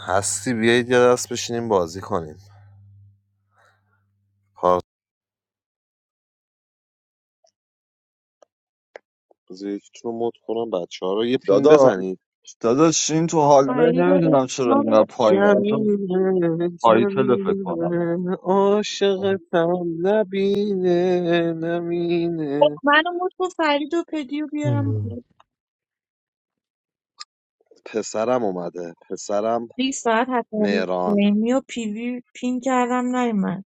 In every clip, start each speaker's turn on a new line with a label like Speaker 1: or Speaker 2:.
Speaker 1: هستی بیایید یه دست بشینیم بازی کنیم پارت بذار یکیتون رو مد کنم بچه ها رو یه پینگ
Speaker 2: داداش
Speaker 1: بزنید
Speaker 2: داداش این تو حالوی
Speaker 3: فرید رو
Speaker 2: نمیدونم چرا
Speaker 3: من
Speaker 2: اینقدر پایین بذار
Speaker 1: جمیله
Speaker 2: تایتل فکر کنم
Speaker 1: جمیله عاشق لبینه نمینه
Speaker 3: منو مت کن فرید و پدی رو بیارم
Speaker 4: الو.
Speaker 3: بالا
Speaker 1: پسرم اومده پسرم
Speaker 3: 20 ساعت حتی
Speaker 1: مهران
Speaker 3: ایمی و پیوی پین کردم نیومد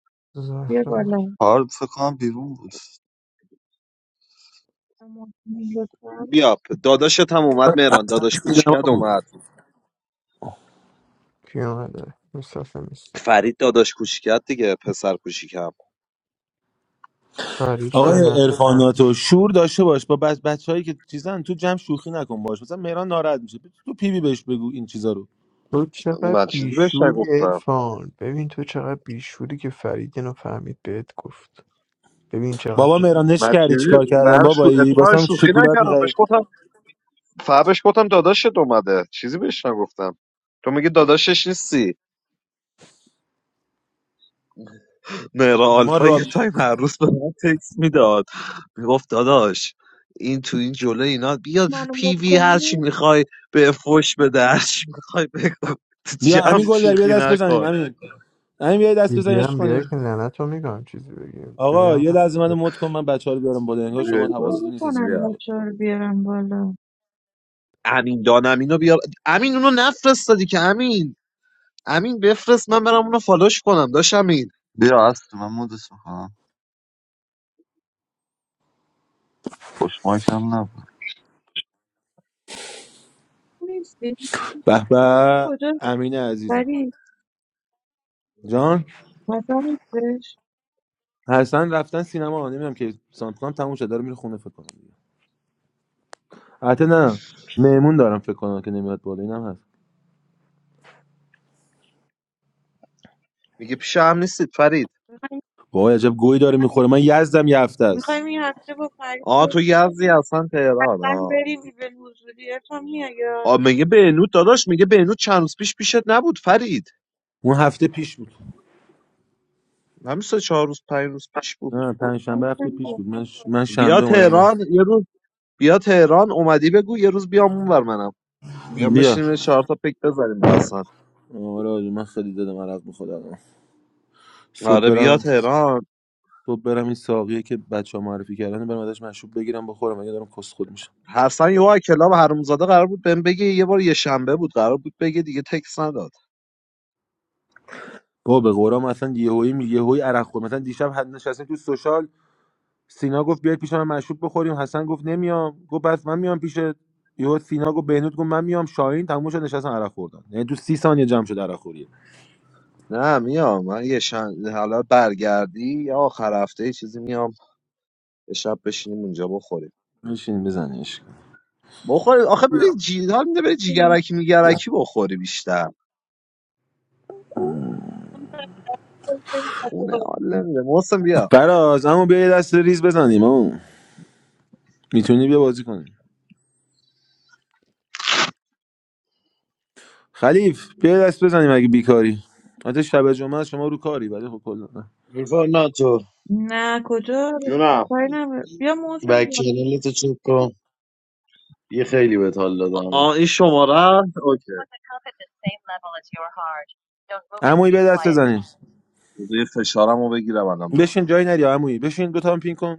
Speaker 3: بیا
Speaker 4: زهرا
Speaker 3: بالا
Speaker 2: کارت فکر کنم بیرون بود
Speaker 3: لطفاً
Speaker 1: بیا پ- داداشت هم اومد مهران داداش
Speaker 5: سینما
Speaker 1: کوچیکت
Speaker 5: بود
Speaker 1: اومد
Speaker 4: پیامده مصطفی نیست
Speaker 1: فرید داداش کوچیکت دیگه پسر کوچیکم
Speaker 4: فرید که نه
Speaker 5: آقای عرفان ناتو شور داشته باش با بچ بچه‌هایی که چیزن تو جمع شوخی نکن باش مثلا مهران ناراحت میشه تو پی بی بهش بگو این چیزا رو
Speaker 4: تو چقدر
Speaker 1: من چیزی بهش
Speaker 4: بیشوری
Speaker 1: نگفتم
Speaker 4: ارفان ببین تو چقدر بیشوری که فرید اینو فهمید بهت گفت ببین چقدر
Speaker 5: بابا
Speaker 4: تو بی-
Speaker 5: مهران نش
Speaker 1: من
Speaker 5: کردی چیکار
Speaker 1: چیزی
Speaker 5: کردن
Speaker 1: برش
Speaker 5: بابایی
Speaker 1: اتفاقا
Speaker 5: واسم
Speaker 1: شوخی
Speaker 5: شکلات
Speaker 1: نکردم بهش
Speaker 5: می‌خری
Speaker 1: گفتم فبش گفتم داداشت اومده چیزی بهش نگفتم تو میگی داداشش نیستی مهرا
Speaker 5: ما
Speaker 1: آلفا
Speaker 5: را
Speaker 1: یه تایم هر روز به من تکس میداد میگفت داداش این تو این جلو اینا بیا
Speaker 3: منو
Speaker 1: پی
Speaker 3: مت
Speaker 1: وی هر چی
Speaker 3: کنی
Speaker 1: میخوای به فش بده هر چی میخوای بگو تو
Speaker 5: بیا امین
Speaker 1: جمع
Speaker 5: گل بیا
Speaker 1: شوخی
Speaker 5: دست بزنیم
Speaker 1: نکن
Speaker 5: امین امین بیا دست
Speaker 4: بی بی
Speaker 5: بزنیم عشق
Speaker 4: هم بیای
Speaker 5: کنیم
Speaker 4: که لعنت رو میگم چیزی بگیم جوری
Speaker 5: آقا
Speaker 4: هم
Speaker 5: یه لحظه
Speaker 4: نکنه.
Speaker 5: منو مت کن من بچه‌ها رو بیارم بالا انگار
Speaker 3: منو
Speaker 5: شما
Speaker 1: بیا
Speaker 3: مت
Speaker 1: بالا،
Speaker 5: حواستون
Speaker 3: کنی
Speaker 5: نیست کسی
Speaker 3: کنن
Speaker 5: برید
Speaker 1: بیا.
Speaker 5: بالا
Speaker 3: بچه ها رو بیارم بالا
Speaker 1: امین دان امینو بیار امین اونو نفرستادی که امین امین بفرست من برم اونو فالوش کنم داش امین
Speaker 2: بیا اصل من مدش میکنم خوش مایک هم نبود
Speaker 3: نیستی
Speaker 5: به به
Speaker 3: کجا
Speaker 5: امین عزیزم
Speaker 3: فرید
Speaker 5: جان
Speaker 3: مثلا نیستش
Speaker 5: حسن رفتن سینما نمیدونم که سانت کنم تموم شد داره میره خونه فکر کنم حتی نه مهمون دارم فکر کنم که نمیاد بالا اینم هست
Speaker 1: میگه پیش هم نیستید فرید
Speaker 5: وای عجب گوی داره میخوره من یزدم یه هفته
Speaker 3: میخوایم
Speaker 5: است
Speaker 3: این هفته با فرید
Speaker 1: آه تو
Speaker 3: بریم.
Speaker 1: یزدی اصلا تهران
Speaker 3: حتما
Speaker 1: آه
Speaker 3: بریم به حضوری ارفان میای یا
Speaker 1: آه میگه
Speaker 3: نمی‌خوای؟
Speaker 1: بهنود داداش میگه بهنود چند روز پیش پیشت نبود فرید
Speaker 5: اون هفته پیش بود
Speaker 1: همین سه چهار روز پنج روز پیش بود
Speaker 5: نه پنج شنبه هفته پیش بود من ش... من
Speaker 1: بیا
Speaker 5: شنبه اومدم
Speaker 1: تهران یه روز بیا تهران اومدی بگو یه روز بیام اونور منم بیام
Speaker 5: بیا
Speaker 1: بشینیم یه چهار تا پیک بزنیم با اصلا
Speaker 5: آره آره، من خیلی دادم عرق میخواد الان صبح
Speaker 1: آره بیا
Speaker 5: برم
Speaker 1: تهران
Speaker 5: صبح برم این ساقیه که بچه ها معرفی کردن برم ازش مشروب بگیرم بخورم اگه دارم کس خود میشم
Speaker 1: حسن یه وای کلاب حرومزاده قرار بود بهم بگه یه بار یه شنبه بود قرار بود بگه دیگه تکس نداد
Speaker 5: با به قرام اصلا یهویی می- یهویی عرق خور مثلا دیشب حد نشستیم تو سوشال سینا گفت بیاید پیش من مشروب بخوریم حسن گفت نمیام گفت بس من میام پیشت یهو سینا گفت بهنود گفت من میام شاهین تموم شد نشستن عرق خوردن یعنی تو سی ثانیه جمع شد عرق خوری
Speaker 1: نه میام من یه شن... حالا برگردی یا آخر هفته یه چیزی میام یه شب بشینیم اونجا بخوریم
Speaker 5: بشین بزنیش
Speaker 1: بخوری آخه بری جی... حال میده بری جیگرکی میگرکی بخوری بیشتر
Speaker 3: من
Speaker 1: خونه حال
Speaker 3: نمی‌دونم.
Speaker 1: نمیده محسن بیا
Speaker 5: فراز اما بیا یه دست ریز بزنیم اما میتونی بیا بازی کنیم خلیف بیا یه دست بزنیم اگه بیکاری حتی شب جمعه است، شما رو کاری ولی خب کلا نه.
Speaker 3: نه کجا
Speaker 1: جونم
Speaker 3: کاری نداره. بیا موزم بالا
Speaker 1: آه این شماره است؟ اوکی
Speaker 5: عمویی بیا دست بزنیم
Speaker 1: بذار یه فشارم رو بگیرم الان میام
Speaker 5: بشین جای نری عمویی بشین دو تا هم پین کن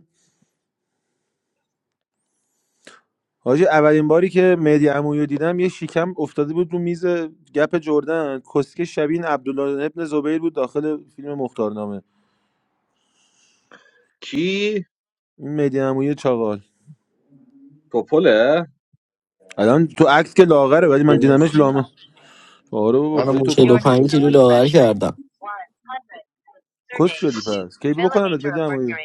Speaker 5: حاجی اولین باری که مهدی عمویی رو دیدم یه شیکم افتاده بود رو میز گپ جردن کسکه شبیه این عبدالله ابن زبیر بود داخل فیلم مختارنامه
Speaker 1: کی
Speaker 5: این مهدی عمویی چاقال
Speaker 1: توپله
Speaker 5: الان تو عکس که لاغره ولی من دیدمش لامه آره بابا خیلی تو پلو
Speaker 6: 45 کیلو لاغر کردم
Speaker 5: کس شدی پس کی بکنم مهدی عمویی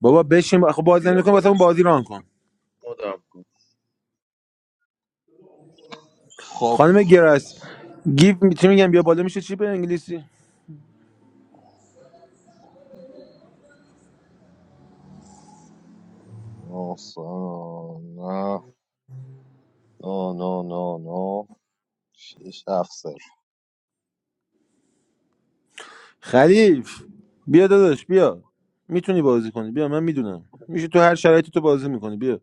Speaker 5: بابا بشین خب بازی
Speaker 1: بیا
Speaker 5: نمی‌کنی واسه اون
Speaker 1: ببینش.
Speaker 5: بازی ران کن
Speaker 1: خب
Speaker 5: خانم گرس گیف می- چی میگم بیا بالا میشه چی به انگلیسی
Speaker 1: نه نه نه نه نه شیش هفت صفر.
Speaker 5: خلیف بیا داداش بیا میتونی بازی کنی بیا من میدونم میشه تو هر شرایطی تو بازی میکنی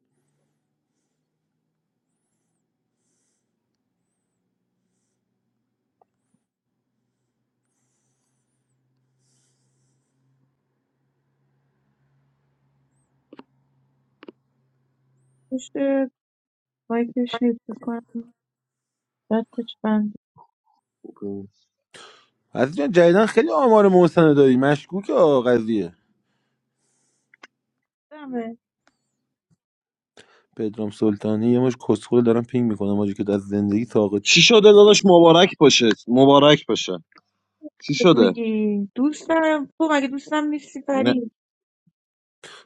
Speaker 3: پشت مایکش نیست بکنم دستش بند
Speaker 1: خوبه.
Speaker 5: عزیز جان جدیدن خیلی آمار محسن داری مشکوک آ قضیه
Speaker 3: دمه.
Speaker 5: پدرام سلطانی یه مش کسخل دارم پینگ میکنم آجی که از زندگی ساقط
Speaker 1: چی
Speaker 5: شد.
Speaker 1: شده داداش مبارک باشه مبارک باشه چی
Speaker 3: خب
Speaker 1: شده
Speaker 3: میگی دوست دارم تو مگه دوستم نیستی
Speaker 1: نه
Speaker 3: فرید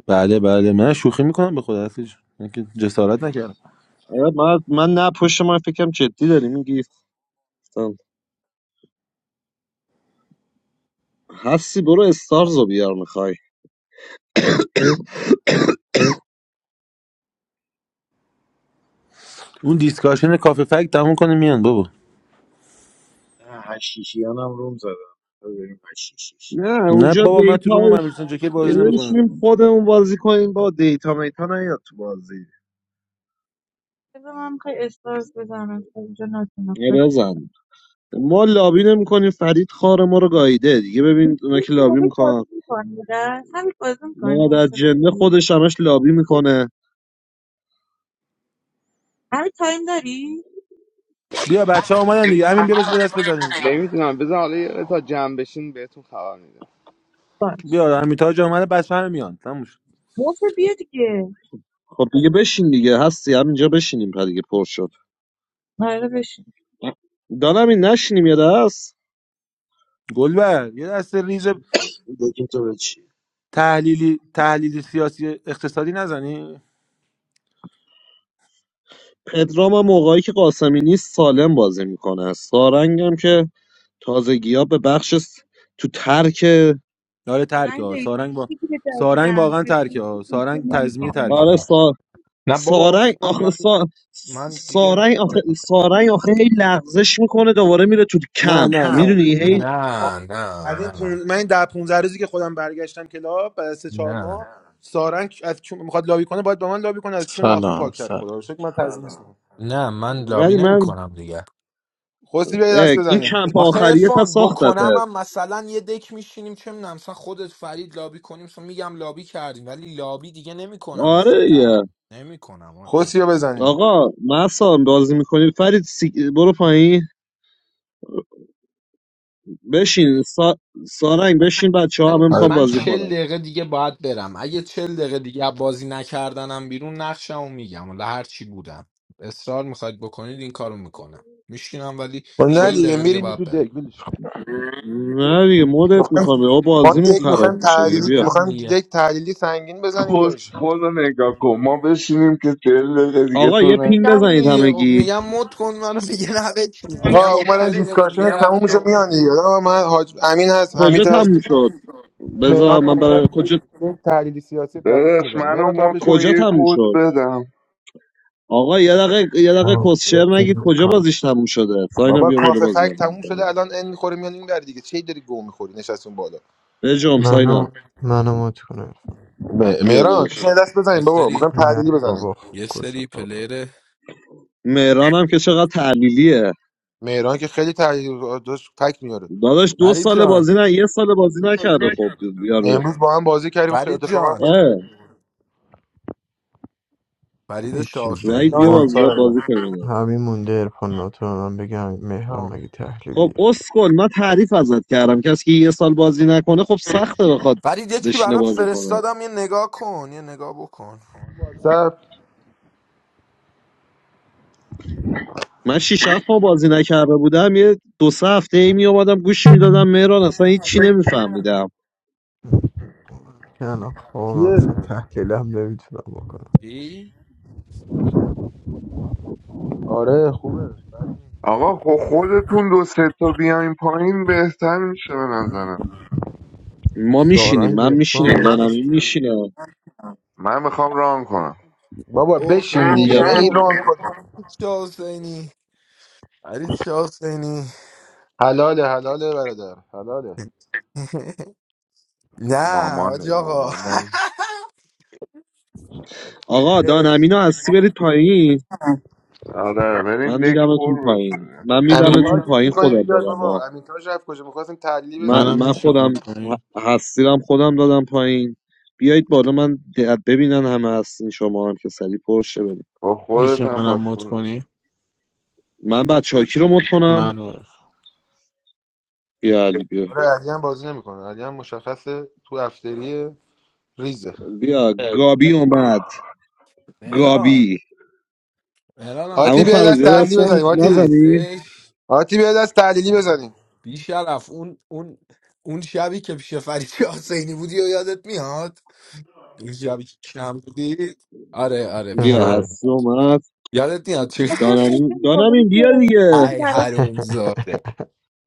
Speaker 5: بله بله من شوخی میکنم به خدا عزیز جان. من که جسارت نکردم
Speaker 1: آره، من من نه پشت من فکرم جدی داری میگی گفتم هستی برو استارز رو بیار میخوای
Speaker 5: اون دیسکاشن کافه فک تموم کنه میان بابا
Speaker 1: نه
Speaker 5: نه
Speaker 1: اونجا
Speaker 5: بابا من تو
Speaker 1: دیتا
Speaker 5: روم ممیلتون جوکر بازی نمیکنم
Speaker 1: بشینیم خودمون بازی کنیم با دیتا میتا نیاد تو بازی
Speaker 3: بذار من خیلی استارز بزنم تا اینجا نتونم دست
Speaker 1: یه
Speaker 3: بزنم
Speaker 1: بزن ما لابی نمیکنیم فرید خار ما رو گاییده دیگه ببین اونا که لابی
Speaker 3: بازی
Speaker 1: میکنن
Speaker 3: میکنی درست همین بازی میکنی
Speaker 1: ما در
Speaker 3: حوصله
Speaker 1: جنه
Speaker 3: داری
Speaker 1: خودش همش لابی میکنه
Speaker 3: همین تایم داری
Speaker 5: بیا بچه ها اومدن دیگه همین بیا بزن دست بزنیم
Speaker 7: نمیدونم بذار حالا یه قطعه بهتون خبر میدم
Speaker 3: باش
Speaker 5: بیا همین تاج اومده بچه همه میان تموم شد
Speaker 3: موزه بیا دیگه
Speaker 1: خب دیگه بشین دیگه هستی همینجا بشینیم پر دیگه پر شد
Speaker 3: آره بشین
Speaker 1: دانم این نشینیم یه دست
Speaker 5: گلبر یه دست ریز تحلیلی تحلیلی سیاسی اقتصادی نزنی
Speaker 1: پدرام هم موقعی که قاسمی نیست سالم بازی میکنه سارنگ هم که تازگی ها به بخش س- تو ترک
Speaker 5: داره
Speaker 3: فقط
Speaker 5: ترکه
Speaker 3: این
Speaker 5: ها
Speaker 3: دیگه
Speaker 5: سارنگ با
Speaker 3: دیگه
Speaker 5: سارنگ
Speaker 3: جدیدن
Speaker 5: واقعا ترکه ها سارنگ تضمینی
Speaker 8: سلام،
Speaker 3: خیلی
Speaker 5: ترکه
Speaker 1: آره
Speaker 8: سلام.
Speaker 1: سا...
Speaker 8: نه بابا
Speaker 1: سارنگ
Speaker 8: اصول من
Speaker 1: آخه سا...
Speaker 8: من دیگه
Speaker 1: سارنگ آخه
Speaker 8: نمیتونم
Speaker 1: سارنگ آخه هی لغزش میکنه دوباره میره تو
Speaker 5: نه
Speaker 1: کمپ
Speaker 5: نه کم نه
Speaker 1: میدونی هی
Speaker 8: نه نه
Speaker 5: از این
Speaker 8: نه
Speaker 5: پون... من این در 15 روزی که خودم برگشتم کلاب بعد از 3 4 ماه
Speaker 8: نه
Speaker 5: سارنگ از چون میخواد لابی کنه باید با من لابی کنه از چون آخون پاکتر خدا
Speaker 9: Assalamualaikum.
Speaker 5: رو شکر من تضمینش میکنم
Speaker 8: نه من لابی
Speaker 1: ولی
Speaker 8: نمی
Speaker 1: من
Speaker 8: کنم دیگه
Speaker 5: خوسی به دست
Speaker 1: اه، این
Speaker 5: بزنیم
Speaker 1: کمپ
Speaker 8: آخه
Speaker 1: آخریه پس
Speaker 8: ارفان
Speaker 1: ساختته
Speaker 8: بکنم هم مثلا یه دک میشینیم چه میدونم مثلا خودت فرید لابی کنیم مثلا میگم لابی کردیم ولی لابی دیگه نمی کنم مثلا
Speaker 1: آره دیگه
Speaker 8: نمی کنم
Speaker 5: خوسی رو بزنیم
Speaker 1: آقا مثلا بازی میکنی فرید سی... برو پایین بشین سا... سارنگ بشین بچه ها هم
Speaker 8: من
Speaker 1: امکان
Speaker 8: من
Speaker 1: بازی
Speaker 8: چل
Speaker 1: کنن
Speaker 8: دقیقه دیگه باید برم اگه چل دقیقه دیگه از بازی نکردنم بیرون نقشمو میگم ولی هر چی بودم اصرار میخواید بکنید این کارو میکنم میشینم ولی
Speaker 5: و نه
Speaker 1: خب
Speaker 8: چل
Speaker 5: دیگه
Speaker 8: دقیقه دیگه
Speaker 5: میرین
Speaker 8: باید
Speaker 5: تو
Speaker 8: برم
Speaker 5: دک ولش کن.
Speaker 1: نه دیگه مدت
Speaker 5: میخوایم
Speaker 1: میکنم او
Speaker 5: ما
Speaker 8: خب
Speaker 1: بازیمون
Speaker 5: دک
Speaker 1: خراب
Speaker 8: دیگه
Speaker 5: میخوایم
Speaker 1: میشه دیگه
Speaker 5: تحلیلی
Speaker 1: بیا
Speaker 8: میگم
Speaker 5: میخوایم
Speaker 8: دیگه
Speaker 5: دک تحلیلی سنگین بزنیم
Speaker 10: کست
Speaker 5: نمیشه
Speaker 10: خود رو نگاه کن ما بشینیم که چهل دقیقه دیگه
Speaker 1: آقا
Speaker 10: تو
Speaker 1: یه
Speaker 10: نه
Speaker 1: پینگ
Speaker 8: میگم
Speaker 1: بزنید
Speaker 8: دیگه خب
Speaker 1: همگی
Speaker 8: میگم مد کن منو دیگه نبکنی میگم
Speaker 5: آقا
Speaker 8: خب
Speaker 5: اومدن
Speaker 8: چل دقیقه دیگه
Speaker 5: دیسکاشنش تموم میشه
Speaker 8: رفتم
Speaker 5: میان دیگه آقا من حاج امین هست
Speaker 1: کجا
Speaker 5: حمید هست
Speaker 1: تموم شد
Speaker 5: مهران
Speaker 1: بذار من برای
Speaker 5: اومد یک
Speaker 1: کجا
Speaker 5: یک تحلیل سیاسی دقیق
Speaker 10: داداش
Speaker 5: میزنیم
Speaker 10: منو
Speaker 5: مهران تو هم
Speaker 10: مد
Speaker 5: بشین
Speaker 10: کن
Speaker 1: کجا
Speaker 10: یه
Speaker 1: تموم
Speaker 10: کد
Speaker 1: شد
Speaker 10: بدم
Speaker 1: آقا یه دقیقه یه دقیقه
Speaker 4: آه،
Speaker 1: کسشر
Speaker 4: بازی
Speaker 1: نگید کجا
Speaker 4: نمی‌کنم.
Speaker 1: بازیش تموم شده ساینا
Speaker 5: بابا
Speaker 1: بیا بالا
Speaker 5: کافه
Speaker 1: بازی
Speaker 5: فک
Speaker 1: هم
Speaker 5: تموم شده
Speaker 1: نمیکنه
Speaker 5: الان این میخوره میان این ور دیگه چی داری گو میخوری نشستون بالا
Speaker 1: بجام
Speaker 4: منو
Speaker 1: ساینا
Speaker 4: منو مات کن عرفان.
Speaker 5: م-
Speaker 1: بیا
Speaker 5: مهران
Speaker 1: داداش
Speaker 5: بزن دست
Speaker 8: یه
Speaker 5: بزنیم بابا
Speaker 8: سری
Speaker 5: میخوام
Speaker 4: نه
Speaker 5: تحلیلی بزنیم
Speaker 4: بابا
Speaker 8: یه
Speaker 4: کس
Speaker 8: سری
Speaker 4: بابا
Speaker 8: پلیر
Speaker 1: مهران هم که چقدر تعلیلیه
Speaker 5: مهران که خیلی تحلیل داشت فک میاره
Speaker 1: داداش دو
Speaker 8: فرید
Speaker 1: سال
Speaker 8: جان
Speaker 1: بازی نه یه سال بازی نکرده خب یارو
Speaker 5: امروز با هم بازی کردیم خیلی
Speaker 8: فرید
Speaker 5: اتفاقا هم
Speaker 8: جان
Speaker 5: کلی فایت
Speaker 1: اه
Speaker 5: می‌کنیم.
Speaker 8: فرید
Speaker 4: هیچی دیگه
Speaker 1: وحید بیا
Speaker 5: جانم
Speaker 4: ما
Speaker 8: شاهشاهینی
Speaker 1: باز-
Speaker 5: سارم
Speaker 1: بازی
Speaker 5: جان
Speaker 1: کنیم
Speaker 4: همین مونده ارفان ناتو هم بگم مهرم
Speaker 5: تمام.
Speaker 4: مگه
Speaker 1: خب اسکل من تعریف ازت کردم کسی که یه سال بازی نکنه خب سخته بخواد
Speaker 8: فرید یه چی
Speaker 1: بشینه
Speaker 8: برات
Speaker 1: بازی کنه
Speaker 8: فرستادم یه نگاه کن یه نگاه بکن
Speaker 5: سب
Speaker 1: من شیش هفت ماه بازی نکرده بودم یه دو سه هفته ای می اومدم گوش میدادم مهران اصلا هیچی نمیفهمیدم
Speaker 4: که الان خوابم
Speaker 5: کیه
Speaker 4: اصلا تحلیلم نمیتونم بکنم
Speaker 8: چی؟
Speaker 5: آره خوبه
Speaker 10: آقا خب خودتون دو سه تا بیاین پایین بهتر میشه به نظرم
Speaker 1: ما میشینیم
Speaker 4: سارنگ
Speaker 1: من میشینم
Speaker 4: ارفان
Speaker 1: دانمین
Speaker 4: هست
Speaker 1: میشینه
Speaker 10: من میخوام ران کنم
Speaker 5: بابا
Speaker 8: اوه
Speaker 5: بشین
Speaker 1: خب
Speaker 8: اوه
Speaker 1: بیا
Speaker 5: دیگه
Speaker 8: اوه
Speaker 1: ببین
Speaker 5: ایران
Speaker 8: فرید
Speaker 5: کن
Speaker 8: شاه حسینی فرید شاه حسینی
Speaker 5: حلاله حلاله برادر حلاله
Speaker 8: نه حاج
Speaker 10: مامانه
Speaker 8: آقا
Speaker 10: مامانه
Speaker 1: آقا دانمینو هستی برید پایین
Speaker 10: آره بریم
Speaker 1: من
Speaker 10: دک
Speaker 1: میدمتون
Speaker 10: پر
Speaker 1: پایین
Speaker 10: بشه
Speaker 1: من
Speaker 5: امین
Speaker 1: میدمتون
Speaker 5: تاج
Speaker 1: پایین خدا
Speaker 5: بیاد
Speaker 1: دادم
Speaker 5: بابا امین تاج رفت کجا میخواستیم تعلی
Speaker 1: من,
Speaker 5: بزنیم
Speaker 9: Maanam
Speaker 1: من
Speaker 9: bichamot
Speaker 1: خودم
Speaker 9: kani.
Speaker 1: ه- هستیرم خودم دادم پایین بیایید بالا من د- ببینن همه هستین شما هم که سری پرشه بریم
Speaker 10: با خودت هم پس
Speaker 9: Bichamanamot
Speaker 10: برو.
Speaker 9: kani.
Speaker 1: من
Speaker 5: این
Speaker 1: بعد
Speaker 5: کی بود
Speaker 1: شاکی رو مد کنم
Speaker 9: Manor.
Speaker 1: بیا علی بیا
Speaker 5: آره علی هم بازی نمیکنه علی هم مشخصه تو افتری ریزه
Speaker 1: بیا گابی اومد
Speaker 10: آه،
Speaker 8: مهران
Speaker 1: گابی
Speaker 8: مهران
Speaker 1: اما
Speaker 5: آتی
Speaker 8: آلفا
Speaker 5: بیاد از
Speaker 8: کجا
Speaker 1: فرازیه
Speaker 5: تعلیلی
Speaker 1: هستم
Speaker 5: بزنیم
Speaker 8: رفتشین
Speaker 5: آتی
Speaker 1: نزنی
Speaker 8: هستش
Speaker 5: آتی بیاد از تعلیلی بزنیم
Speaker 8: بیشرف اون اون اون شبی که پیش فرید حسینی بودی و یادت میاد اون شبی که کم بودی آره آره پیش
Speaker 1: بیا
Speaker 8: هم
Speaker 4: آره.
Speaker 8: بودی.
Speaker 1: هستی اومد
Speaker 8: یادت میاد چه
Speaker 3: آخه بازی
Speaker 1: دانمین
Speaker 3: میکنم
Speaker 1: دانمین
Speaker 3: که
Speaker 1: بیا دیگه
Speaker 3: چیزی
Speaker 8: ای
Speaker 3: برای
Speaker 8: حرومزاده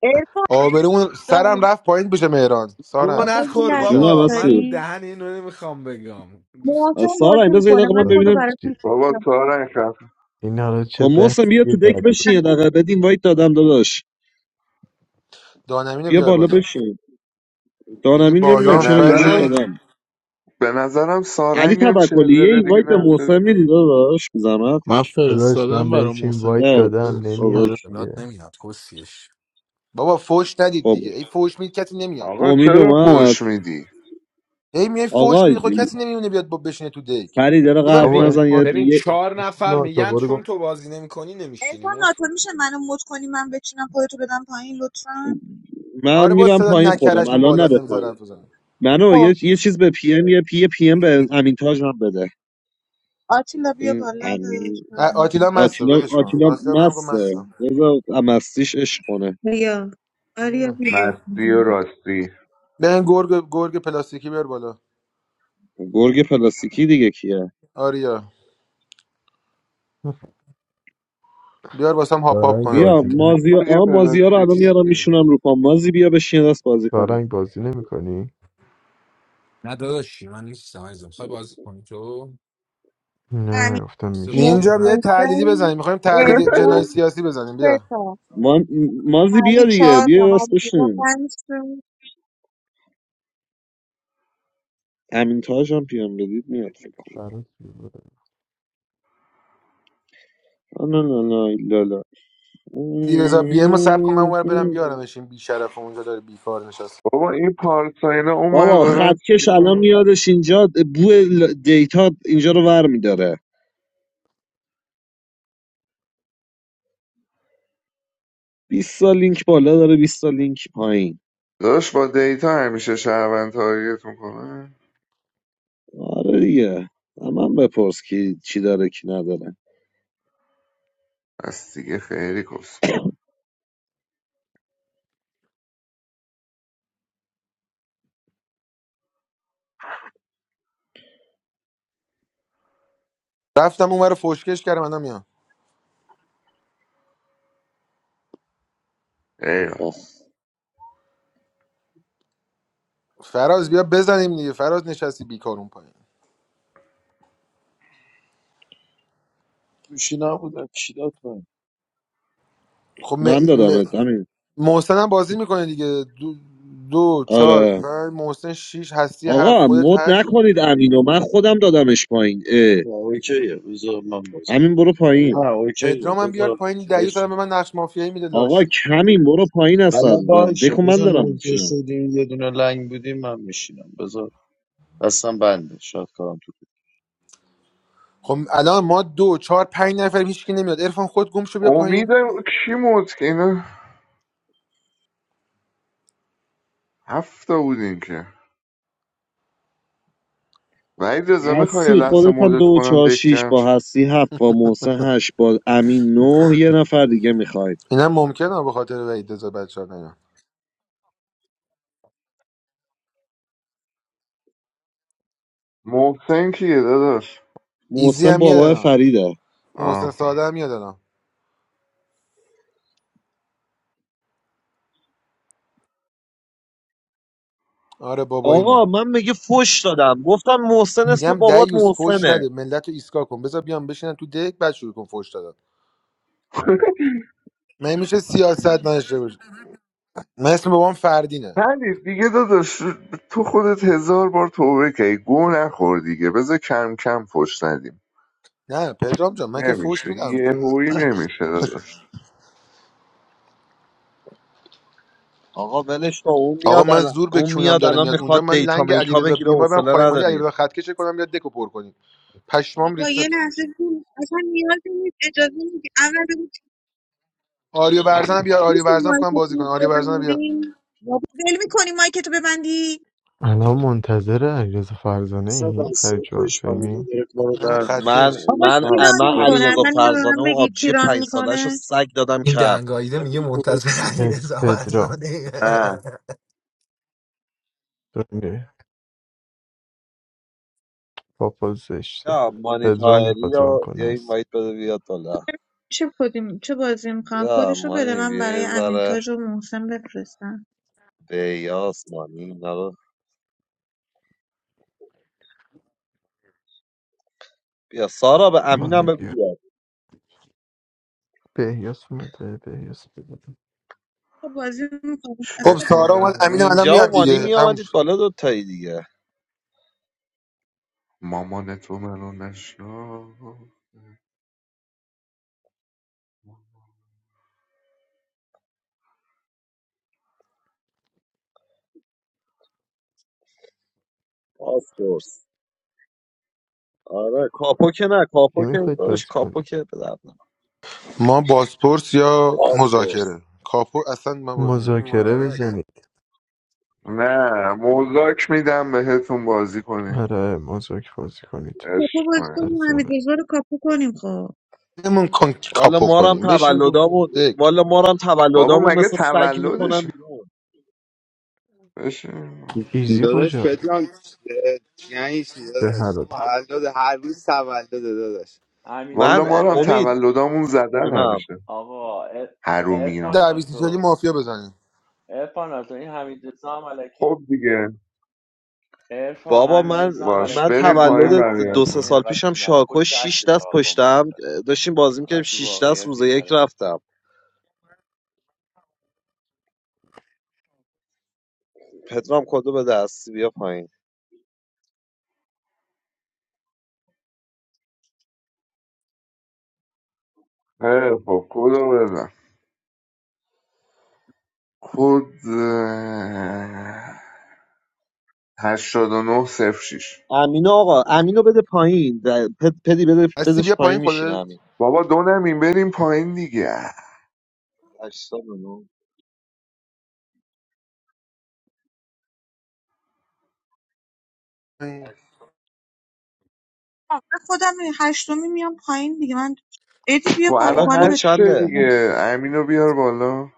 Speaker 3: ارفان
Speaker 5: آبرومون سرم
Speaker 3: دارم
Speaker 5: رفت پایین بشه مهران
Speaker 8: گوه
Speaker 5: سارنگ
Speaker 3: آقا یه
Speaker 8: نخور
Speaker 5: اون
Speaker 3: لحظه
Speaker 5: شب
Speaker 3: که
Speaker 1: جونم
Speaker 8: بابا
Speaker 1: هستی
Speaker 8: من
Speaker 3: داری
Speaker 8: دهن اینو نمیخوام بگم
Speaker 3: محسن
Speaker 8: دوستش ندارم.
Speaker 1: سارا
Speaker 3: بازی
Speaker 1: این یه
Speaker 3: میکنه
Speaker 1: دقیقه من
Speaker 3: من خودو
Speaker 4: داداش
Speaker 1: ببینم
Speaker 4: چی؟
Speaker 3: براتون
Speaker 10: بابا
Speaker 3: سوزیدم
Speaker 10: سارنگ خف
Speaker 4: اینا رو چه
Speaker 1: خب محسن بیا
Speaker 4: بحثی
Speaker 1: تو دک
Speaker 4: دادی
Speaker 1: بشین یه دقیقه بدین وایت دادم داداش
Speaker 5: دانمینو
Speaker 1: بیا
Speaker 5: بیار
Speaker 1: بالا
Speaker 5: بالا
Speaker 1: بشین
Speaker 5: میگه
Speaker 1: دانمین
Speaker 10: به
Speaker 1: نمیدونم
Speaker 5: بالا هم
Speaker 1: چرا این وایت
Speaker 10: نظرم
Speaker 5: سری
Speaker 1: دادم
Speaker 10: به نظرم
Speaker 1: علی
Speaker 10: سارنگم
Speaker 1: توکلی
Speaker 10: چهل
Speaker 1: یه
Speaker 10: دقیقه دیگه
Speaker 1: اینوایت به
Speaker 10: نفتش
Speaker 1: محسن میدی داداش زحمت
Speaker 9: Maafir.
Speaker 4: داداش من بهش این
Speaker 9: Sadaambaromosani.
Speaker 4: وایت
Speaker 1: نه
Speaker 4: دادم نمیاد
Speaker 1: اوکی.
Speaker 8: صدات
Speaker 4: دیگه
Speaker 8: نمیاد کسیش
Speaker 5: بابا فوش ندید
Speaker 1: خب
Speaker 5: دیگه ای فوش میدید کسی نمیاد
Speaker 10: آقا
Speaker 1: امید
Speaker 10: چرا
Speaker 5: ای,
Speaker 1: اومد
Speaker 10: فوش میدی
Speaker 5: ای میای فوش
Speaker 1: آقا
Speaker 5: میدید خب کسی نمیونه بیاد با بشینه تو دک
Speaker 1: فرید یه دقیقه
Speaker 5: بذار
Speaker 1: حرف
Speaker 4: بابا
Speaker 8: ببین
Speaker 1: نزن
Speaker 4: ارفان
Speaker 1: یه
Speaker 8: ببین
Speaker 1: یه-
Speaker 8: چهار
Speaker 4: ارفان
Speaker 8: نفر میگن
Speaker 4: ناتوباره
Speaker 8: چون
Speaker 4: گفت
Speaker 8: تو بازی نمیکنی نمیشینی
Speaker 3: ارفان
Speaker 8: مس
Speaker 3: ناتو میشه منو مد کنی من بچینم خودتو بدم پایین لطفا
Speaker 1: من
Speaker 5: آره با
Speaker 1: میرم
Speaker 5: صدا
Speaker 1: پایین خودم
Speaker 5: نکرشون
Speaker 1: الان
Speaker 5: بالا
Speaker 1: نره پایین
Speaker 5: نمیذارن
Speaker 1: منو یه,
Speaker 3: خب
Speaker 1: یه چیز به پی ام یه پی یه پی ام به امین تاج هم بده
Speaker 3: آتیلا بیا
Speaker 1: این
Speaker 3: بالا داداش
Speaker 1: امین
Speaker 5: آ-
Speaker 3: بازی
Speaker 5: آتیلا
Speaker 3: می‌کنی.
Speaker 5: مسته
Speaker 1: آتیلا
Speaker 5: ولش کن
Speaker 1: آتیلا
Speaker 5: آتیلا بهم گفت
Speaker 1: مسته
Speaker 5: مستم
Speaker 1: بذار مستیش عشق کنه
Speaker 3: بیا آریا بیا بازی
Speaker 10: مستی و
Speaker 3: میکنم
Speaker 10: راستی
Speaker 5: بهم گرگ گرگ پلاستیکی بیار بالا
Speaker 1: گرگ پلاستیکی دیگه کیه
Speaker 5: آریا بیار واسم هاپ هاپ
Speaker 4: سارنگ
Speaker 5: کنه
Speaker 1: بیا
Speaker 4: بازی نمی
Speaker 1: مازیا
Speaker 10: اون یه
Speaker 1: آ مازیا رو الان
Speaker 10: پلاستیکی
Speaker 1: میارم
Speaker 10: چیه
Speaker 1: میشونم رو پام مازی بیا بشین یه دست بازی کنیم
Speaker 4: سارنگ بازی نمی کنی؟
Speaker 8: نه داداشی من نیستم عزیزم میخوای بازی کنی تو
Speaker 3: همین
Speaker 4: نه گفتم
Speaker 8: سه گوشی
Speaker 4: میشینی
Speaker 5: نینجا بیا یه
Speaker 8: رنگ
Speaker 5: تحلیلی
Speaker 3: محسن
Speaker 5: بزنیم میخوایم تحلیل جنایی
Speaker 3: ارفان
Speaker 5: سیاسی بزنیم
Speaker 3: سه
Speaker 5: بیا
Speaker 3: تا
Speaker 1: ما... مازی بیا
Speaker 3: علی
Speaker 1: دیگه
Speaker 3: چهار تا
Speaker 1: بیا راست
Speaker 3: حمزه
Speaker 1: بشین
Speaker 3: پنج تا
Speaker 1: امین تاج هم پیام بدید میاد فکر کنم لا لا لا لا لا.
Speaker 5: رضا بیا ام سب کن من اونور برم بیارمش این بیشرف اونجا داره بیکار نشست
Speaker 10: بابا این پارساینا اونور
Speaker 1: بابا
Speaker 10: دارن چی
Speaker 1: خطکش الان
Speaker 10: کنن
Speaker 1: میادش اینجا بو ل- دیتا اینجا رو ور میداره 20 سال لینک بالا داره 20 سال لینک پایین
Speaker 10: داداش با دیتا همیشه شهروند تارگت میکنه
Speaker 1: آره دیگه من بپرس کی چی داره کی نداره
Speaker 10: پس دیگه خیلی کسخل
Speaker 5: رفتم اونور فوشکش کردم الان میام
Speaker 10: ایوه
Speaker 1: آخ
Speaker 5: فراز بیا بزنیم دیگه فراز نشستی بیکار اون پایین خب م...
Speaker 1: من
Speaker 5: م...
Speaker 1: دادم امین
Speaker 5: محسن هم بازی میکنه دیگه دو, دو چهار
Speaker 1: آره
Speaker 5: پنج محسن شیش هستی هفت
Speaker 1: آقا
Speaker 5: خودت
Speaker 1: مد
Speaker 5: هشت
Speaker 1: نکنید امینو من خودم دادمش پایین اه. امین برو پایین
Speaker 5: پدرام هم بیار پایین دیوز الان به من نقش مافیایی میده
Speaker 1: آقا
Speaker 5: لاشی
Speaker 1: کمی برو پایین هستن دکو من دارم میچینم
Speaker 5: خب الان ما دو چهار پنج نفریم هیچکی نمیاد عرفان خود گم شو بیا پایین
Speaker 10: امید کی موت که اینا هفته بودین که وحید رضا میخوای یه
Speaker 1: هستی
Speaker 10: لحظه
Speaker 1: خودت هم دو
Speaker 10: مدت کنم
Speaker 1: چهار
Speaker 10: دک
Speaker 1: شیش
Speaker 10: جمع
Speaker 1: با
Speaker 10: شه
Speaker 1: هستی هفت با محسن هشت با امین نه یه نفر دیگه میخوایم
Speaker 5: اینم ممکنه به خاطر وحید رضا بچه‌ها نیان
Speaker 10: محسن کیه داداش
Speaker 5: ایزی
Speaker 1: محسن
Speaker 5: هم میاد
Speaker 1: بابای
Speaker 5: الان
Speaker 1: فریده
Speaker 10: آه
Speaker 5: محسن
Speaker 10: خب.
Speaker 5: ساده هم میاد الان آره
Speaker 1: آقا
Speaker 5: باباییمه
Speaker 1: من میگه فش دادم گفتم محسن اسم
Speaker 5: میگم
Speaker 1: بابات
Speaker 5: دیوز فوش
Speaker 1: محسنه
Speaker 5: نده ملت رو ایسکا کن بذار بیام بشینن تو دک بعد شروع کن فوش دادن من میشه سیاست نداشته باشه من اسم بابام فردینه
Speaker 10: پری دیگه داداش تو خودت هزار بار توبه کردی گو نخور دیگه بذار کم کم فش ندیم
Speaker 5: نه پدرام جان من که فوش
Speaker 10: نمیشه
Speaker 5: میدم
Speaker 10: یهویی نمیشه داداش
Speaker 1: آقا ولش کن اون
Speaker 5: آقا
Speaker 1: میاد
Speaker 5: من
Speaker 1: الان
Speaker 5: زور به
Speaker 1: اون
Speaker 5: کونم
Speaker 1: میاد
Speaker 5: داره
Speaker 1: الان
Speaker 5: میاد اونجا
Speaker 1: میخواد
Speaker 5: من
Speaker 1: دیتا
Speaker 5: لنگ
Speaker 1: میتا
Speaker 5: علیرضا
Speaker 1: بگیره
Speaker 5: بیمار برم
Speaker 1: حوصله
Speaker 5: خایمالی
Speaker 1: نداریم
Speaker 5: علیرضا خط کشه کنم یا دکو پر کنیم پشمام
Speaker 3: بابا
Speaker 5: ریخته
Speaker 3: یه لحظه بود اصلا نیاز نیست اجازه میدی اول بگو
Speaker 5: آریو برزن بیار آریو
Speaker 3: میشه
Speaker 5: برزن کنم
Speaker 3: مایکتون
Speaker 5: بازی کنه
Speaker 3: رو
Speaker 5: آریو برزن بیار
Speaker 3: ببندی بابا ول میکنی مایکتو ببندی
Speaker 4: الان منتظر علیرضا فرزانه ای فرید جواد فهمی
Speaker 5: نه
Speaker 1: من
Speaker 5: خطکش
Speaker 3: آقا
Speaker 1: من
Speaker 3: کی ران
Speaker 1: من
Speaker 3: میکنه
Speaker 1: علیرضا
Speaker 3: اول اینو به
Speaker 1: فرزانه
Speaker 3: من
Speaker 1: و
Speaker 3: بگید کی
Speaker 1: آبجی
Speaker 3: ران
Speaker 1: پنج سالش رو
Speaker 3: میکنه
Speaker 1: سگ دادم
Speaker 8: این
Speaker 1: کرد
Speaker 8: دهنگاییده میگه منتظر علی رضا
Speaker 4: پدرام
Speaker 8: فرزانه
Speaker 10: نه
Speaker 4: بابا زشته
Speaker 1: یا مانی
Speaker 4: پدرام
Speaker 1: تاهری
Speaker 4: میخواد ران
Speaker 1: یا
Speaker 4: کنه
Speaker 1: یا این
Speaker 4: هستی
Speaker 1: وایت بده بیاد بالا
Speaker 3: چه کدی چه بازی میکنم
Speaker 1: یا
Speaker 3: کدشو بده
Speaker 1: مانی
Speaker 3: من
Speaker 1: بیا یه
Speaker 3: برای
Speaker 1: ذره
Speaker 3: امینتاج و محسن بفرستم
Speaker 1: بیاس مانی اینا رو بیا سارا به امینم
Speaker 4: مانی
Speaker 1: بگو
Speaker 4: بیا
Speaker 1: بیاد.
Speaker 4: بهیاس اومده بهیاس بیا.
Speaker 3: خب بازی میکنم
Speaker 10: چه
Speaker 5: خب سارا اومد امین
Speaker 10: کنم
Speaker 5: الان
Speaker 1: نینجا و
Speaker 5: میاد
Speaker 1: مانی
Speaker 5: دیگه
Speaker 1: می
Speaker 5: تموم
Speaker 1: آمدید
Speaker 5: شد
Speaker 1: بالا دوتایی دیگه
Speaker 10: مامان تو منو نشنا
Speaker 1: پاسپورت آره کاپو که نه
Speaker 4: کی
Speaker 1: کاپو که
Speaker 4: میخواید
Speaker 1: داشت
Speaker 4: بازی
Speaker 1: کاپو
Speaker 4: کنید
Speaker 1: که به درد نخوره.
Speaker 5: ما باسپورس یا مذاکره کاپو اصلا من بازی
Speaker 4: مذاکره
Speaker 5: نمیکنم
Speaker 4: بزنید
Speaker 10: نه موزاک میدم بهتون بازی کنید
Speaker 4: آره مذاکره بازی کنید
Speaker 3: کاپو
Speaker 10: عشق
Speaker 3: بازی
Speaker 10: کنید
Speaker 3: کنیم حمید
Speaker 4: جذابه
Speaker 3: رضا رو کاپو کنیم خب
Speaker 5: نمون کن
Speaker 1: والا
Speaker 5: کاپو
Speaker 1: مارم
Speaker 5: کنیم بشین تو
Speaker 1: تولدامون
Speaker 5: دک
Speaker 1: والا مارم
Speaker 10: بابا
Speaker 1: تولدامون
Speaker 10: مگه
Speaker 1: مثل سگ میکنم
Speaker 10: تولدشه
Speaker 1: بیرون
Speaker 10: بشین
Speaker 4: ایزی
Speaker 7: داداش
Speaker 4: کجاست
Speaker 7: پدرام اه، یعنی چی
Speaker 4: چه
Speaker 7: داداش
Speaker 4: حلال
Speaker 11: Hamidzez
Speaker 7: تولد هر روز تولد داداش
Speaker 1: من
Speaker 10: والا ما رو هم
Speaker 11: Hamidzezamalaki
Speaker 1: امید
Speaker 10: تولدامون زدن
Speaker 1: جونم
Speaker 10: همیشه
Speaker 11: Ava
Speaker 10: حرومیا
Speaker 5: در بیستی شدی
Speaker 11: Elfanato
Speaker 5: مافیا بزنیم
Speaker 11: Elfanato. This Hamidzezamalaki
Speaker 10: خب دیگه
Speaker 11: Elfan
Speaker 1: بابا من
Speaker 10: باش
Speaker 1: من
Speaker 11: Hamidzezamalaki
Speaker 10: بریم
Speaker 11: couldn't do
Speaker 10: پایین
Speaker 1: تولد
Speaker 11: it.
Speaker 1: دو
Speaker 11: This
Speaker 1: سه
Speaker 11: is
Speaker 10: بقیه‌تون
Speaker 1: سال
Speaker 11: a
Speaker 1: پیشم
Speaker 11: bimhal.
Speaker 1: شاکو
Speaker 11: Push the
Speaker 1: شیش
Speaker 11: opposite to
Speaker 1: دست
Speaker 11: the bottom.
Speaker 1: پشتم داشتیم بازی میکردیم
Speaker 11: That's true.
Speaker 1: شیش
Speaker 11: Really,
Speaker 1: دست
Speaker 11: a
Speaker 1: روز یک
Speaker 11: bimhal.
Speaker 1: رفتم پدرام کدو به دستی بیا پایین
Speaker 10: خیلی خب کدو بزن کد اه، 8906
Speaker 1: امین آقا امینو بده پایین د- پد- پدی بده
Speaker 5: هستی
Speaker 1: بدش
Speaker 5: بیا
Speaker 1: پایین
Speaker 5: پایین
Speaker 1: میشینه
Speaker 5: خودت
Speaker 1: امین
Speaker 10: بابا دو نمیم بریم پایین دیگه
Speaker 1: هشتاد و
Speaker 3: آه، من خودم هشتمی میام پایین دیگه من ادی
Speaker 10: خب
Speaker 3: بیا پایین-
Speaker 1: آقا
Speaker 10: الان
Speaker 3: بالا
Speaker 1: کد
Speaker 10: هشت شه
Speaker 1: چنده
Speaker 3: بده.
Speaker 10: دیگه امینو بیار بالا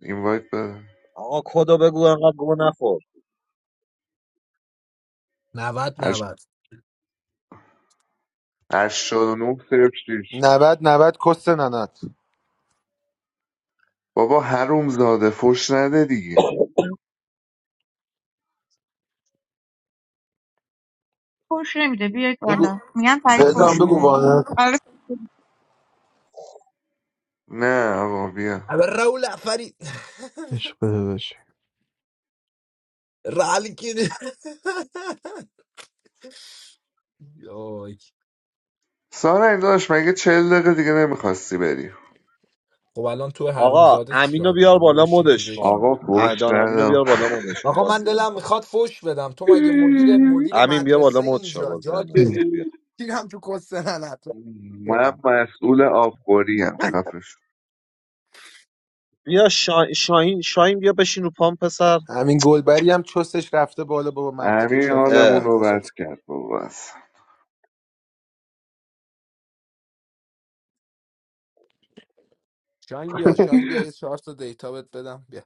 Speaker 10: اینوایت بده
Speaker 1: آقا کدو بگو انقدر گوه نخور
Speaker 8: 90
Speaker 10: هشت
Speaker 8: 90
Speaker 10: هشتاد و نه صفر شیش
Speaker 5: 90 90 کس ننت
Speaker 10: بابا هروم زاده فش نده دیگه
Speaker 3: فحش نمیده بیاید
Speaker 5: بگو
Speaker 3: بالا میگم فرید
Speaker 5: پدرام
Speaker 3: فحش
Speaker 5: بگو
Speaker 3: میده
Speaker 5: وانت
Speaker 3: آره
Speaker 10: نه آقا بیا
Speaker 8: aber Raul افری
Speaker 4: عشق داداشی
Speaker 8: رالی کنی وای.
Speaker 10: سارا این داشت مگه چل دقیقه دیگه نمیخواستی بری
Speaker 8: خب الان تو
Speaker 1: آقا
Speaker 8: حرومزاده
Speaker 1: امینو
Speaker 8: چیکار داری
Speaker 1: بیار
Speaker 8: برو
Speaker 1: بالا
Speaker 8: بشین تو
Speaker 1: مدش
Speaker 8: دک
Speaker 1: کن
Speaker 10: آقا
Speaker 1: اه،
Speaker 10: فش
Speaker 1: دان امینو
Speaker 10: ندم
Speaker 1: بیار بالا مدش کن
Speaker 8: آقا من
Speaker 1: بازی
Speaker 8: دلم
Speaker 1: نمی‌کنه.
Speaker 8: میخواد فوش بدم تو مگه مدیر مدیر
Speaker 1: امین بیا بالا
Speaker 8: مدرسه
Speaker 1: مد شو
Speaker 8: اینجا
Speaker 1: بازی هم
Speaker 8: جاکش
Speaker 4: هم.
Speaker 1: نمی‌کنی بیا
Speaker 8: تیرم تو کسته ننت
Speaker 10: من
Speaker 8: بدم
Speaker 10: مسئول آبخوریم خفش
Speaker 1: بیا شا... شاهین شاهین بیا بشین رو پام پسر
Speaker 5: همین گلبری هم چستش رفته بالا بابا مرتی که
Speaker 10: امین
Speaker 5: چاقال با
Speaker 10: حالمون
Speaker 1: اه
Speaker 10: رو
Speaker 5: پنجاه سال
Speaker 10: بد کرد بابا اصلا.
Speaker 8: شاین بیا شاین بیا یه چهار تا دیتا بهت بدم بیا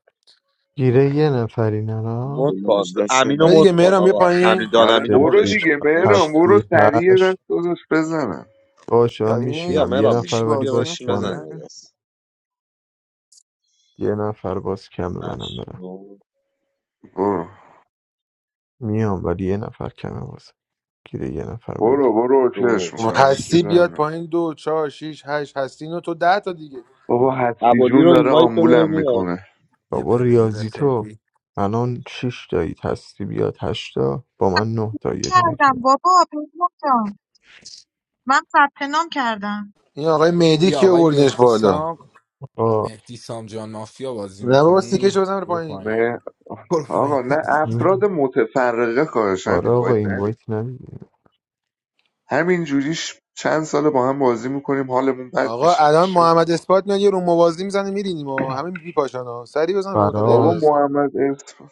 Speaker 4: گیره یه نفری
Speaker 1: مد
Speaker 4: نرا
Speaker 1: کن
Speaker 5: آره
Speaker 1: امینو مد
Speaker 5: دیگه
Speaker 1: کن
Speaker 5: مهرم بیا
Speaker 1: آقا
Speaker 5: پایین
Speaker 1: امین دان
Speaker 10: آره
Speaker 1: امینو
Speaker 4: سه،
Speaker 10: برو
Speaker 1: مدش
Speaker 4: شیش
Speaker 10: دیگه
Speaker 1: کن
Speaker 10: مهران
Speaker 1: نمیشینه
Speaker 10: برو
Speaker 4: هستی
Speaker 10: سریع
Speaker 4: هشت
Speaker 10: دست داداش بزنم
Speaker 4: باشه
Speaker 8: بیا
Speaker 4: من
Speaker 8: این
Speaker 1: بیا
Speaker 4: میشینم
Speaker 8: این
Speaker 4: یه
Speaker 1: مرا
Speaker 4: نفر
Speaker 8: چیز
Speaker 1: میشینی
Speaker 4: ولی
Speaker 1: بیا
Speaker 8: بازی
Speaker 4: باز
Speaker 1: بشین
Speaker 4: کمه
Speaker 1: بزنیم
Speaker 8: میکنه
Speaker 1: یه دست
Speaker 4: یه نفر باز کمه منم
Speaker 1: هشت
Speaker 4: برم
Speaker 1: نو
Speaker 10: برو
Speaker 4: میام ولی یه نفر کمه باز گیره یه نفر بودید
Speaker 10: برو برو
Speaker 1: دو
Speaker 10: اوکیش
Speaker 1: چهار
Speaker 10: میکنیم این
Speaker 5: هستی
Speaker 1: شیش
Speaker 10: چیزم
Speaker 5: بیاد
Speaker 1: هفت
Speaker 10: نه.
Speaker 5: پایین دو چهار شیش هشت هستی اینو تو ده تا دیگه
Speaker 10: بابا هستی
Speaker 1: ابولی
Speaker 10: جون
Speaker 1: رو
Speaker 10: داره
Speaker 1: اینوایت بده
Speaker 10: آمبولم
Speaker 1: میاد
Speaker 10: میکنه
Speaker 8: یه
Speaker 4: بابا
Speaker 8: پلیر
Speaker 4: ریاضی تو
Speaker 8: خیلی
Speaker 4: الان شیش تایید هستی بیاد هشتا با من نه تا یه دونه که
Speaker 3: کردم بابا پدرام جان من ثبت نام کردم
Speaker 5: این آقای مهدی
Speaker 8: بیا
Speaker 5: کی
Speaker 8: آقای
Speaker 5: بردینش
Speaker 8: مهدی
Speaker 5: بالا
Speaker 8: سام
Speaker 4: آقا
Speaker 8: مهدی سام جان مافیا بازی
Speaker 5: نه بابا سیکش
Speaker 8: میکنین
Speaker 5: بزن رو
Speaker 8: برو
Speaker 5: پایین
Speaker 8: پایین
Speaker 10: نه
Speaker 8: برو پایین
Speaker 10: آقا نه افراد
Speaker 4: این-
Speaker 10: متفرقه خواهشن
Speaker 4: آره
Speaker 10: این
Speaker 4: آقا
Speaker 10: باید
Speaker 4: این
Speaker 10: نریم
Speaker 4: وایت نمیدیم
Speaker 10: همین جوریش چند سال با هم بازی میکنیم حالمون بد
Speaker 5: آقا
Speaker 10: میشه
Speaker 5: الان
Speaker 10: ول
Speaker 5: محمد
Speaker 10: کن.
Speaker 5: اثبات میاد یه رو موازی میزنه میرینیم و همه بی پاشانا سری بزن رو تا نیومد
Speaker 10: بابا
Speaker 4: فراز
Speaker 5: هستی
Speaker 10: محمد ارفان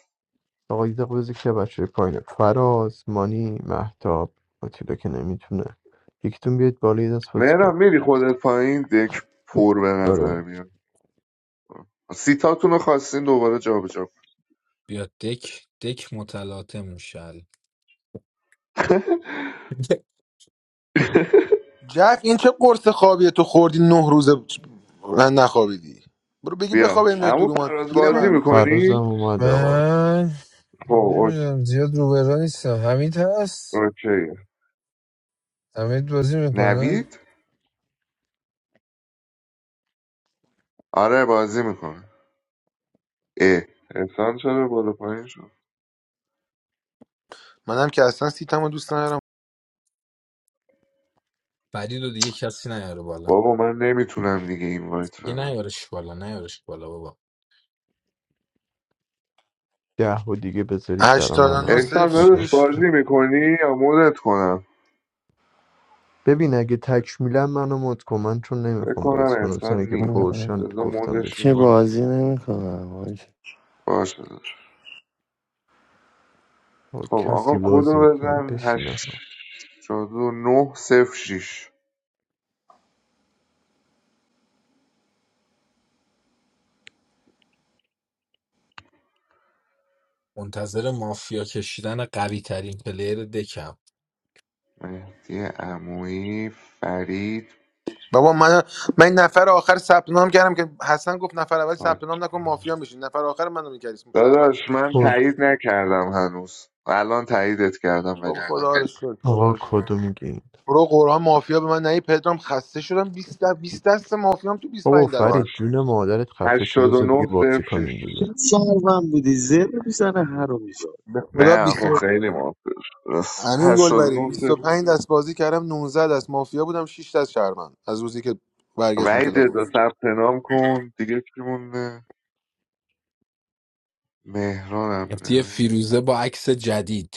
Speaker 4: آقا یه دقیقه بذار که بچه پایینه فراز مانی محتاب آتیلا که نمیتونه یکیتون بیاد بالا یه دست بازی کن
Speaker 10: مهران میری خودت پایین دک پر به
Speaker 4: آره
Speaker 10: نظر میاد سیتاتون رو خواستین دوباره جابجا
Speaker 8: بیا دک دک متلاطم میشه
Speaker 10: کنید.
Speaker 5: جف این چه قرص خوابیه تو خوردی نه روزه من نخوابیدی برو بگی بخواب
Speaker 10: بیا
Speaker 5: این تو
Speaker 10: عمو
Speaker 5: رو ما
Speaker 10: فراز
Speaker 5: پیره
Speaker 10: بازی
Speaker 5: من
Speaker 4: فراز هم
Speaker 10: میکنی؟
Speaker 4: اومد آقا
Speaker 12: من
Speaker 10: خب او-
Speaker 12: نمیدونم زیاد روبرا نیستم حمید هست
Speaker 10: اوکی
Speaker 12: حمید بازی میکنه
Speaker 10: نوید؟ آره بازی میکنه اه احسان چرا بالا پایین شد؟
Speaker 5: منم که اصلا سیتمو دوست ندارم
Speaker 8: فرید رو دیگه کسی نیاره بالا
Speaker 10: بابا من نمیتونم دیگه این وایت
Speaker 8: دیگه
Speaker 10: بدم
Speaker 8: نیارش بالا نیارش بالا بابا
Speaker 4: ده و دیگه بذارید برا من آقا.
Speaker 5: 89
Speaker 10: احسان
Speaker 4: آره.
Speaker 10: داداش
Speaker 5: شش
Speaker 10: بازی میکنی یا مودت کنم؟
Speaker 4: ببین اگه تکمیلا منو مد کن من چون
Speaker 10: فکر
Speaker 4: نمیخوام
Speaker 10: کنم
Speaker 4: بازی کنم
Speaker 10: احسان
Speaker 4: سانه که
Speaker 10: نیست
Speaker 13: No,
Speaker 4: پرشن
Speaker 10: بذار
Speaker 4: گفتم
Speaker 10: مودش
Speaker 4: بشین
Speaker 13: she
Speaker 10: میکنم
Speaker 13: wasn't even on it.
Speaker 10: باشه داداش.
Speaker 4: با
Speaker 10: خب
Speaker 4: کسی
Speaker 10: آقا
Speaker 4: بازی
Speaker 10: کدو
Speaker 4: میکنه
Speaker 10: بزن
Speaker 4: بشین
Speaker 10: هشت
Speaker 4: آقا
Speaker 10: و نه صفر شیش
Speaker 8: منتظر مافیا کشیدن قوی ترین پلیر دکم
Speaker 10: مهدی عمویی فرید
Speaker 5: بابا من من این نفر آخر ثبت نام کردم که حسن گفت نفر اول ثبت نام نکن مافیا میشین نفر آخر منو میکردی اسم شهروند
Speaker 10: داداش
Speaker 5: شد
Speaker 10: من
Speaker 4: کد
Speaker 10: تایید نکردم هنوز الان تاییدت کردم
Speaker 5: بابا
Speaker 10: ولی
Speaker 5: خدا رو شکر خدا
Speaker 4: آقا
Speaker 5: رو شکر
Speaker 4: کدو میگین
Speaker 5: برو قرآن مافیا به من نهی پدرام خسته شدم 20 دست 20 دست مافیام تو بیست و
Speaker 4: بابا
Speaker 5: پنج دست
Speaker 10: باش
Speaker 4: فرید جون مادرت خفه شو
Speaker 10: هشتاد و
Speaker 4: بذار دیگه
Speaker 10: نه
Speaker 4: بازی
Speaker 10: صرف
Speaker 4: کنیم
Speaker 10: شیش
Speaker 4: دیگه
Speaker 5: به خدا
Speaker 10: نه
Speaker 5: 20
Speaker 10: آقا
Speaker 5: و-
Speaker 10: خیلی موافق راست
Speaker 5: امین
Speaker 10: هشتاد و
Speaker 5: گلبری
Speaker 10: نه
Speaker 5: بیست و
Speaker 10: صرف
Speaker 5: پنج دست بازی کردم 19 دست مافیا بودم شش دست شهروند از روزی که برگشتم
Speaker 10: وعید
Speaker 5: کلاس
Speaker 10: رضا ثبت نام کن دیگه کی مونده مهرانم
Speaker 8: افتی
Speaker 10: نمه
Speaker 8: فیروزه با عکس جدید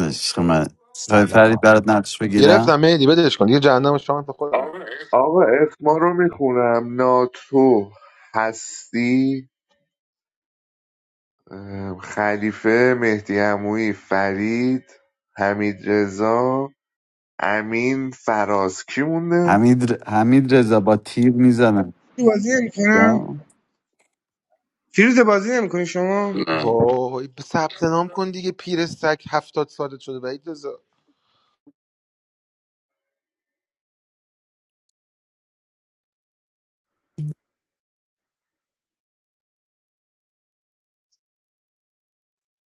Speaker 14: عشق من خواهی
Speaker 8: سلام
Speaker 14: فرید برات نقش
Speaker 5: گرفتم
Speaker 14: بگیرم
Speaker 5: مهدی بدش کن دیگه جهنم شما تو خود نه
Speaker 10: آقا اسما رو میخونم ناتو هستی ام، خلیفه مهدی عمویی فرید حمید رضا امین فراز کی مونده
Speaker 14: حمید, ر- حمید رضا با تیر میزنم
Speaker 15: بازی نمیکنم فیروز بازی نمیکنی شما
Speaker 5: وای ثبت نام کن دیگه پیر سگ 70 سالت شده وحید رضا.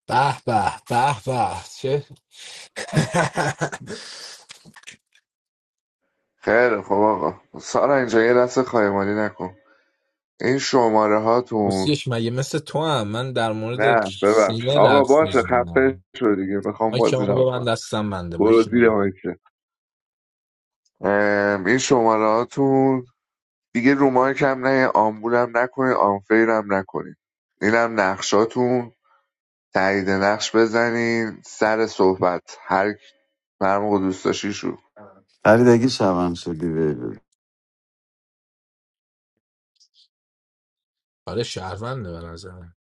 Speaker 8: به به به به چه
Speaker 10: خیلی خب آقا سارا اینجا یه دست خایمانی نکن این شماره هاتون
Speaker 8: بسیش مگه مثل تو هم من در مورد
Speaker 10: نه ببخش
Speaker 8: سینه
Speaker 10: آقا
Speaker 8: لبس
Speaker 10: باشه خفه
Speaker 8: میزنم
Speaker 10: شو دیگه میخوام
Speaker 8: مایک
Speaker 10: بازی
Speaker 8: منو به
Speaker 10: را
Speaker 8: من
Speaker 10: کن
Speaker 8: دستم بنده مایک
Speaker 10: برو زیر
Speaker 8: نمی‌بند.
Speaker 10: مایکه ام، این شماره هاتون دیگه رو مایک هم نه آمبولم نکنین آنفیرم نکنین اینم نقشاتون تایید نقش بزنین سر صحبت هر کی- هر موقع دوست داشتی شو
Speaker 14: فرید اگه شبم شدی بیبی
Speaker 8: آره شهرونده به نظرم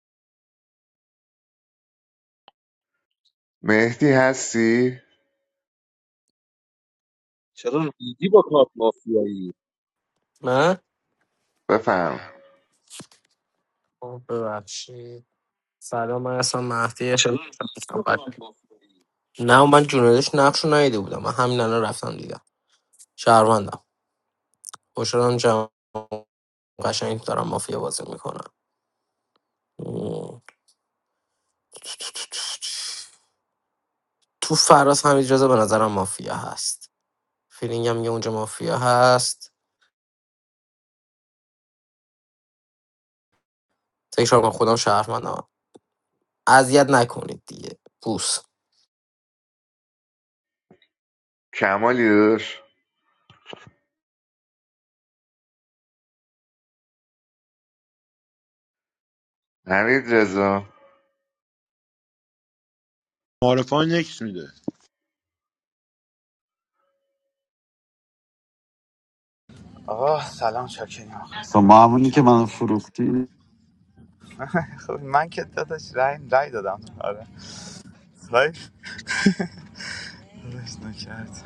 Speaker 10: مهدی هستی
Speaker 1: چرا ریدی با کارت مافیایی
Speaker 6: من
Speaker 10: بفهم
Speaker 6: آه، ببخشید سلام من اصلا مهدی شد نه من جونالش نقش رو ندیده بودم من همین الان رفتم دیدم شهروندم خوشحالم جمع قشنگ دارم مافیا بازی میکنم تو فراس هم اجازه به نظرم مافیا هست فیلینگم میگه اونجا مافیا هست تکرار من خودم شهروندم اذیت نکنید دیگه بوس
Speaker 10: کمالی داداش حمید رضا
Speaker 5: معارفه نکس میده
Speaker 7: آقا سلام چاکریم
Speaker 14: با
Speaker 7: مخلصیم خوبی
Speaker 14: معمولی که
Speaker 7: شما
Speaker 14: من فروختی
Speaker 7: خوبی من که داداش رای رای دادم آره رای داداش نکرد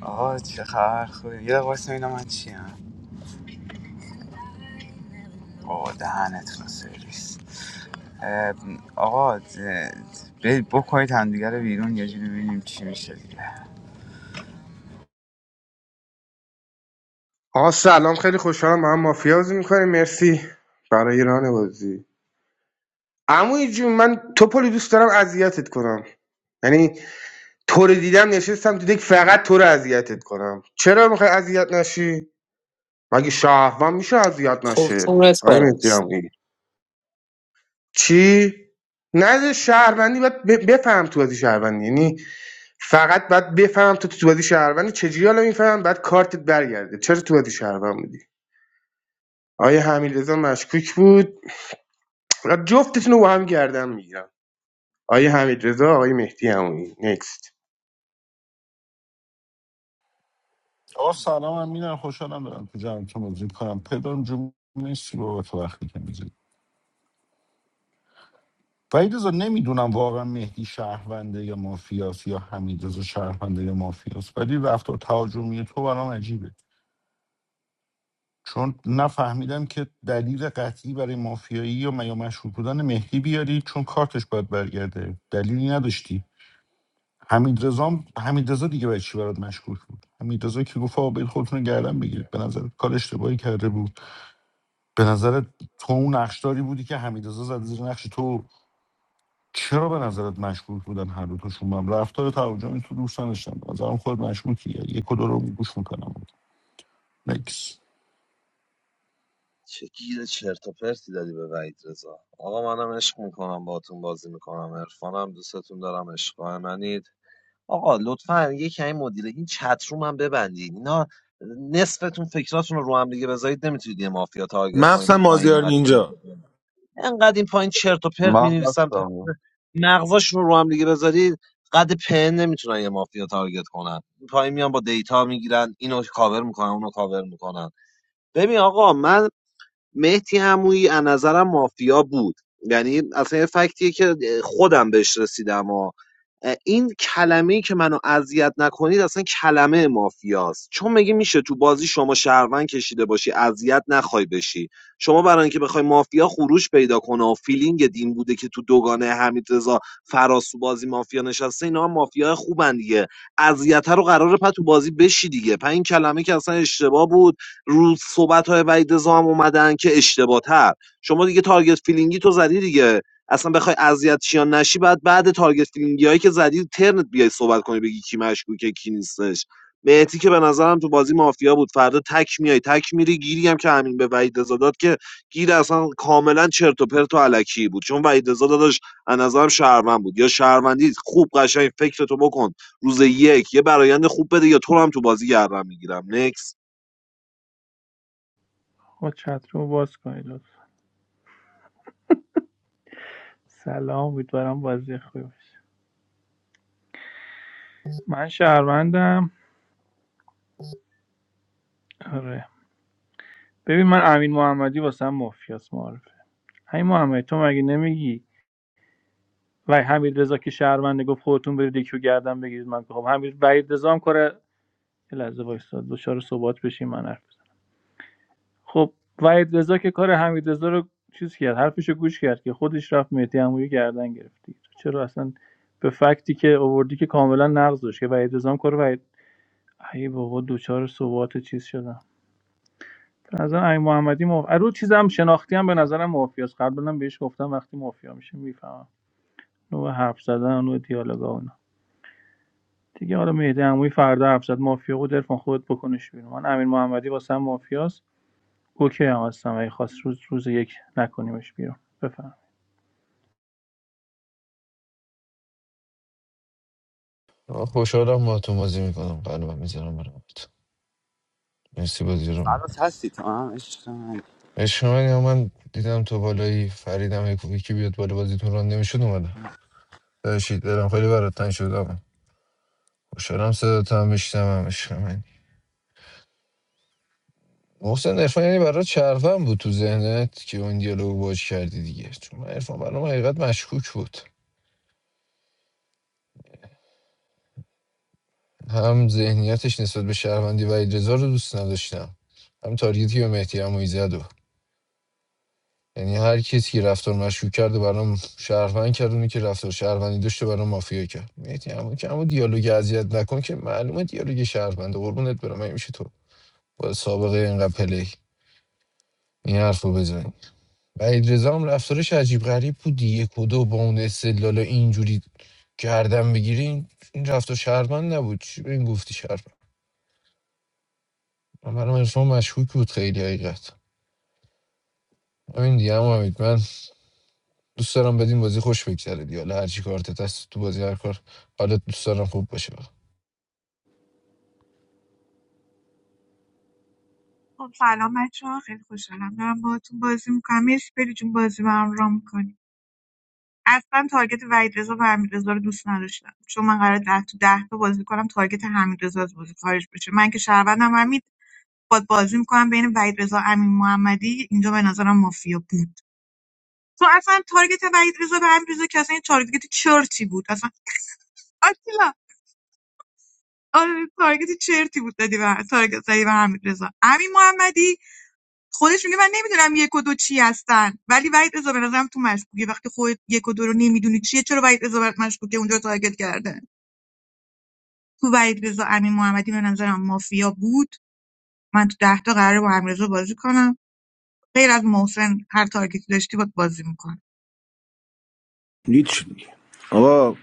Speaker 7: آقا چه خبر خوبی یه دقیقه واسه اینا من چی هم آقا دهنتون سرویس اه، آقا اه، برید بکنید همدیگه رو بیرون یه جوری ببینیم چی میشه دیگه
Speaker 15: آقا سلام خیلی خوشحالم ما هم مافیا بازی میکنیم مرسی برای ایران بازی عموی جون من تو دوست دارم اذیتت کنم یعنی تو رو دیدم نشستم تو دک فقط تو رو اذیتت کنم چرا میخوای اذیت نشی مگه شهروند میشه اذیت
Speaker 6: خب
Speaker 15: نشه
Speaker 6: چون
Speaker 15: آقای
Speaker 6: کار
Speaker 15: مهدی
Speaker 6: است
Speaker 15: عمویی. چی نه شهروندی باید ب- بفهم تو بازی شهروندی یعنی فقط باید بفهم تو تو بازی شهروندی چجوری حالا میفهم بعد کارتت برگرده چرا تو بازی شهروند بودی آقای حمیدرضا مشکوک بود جفتشون رو با هم گردن میگیرم آقای حمیدرضا آقای مهدی همونی نکست
Speaker 16: آقا سلام من میرم خوشحالم دارم تو جمعتون بازی کنم پدرم جون نیستی با تو وقتی که میزید وحید رضا نمیدونم واقعا مهدی شهرونده یا مافیاس یا حمید رضا شهرونده یا مافیاس ولی رفتار تهاجمی تو برام عجیبه چون نفهمیدم که دلیل قطعی برای مافیایی یا یا مشهور بودن مهدی بیاری چون کارتش باید برگرده دلیلی نداشتی حمید رضا حمید رضا دیگه برای چی برات مشکوک بود حمید رضا که گفت آقا برید خودتون رو گردن بگیرید به نظر کار اشتباهی کرده بود به نظرت تو اون نقشداری بودی که حمیدرضا زده زیر نقش تو چرا به نظرت مشکوک بودن هر دو تاشون با هم رفتار تهاجمی تو دوست نداشتم به نظرم خود مشکوکیه یک و دو رو گوش میکنم نکس
Speaker 1: چه گیر چرت و پرتی دادی به وحید رضا آقا منم عشق میکنم باهاتون بازی میکنم عرفانم دوستتون دارم عشقای منید آقا لطفا یه این مدیره این چت رو من ببندید اینا نصفتون فکراتون رو رو هم دیگه بذارید نمیتونید یه مافیا تارگت کنید
Speaker 5: مخصم
Speaker 1: این پایین
Speaker 5: مازیار
Speaker 1: انقدر چرت و
Speaker 5: نینجا
Speaker 1: پرت انقدر این پایین چرت و پرت
Speaker 2: من
Speaker 1: می‌نویسن
Speaker 2: بستم
Speaker 1: مغزاشون رو رو هم دیگه بذارید قد پن نمیتونن یه مافیا تارگت کنن این پایین میان با دیتا میگیرن اینو کاور میکنن اونو کاور میکنن ببین آقا من مهدی عمویی از نظرم مافیا بود یعنی اصلا یه فکتیه که خودم بهش رسیدم و این کلمه که منو اذیت نکنید اصلا کلمه مافیاست چون میگه میشه تو بازی شما شهروند کشیده باشی اذیت نخوای بشی شما برای اینکه بخوای مافیا خروج پیدا کنه و فیلینگ دین بوده که تو دوگانه حمیدرضا فراس تو بازی مافیا نشسته اینا هم مافیا خوبن دیگه اذیت رو قراره پس تو بازی بشی دیگه پس این کلمه که اصلا اشتباه بود رو صحبت های وحید رضا هم اومدن که اشتباه تر شما دیگه تارگت فیلینگی تو زدی دیگه اصلا بخوای اذیت شی یا نشی بعد بعد تارگت فیلینگی هایی که زدی ترنت بیای صحبت کنی بگی کی مشکوکه کی نیستش مهدی که به نظرم تو بازی مافیا بود فردا تک میای تک میری گیری هم که همین به وحید رضا داد که گیر اصلا کاملا چرت و پرت و الکی بود چون وحید رضا داداش از نظرم شهروند بود یا شهروندی خوب قشنگ فکرتو بکن روز یک یه برایند خوب بده یا تو رو هم تو بازی گردم میگیرم نکس
Speaker 17: خب چت رو باز کنید لطفا. سلام امیدوارم بازی خوبی باشه من شهروندم آره ببین من امین محمدی واسم مافیاس معرفه همین محمدی تو مگه نمیگی و همین رضا که شهرونده گفت خودتون برید یکی رو گردن بگیرید من که خب همین وحید رضا هم کار یه لحظه وایساد دچار ثبات بشین من حرف بزنم خب وحید رضا که کار حمید رضا رو چیز کرد حرفش رو گوش کرد که خودش رفت مهدی عمویی گردن گرفتی چرا اصلا به فکتی که آوردی که کاملا نقض داشت که وحید رضا هم کار ای بابا دوچار ثبات چیز شدم به نظر امیر محمدی مف... رو چیزم شناختی هم به نظرم مافیاست قبلا بهش گفتم وقتی مافیا میشه میفهمم نوع حرف زدن نوع دیالوگا و دیگه حالا مهدی عمویی فردا حرف زد مافیا بود عرفان خودت بکنش بیرون من امیر محمدی واسم مافیاست اوکی هم هستم اگه خواست روز روز یک نکنیمش بیرون بفهم
Speaker 12: خوشحالم با تو بازی میکنم قلبم میذارم برای تو مرسی بازی رو میکنی
Speaker 7: فرات هستی تو هم عشق من
Speaker 12: عشق من یا من دیدم تو بالایی فریدم یکی یکی بیاد بالا بازیتون ران نمیشد اومدم داشتید دلم خیلی برات تنگ شد آقا خوشحالم صدات هم میشتم هم عشق من محسن عرفان یعنی برات چرفم بود تو ذهنت که اون دیالوگ باج کردی دیگه چون من عرفان برام حقیقت مشکوک بود هم ذهنیتش نسبت به شهروندی و اجرا رو دوست نداشتم هم تارگتی به مهدی عمویی زد و یعنی هر کسی که رفتار مشکوک کرد و برام شهروند کرد اونی که رفتار شهروندی داشته برام مافیا کرد مهدی عمویی که اما دیالوگ اذیت نکن که معلومه دیالوگ شهروند قربونت برم این میشه تو با سابقه اینقدر پلی این حرفو بزنی و رضا هم رفتارش عجیب غریب بود یک و دو با اون استدلال اینجوری گردن بگیرین این رفتار شهروند نبود چی به این گفتی منم عرفان مشکوک بود خیلی حقیقت همین دیگه هم امید من دوست دارم بدین بازی خوش بگذره دیگه حالا هر چی کارت دست تو بازی هر کار حالت دوست دارم خوب باشه
Speaker 3: خب سلام بچه ها خیلی خوشحالم دارم باهاتون بازی میکنم مرسی بری جون بازی برام رام میکنی اصلا تارگت وحید رضا و حمید رضا رو دوست نداشتم چون من قرار ده تو ده تا بازی کنم تارگت حمید رضا از بازی خارج بشه من که شهروندم حمید باد بازی میکنم بین وحید رضا امین محمدی اینجا به نظرم مافیا بود تو اصلا تارگت وحید رضا به امیر رضا که اصلا یه تارگت چرتی بود اصلا آتیلا آره تارگت چرتی بود دادی به تارگت زدی به حمید رضا امین محمدی خودش میگه من نمیدونم یک و دو چی هستن ولی وحید رضا به نظرم تو مشکوکه وقتی خودت یک و دو رو نمیدونی چیه چرا وحید رضا برات مشکوکه اونجا رو تارگت کرده تو وحید رضا امین محمدی به نظرم مافیا بود من تو ده تا قراره با امین رضا بازی کنم غیر از محسن هر تارگتی داشتی باید بازی میکنم
Speaker 5: دید چی میگه آقا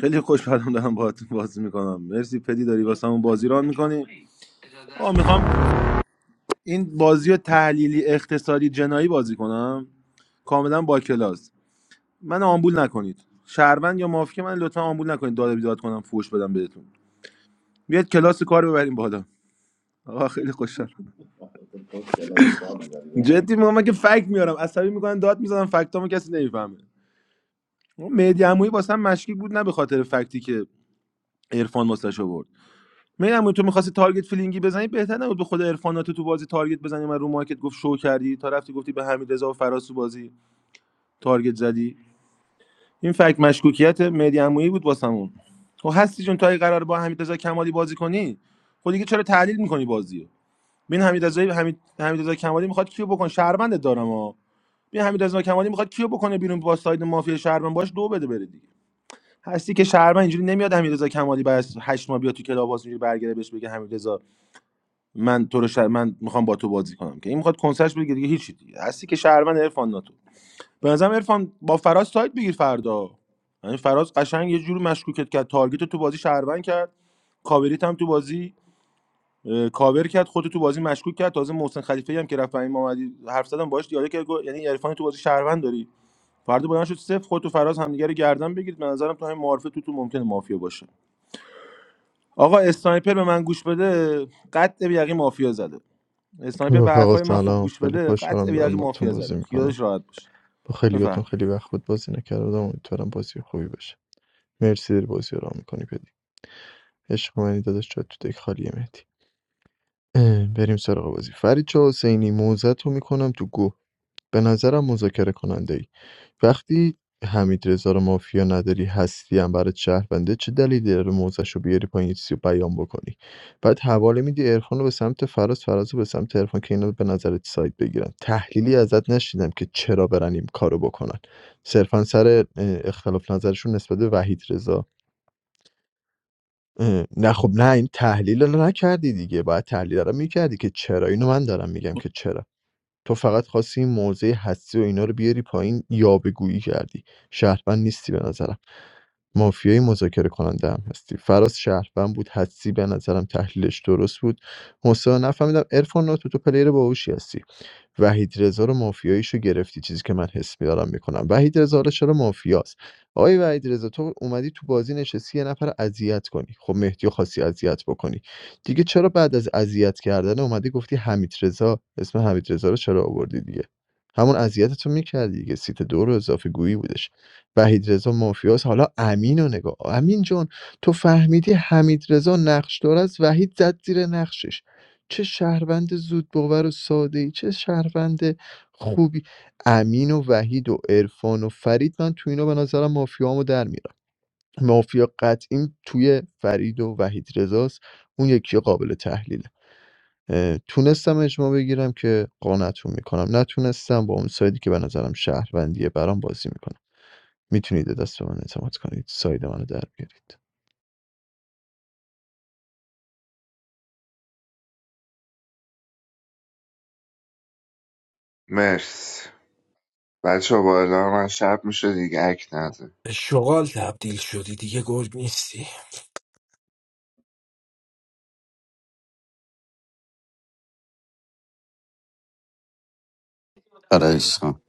Speaker 5: خیلی خوشحالم دارم باهاتون بازی میکنم مرسی پدی داری واسمون بازی ران میکنی آقا میخوام این بازی رو تحلیلی اقتصادی جنایی بازی کنم کاملا با کلاس من آمبول نکنید شهروند یا مافک من لطفا آمبول نکنید داد و بیداد کنم فوش بدم بهتون بیاد کلاس کار ببریم بالا آقا خیلی خوشحال جدی میگم من که فکت میارم عصبی میکنن داد میزنم فکتامو کسی نمیفهمه مهدی عمویی واسم مشکی بود نه به خاطر فکتی که عرفان واسش آورد میدم تو میخواستی تارگت فیلینگی بزنی بهتر نبود به خود عرفانات تو بازی تارگت بزنی من رو مارکت گفت شو کردی تا رفتی گفتی به حمید رضا و فراس تو بازی تارگت زدی این فکت مشکوکیت مهدی عمویی بود واسمون خب هستی جون تا قرار با حمید رضا کمالی بازی کنی خب دیگه چرا تحلیل میکنی بازیو رو ببین حمید رضا حمید حمید رضا کمالی میخواد کیو بکنه شهروندت دارم ها ببین حمید رضا کمالی میخواد کیو بکنه بیرون با ساید مافیا شهروند باش دو بده بره دیگه هستی که شهر اینجوری نمیاد حمیدرضا کمالی بعد از هشت ماه بیاد تو کلاب اینجوری برگره بهش بگه حمیدرضا من تو رو شهر من میخوام با تو بازی کنم که این میخواد کنسرش بگه دیگه هیچی دیگه هستی که شهر من عرفان ناتو به نظرم عرفان با فراز سایت بگیر فردا یعنی فراز قشنگ یه جوری مشکوکت کرد تارگت تو بازی شهروند کرد کاوریت هم تو بازی کاور کرد خودت تو بازی مشکوک کرد تازه محسن خلیفه هم که رفت این محمدی حرف زدم باهاش دیالوگ کرد یعنی عرفان تو بازی شهروند داری فردا بلند شد صفر خودت و فراز همدیگه رو گردن بگیرید به نظرم تو همین معارفه تو تو ممکنه مافیا باشه آقا اسنایپر به من گوش بده قطع به یقین مافیا زده اسنایپر به
Speaker 4: رفقا
Speaker 5: حرفای من خوب
Speaker 4: سلام
Speaker 5: گوش
Speaker 4: خیلی
Speaker 5: بده قطع
Speaker 4: خوشحالم
Speaker 5: به
Speaker 4: دارم
Speaker 5: یقین
Speaker 4: باتون
Speaker 5: مافیا
Speaker 4: بازی
Speaker 5: زده
Speaker 4: میکنم
Speaker 5: خیالش راحت باشه
Speaker 4: با خیلی باتون
Speaker 5: بفهم
Speaker 4: خیلی وقت بود بازی نکردم امیدوارم بازی خوبی باشه مرسی داری بازی رو میکنی پدی عشق منی داداش جات تو دک خالیه مهدی اه، بریم سراغ بازی فرید چه حسینی موزت رو میکنم تو گو به نظرم مذاکره کننده ای وقتی حمیدرضا رو مافیا نداری هستی هم برات شهرونده چه دلیلی داره موزش رو بیاری پایین یه چیزی رو بیان بکنی بعد حواله میدی عرفان رو به سمت فراز فراز رو به سمت عرفان که اینا به نظرت سایت بگیرن تحلیلی ازت نشیدم که چرا برن این کارو بکنن صرفا سر اه، اختلاف نظرشون نسبت به وحید رضا اه، نه خب نه این تحلیل رو نکردی دیگه باید تحلیل رو میکردی که چرا اینو من دارم میگم که چرا تو فقط خواستی این موضع حسی و اینا رو بیاری پایین یاوه‌گویی کردی شهروند نیستی به نظرم مافیای مذاکره کننده هم هستی فراز شهروند بود حدسی به نظرم تحلیلش درست بود حسین نفهمیدم ارفان تو تو پلیر باهوشی هستی وحید رضا رو مافیاییشو گرفتی چیزی که من حس میدارم میکنم وحید رضا رو چرا مافیاست آقای وحید رضا تو اومدی تو بازی نشستی یه نفر رو اذیت کنی خب مهدی رو خاصی اذیت بکنی دیگه چرا بعد از اذیت کردن اومدی گفتی حمید رضا اسم حمید رضا رو چرا آوردی دیگه همون اذیتتو میکردی دیگه سیت دو رو اضافه گویی بودش وحیدرضا مافیاس حالا امین رو نگاه امین جان تو فهمیدی حمیدرضا نقشدار است وحید زد زیر نقشش چه شهروند زود باور و ساده ای چه شهروند خوبی امین و وحید و عرفان و فرید من تو اینا به نظرم مافیامو در میارم مافیا قطعی توی فرید و وحید رزاست اون یکی قابل تحلیله اه، تونستم اجماع بگیرم که قانعتون میکنم نتونستم با اون سایدی که به نظرم شهروندیه برام بازی میکنم میتونید به دست به من اعتماد کنید ساید منو در بیارید
Speaker 10: مرسی بچه ها با اعلام من شب میشه دیگه اک نده
Speaker 8: به شغال تبدیل شدی دیگه گرگ نیستی
Speaker 14: آره عشقم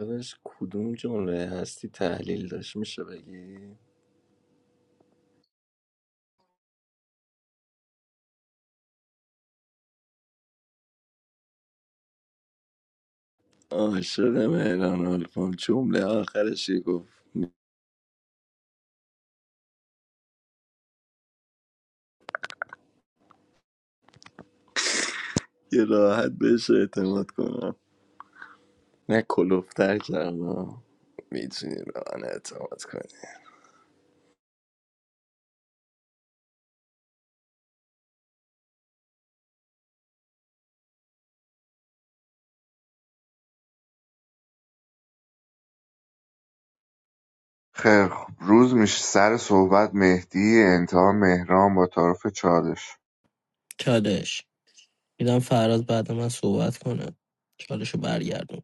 Speaker 18: داداش کدوم جمله هستی تحلیل داشت میشه بگی عاشق مهران آلفام جمله آخرش یه گفت یه راحت بهش اعتماد کنم نه کلوفتر کردم میتونی ران اعتماد کنی
Speaker 10: خیلی خوب روز میشه سر صحبت مهدی انتها مهران با تعارف چالش
Speaker 6: چالش میدم فراد بعد من صحبت کنه چالشو برگردون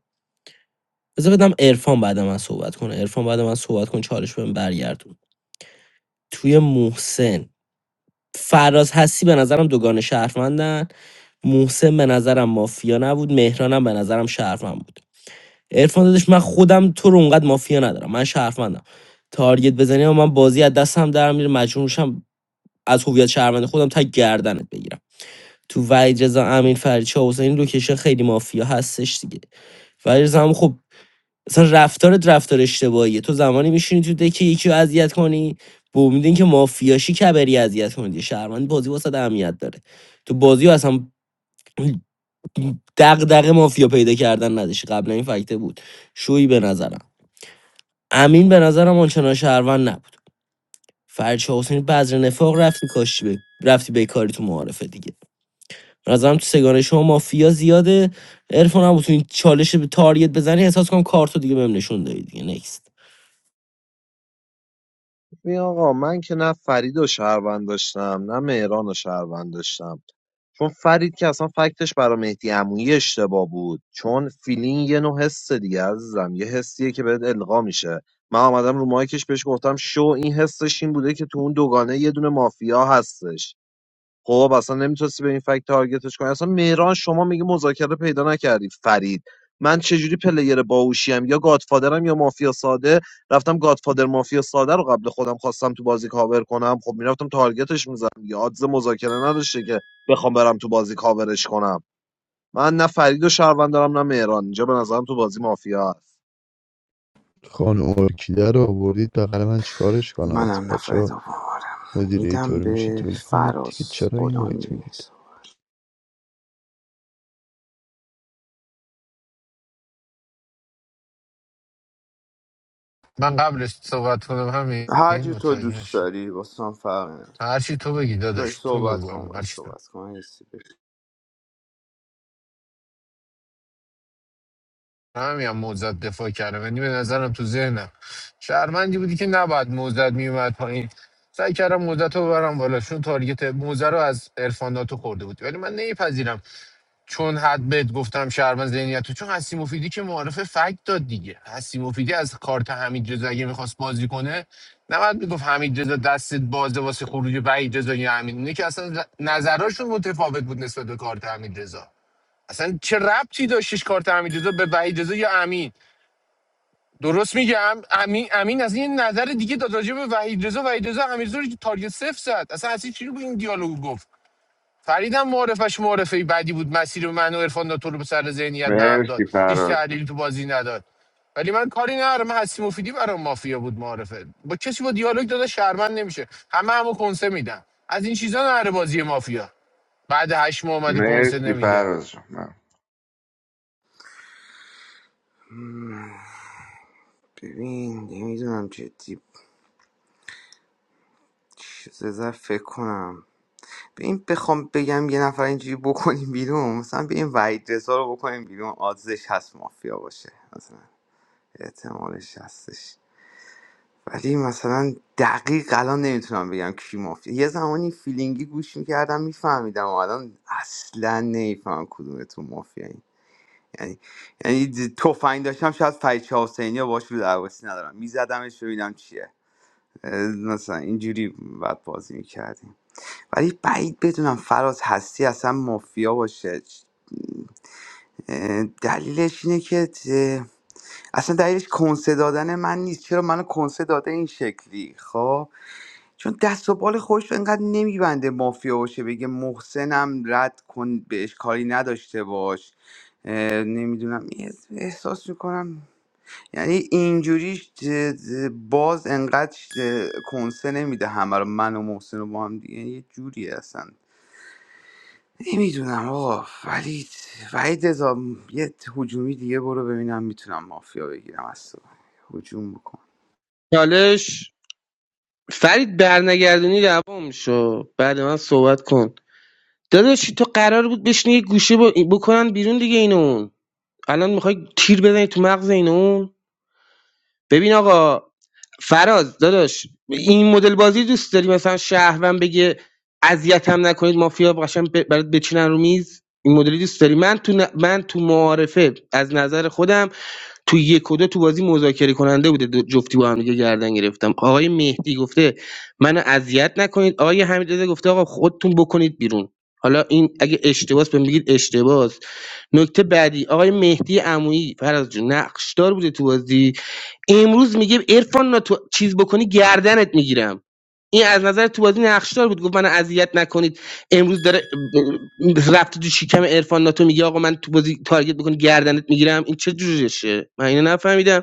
Speaker 6: بذار بدم عرفان بعد من صحبت کنه عرفان بعد من صحبت کن چالش بهم برگردون توی محسن فراز هستی به نظرم دوگان شهروندن محسن به نظرم مافیا نبود مهرانم به نظرم شهروند بود عرفان دادش من خودم تو رو اونقدر مافیا ندارم من شهروندم تارگت بزنی و من بازی از دستم در میره مجبور میشم از هویت شهروند خودم تا گردنت بگیرم تو وحید رضا امین فرید چه حسین لوکیشن خیلی مافیا هستش دیگه وحید رضا هم خب اصلا رفتارت رفتار اشتباهیه تو زمانی میشینی تو دکه یکی رو اذیت کنی به امید اینکه مافیاشی کبری اذیت کنی دیگه شهروند بازی واسه اهمیت داره تو بازی رو اصلا دغدغه مافیا پیدا کردن نداشتی قبلا این فکته بود شویی به نظرم امین به نظرم آنچنان شهروند نبود فرید چه حسین بذر نفاق رفتی کاشی به رفتی بیکاری تو معارفه دیگه به نظرم تو سگانه شما مافیا زیاده عرفان هم بتونی چالش به تاریت بزنی احساس کنم کارتو دیگه بهم نشون دادی دیگه نکست
Speaker 1: ببین آقا من که نه فرید و شهروند داشتم نه مهران و شهروند داشتم چون فرید که اصلا فکتش برای مهدی عمویی اشتباه بود چون فیلینگ یه نوع حس دیگه عزیزم یه حسیه که بهت القا میشه من آمدم رو مایکش بهش گفتم شو این حسش این بوده که تو اون دوگانه یه دونه مافیا هستش خب اصلا نمیتونستی به این فکت تارگتش کنی اصلا مهران شما میگه مذاکره پیدا نکردی فرید من چجوری پلیر باهوشیم یا گادفادرم یا مافیا ساده رفتم گادفادر مافیا ساده رو قبل خودم خواستم تو بازی کاور کنم خب میرفتم تارگتش میزدم یا آدز مذاکره نداشته که بخوام برم تو بازی کاورش کنم من نه فرید و شهروند دارم نه مهران اینجا به نظرم تو بازی مافیا هست
Speaker 4: خانم ارکیده رو آوردید بغل من چیکارش کنم از این
Speaker 7: منم
Speaker 4: بچه
Speaker 7: نفر
Speaker 4: ها
Speaker 7: دومارم
Speaker 4: مدیره
Speaker 7: میدم
Speaker 4: طور میشید
Speaker 7: به
Speaker 4: ول کنید دیگه
Speaker 7: فراز
Speaker 4: چرا این وایت
Speaker 7: غلامی
Speaker 4: میدید
Speaker 12: من قبلش صحبت کنم همین
Speaker 7: هر جور تو
Speaker 12: متوجه
Speaker 7: دوست
Speaker 12: نشد
Speaker 7: داری واسه هم فرق نداره
Speaker 12: هرچی تو بگی
Speaker 7: داری
Speaker 12: داداش تو
Speaker 7: صحبت
Speaker 12: بگو
Speaker 7: کن
Speaker 12: همین
Speaker 7: و
Speaker 12: هرچی تو
Speaker 7: صحبت کن یه چیزی بگو.
Speaker 12: همین هم موزت دفاع کردم یعنی به نظرم تو ذهنم شهرمندی بودی که نباید موزت میومد پایین سعی کردم موزت رو ببرم بالا چون تارگت موزه رو از عرفان ناتو خورده بود ولی من نمیپذیرم چون حد بهت گفتم شهروند ذهنیت تو چون حسی مفیدی که معارف فکت داد دیگه حسی مفیدی از کارت حمید رضا اگه میخواست بازی کنه نباید میگفت حمید رضا دستت بازه واسه خروج وحید رضا یا همین اینه که اصلا نظراشون متفاوت بود نسبت به کارت حمید رضا اصلا چه ربطی داشتش کارت حمید رضا به وحید رضا یا امین درست میگم امین امین از این نظر دیگه داد راجع به وحید رضا وحید رضا حمید رضا رو که تارگت صفر زد اصلا اصلا چی رو به این دیالوگ گفت فریدم معرفش معرفه بعدی بود مسیر من و عرفان تو رو سر ذهنیت به هم داد
Speaker 10: مرسی
Speaker 12: هیچ
Speaker 10: فراز جان.
Speaker 12: تحلیلی تو بازی نداد ولی من کاری ندارم من هستی مفیدی برام مافیا بود معرفه با کسی با دیالوگ داده شرمند نمیشه همه همو کنسه میدن از این چیزا نره بازی مافیا بعد هشت ماه اومده کنسه
Speaker 10: مرسی
Speaker 12: نمیده
Speaker 10: فراز جان. ممنون.
Speaker 7: ببین نمیدونم جدی چیز زر فکر کنم ببین بخوام بگم یه نفر اینجوری بکنیم بیرون مثلا به این وحید رضا رو بکنیم بیرون آدزش هست مافیا باشه مثلا احتمالش هستش ولی مثلا دقیق الان نمیتونم بگم کی مافت یه زمانی فیلینگی گوش میکردم میفهمیدم الان اصلا نمیفهمم کدومتون مافیا یعنی یعنی د- تفنگ داشتم شاید فریچه حسینی یا باش رو درواسی ندارم میزدمش ببینم چیه اه، مثلا اینجوری بعد بازی میکردیم ولی بعید بدونم فراز هستی اصلا مافیا باشه اه، دلیلش اینه که اه، اصلا دلیلش کنسه دادن من نیست چرا منو کنسه داده این شکلی خب چون دست و بال خودش رو انقدر نمیبنده مافیا باشه بگه محسنم رد کن بهش کاری نداشته باش نمیدونم احساس میکنم یعنی اینجوریش ج- ج- باز انقدر اه، کنسه نمیده همه رو من و محسن و با هم دیگه یعنی یه جوری هستن نمیدونم آقا ولی وحید رضا، یه هجومی دیگه برو ببینم میتونم مافیا بگیرم از تو هجوم بکن
Speaker 15: چالش فرید برنگردونی دوام شو بعد من صحبت کن داداش تو قرار بود بشینی یه گوشه با- بکنن بیرون دیگه اینو الان میخوای تیر بزنی تو مغز اینو ببین آقا فراز داداش این مدل بازی دوست داری مثلا شهروند بگه اذیتم نکنید مافیا قشنگ ب- برات بچینن رو میز این مدلی دوست داری من تو ن- من تو معارفه از نظر خودم تو یک و دو تو بازی مذاکره کننده بوده دو- جفتی با هم دیگه گردن گرفتم آقای مهدی گفته منو اذیت نکنید آقای حمیدرضا گفته آقا خودتون بکنید بیرون حالا این اگه اشتباس بهم بگید اشتباس نکته بعدی آقای مهدی عمویی فراز جون نقشدار بوده تو بازی امروز میگه عرفان تو چیز بکنی گردنت میگیرم این از نظر تو بازی نقشدار بود گفت من اذیت نکنید امروز داره ب- رفته تو شکم عرفان ناتو میگه آقا من تو بازی تارگت بکن گردنت میگیرم این چه جوریشه من اینو نفهمیدم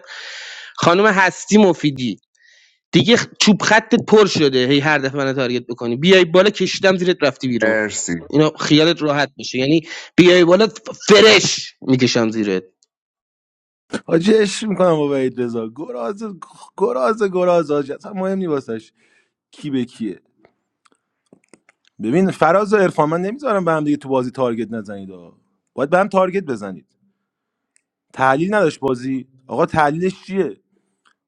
Speaker 15: خانم هستی مفیدی دیگه چوب خطت پر شده هی هر دفعه من تارگت بکنی بیای بالا کشیدم زیرت رفتی بیرون
Speaker 10: مرسی
Speaker 15: اینو خیالت راحت باشه یعنی بیای بالا فرش میکشم زیرت
Speaker 5: حاجی عشق میکنم با وحید رضا گراز گراز گراز حاجی اصلا مهم نی واسش کی به کیه ببین فراز و عرفان من نمیذارم به هم دیگه تو بازی تارگت نزنید آقا. باید به هم تارگت بزنید تحلیل نداشت بازی آقا تحلیلش چیه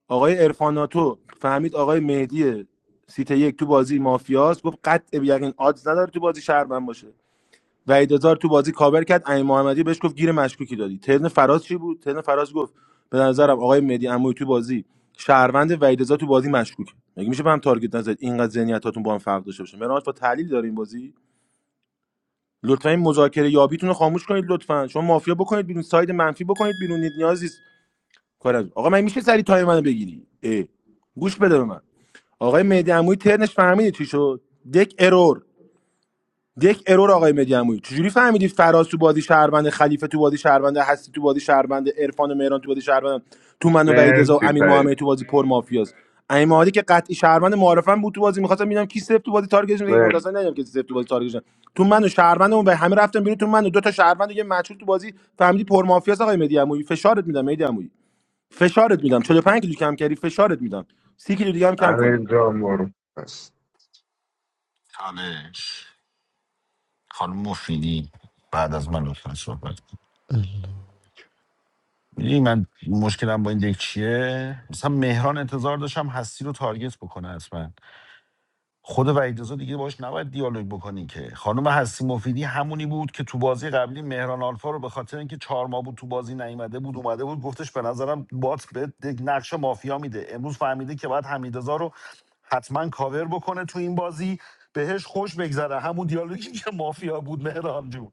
Speaker 5: آقای عرفاناتو فهمید آقای مهدی سیت یک تو بازی مافیاس گفت قطع به یقین آدز نداره تو بازی شهروند باشه وحید هزار تو بازی کاور کرد امین محمدی بهش گفت گیر مشکوکی دادی ترن فراز چی بود ترن فراز گفت به نظرم آقای مهدی عموی تو بازی شهروند وحید هزار تو بازی مشکوکه مگه میشه به هم تارگت نزد اینقدر ذهنیتاتون با هم فرق داشته باشه مراد با تحلیل داره این بازی لطفا این مذاکره یابیتون رو خاموش کنید لطفا شما مافیا بکنید بیرون ساید منفی بکنید بیرون نیازی کار از آقا من میشه سری تایم منو بگیری اه. گوش بده به من آقای مهدی عمویی ترنش فهمیدی چی شد دک ارور یک ارور آقای مدیعمویی چجوری فهمیدی فراز تو بازی شهروند خلیفه تو بازی شهروند هستی تو بازی شهروند عرفان و مهران تو بازی شهروند تو من و وحید رضا و
Speaker 10: مرسی
Speaker 5: امین محمدی
Speaker 10: پرید
Speaker 5: تو بازی پر مافیاست امین محمدی که قطعی شهروند معارفم بود تو بازی می‌خواستم ببینم کی سفت تو بازی تارگتش می‌کنه یک
Speaker 10: مرسی
Speaker 5: متأسفانه ندیدم که سفت تو بازی تارگتش می‌کنه. تو من و شهروندمون به همه رفتم بیرون تو من و دو تا شهروند و یه مچول تو بازی فهمیدی پر مافیاست آقای مدیعمویی فشارت میدم مدیعمویی فشارت میدم 45 کیلو کم کردی فشارت میدم 30 کیلو دیگه هم کم کن
Speaker 10: امین جان برو بس.
Speaker 16: چالش خانم مفیدی بعد از من لطفا صحبت کن
Speaker 4: الله.
Speaker 16: میدونی من مشکلم با این دک چیه مثلا مهران انتظار داشتم هستی رو تارگت بکنه حتما خود وحیدرضا دیگه باش نباید دیالوگ بکنی که خانم هستی مفیدی همونی بود که تو بازی قبلی مهران آلفا رو به خاطر اینکه چهار ماه بود تو بازی نیومده بود اومده بود گفتش به نظرم بات به نقش مافیا میده امروز فهمیده که باید حمیدرضا رو حتما کاور بکنه تو این بازی بهش خوش بگذره همون دیالوگی که مافیا بود مهران جون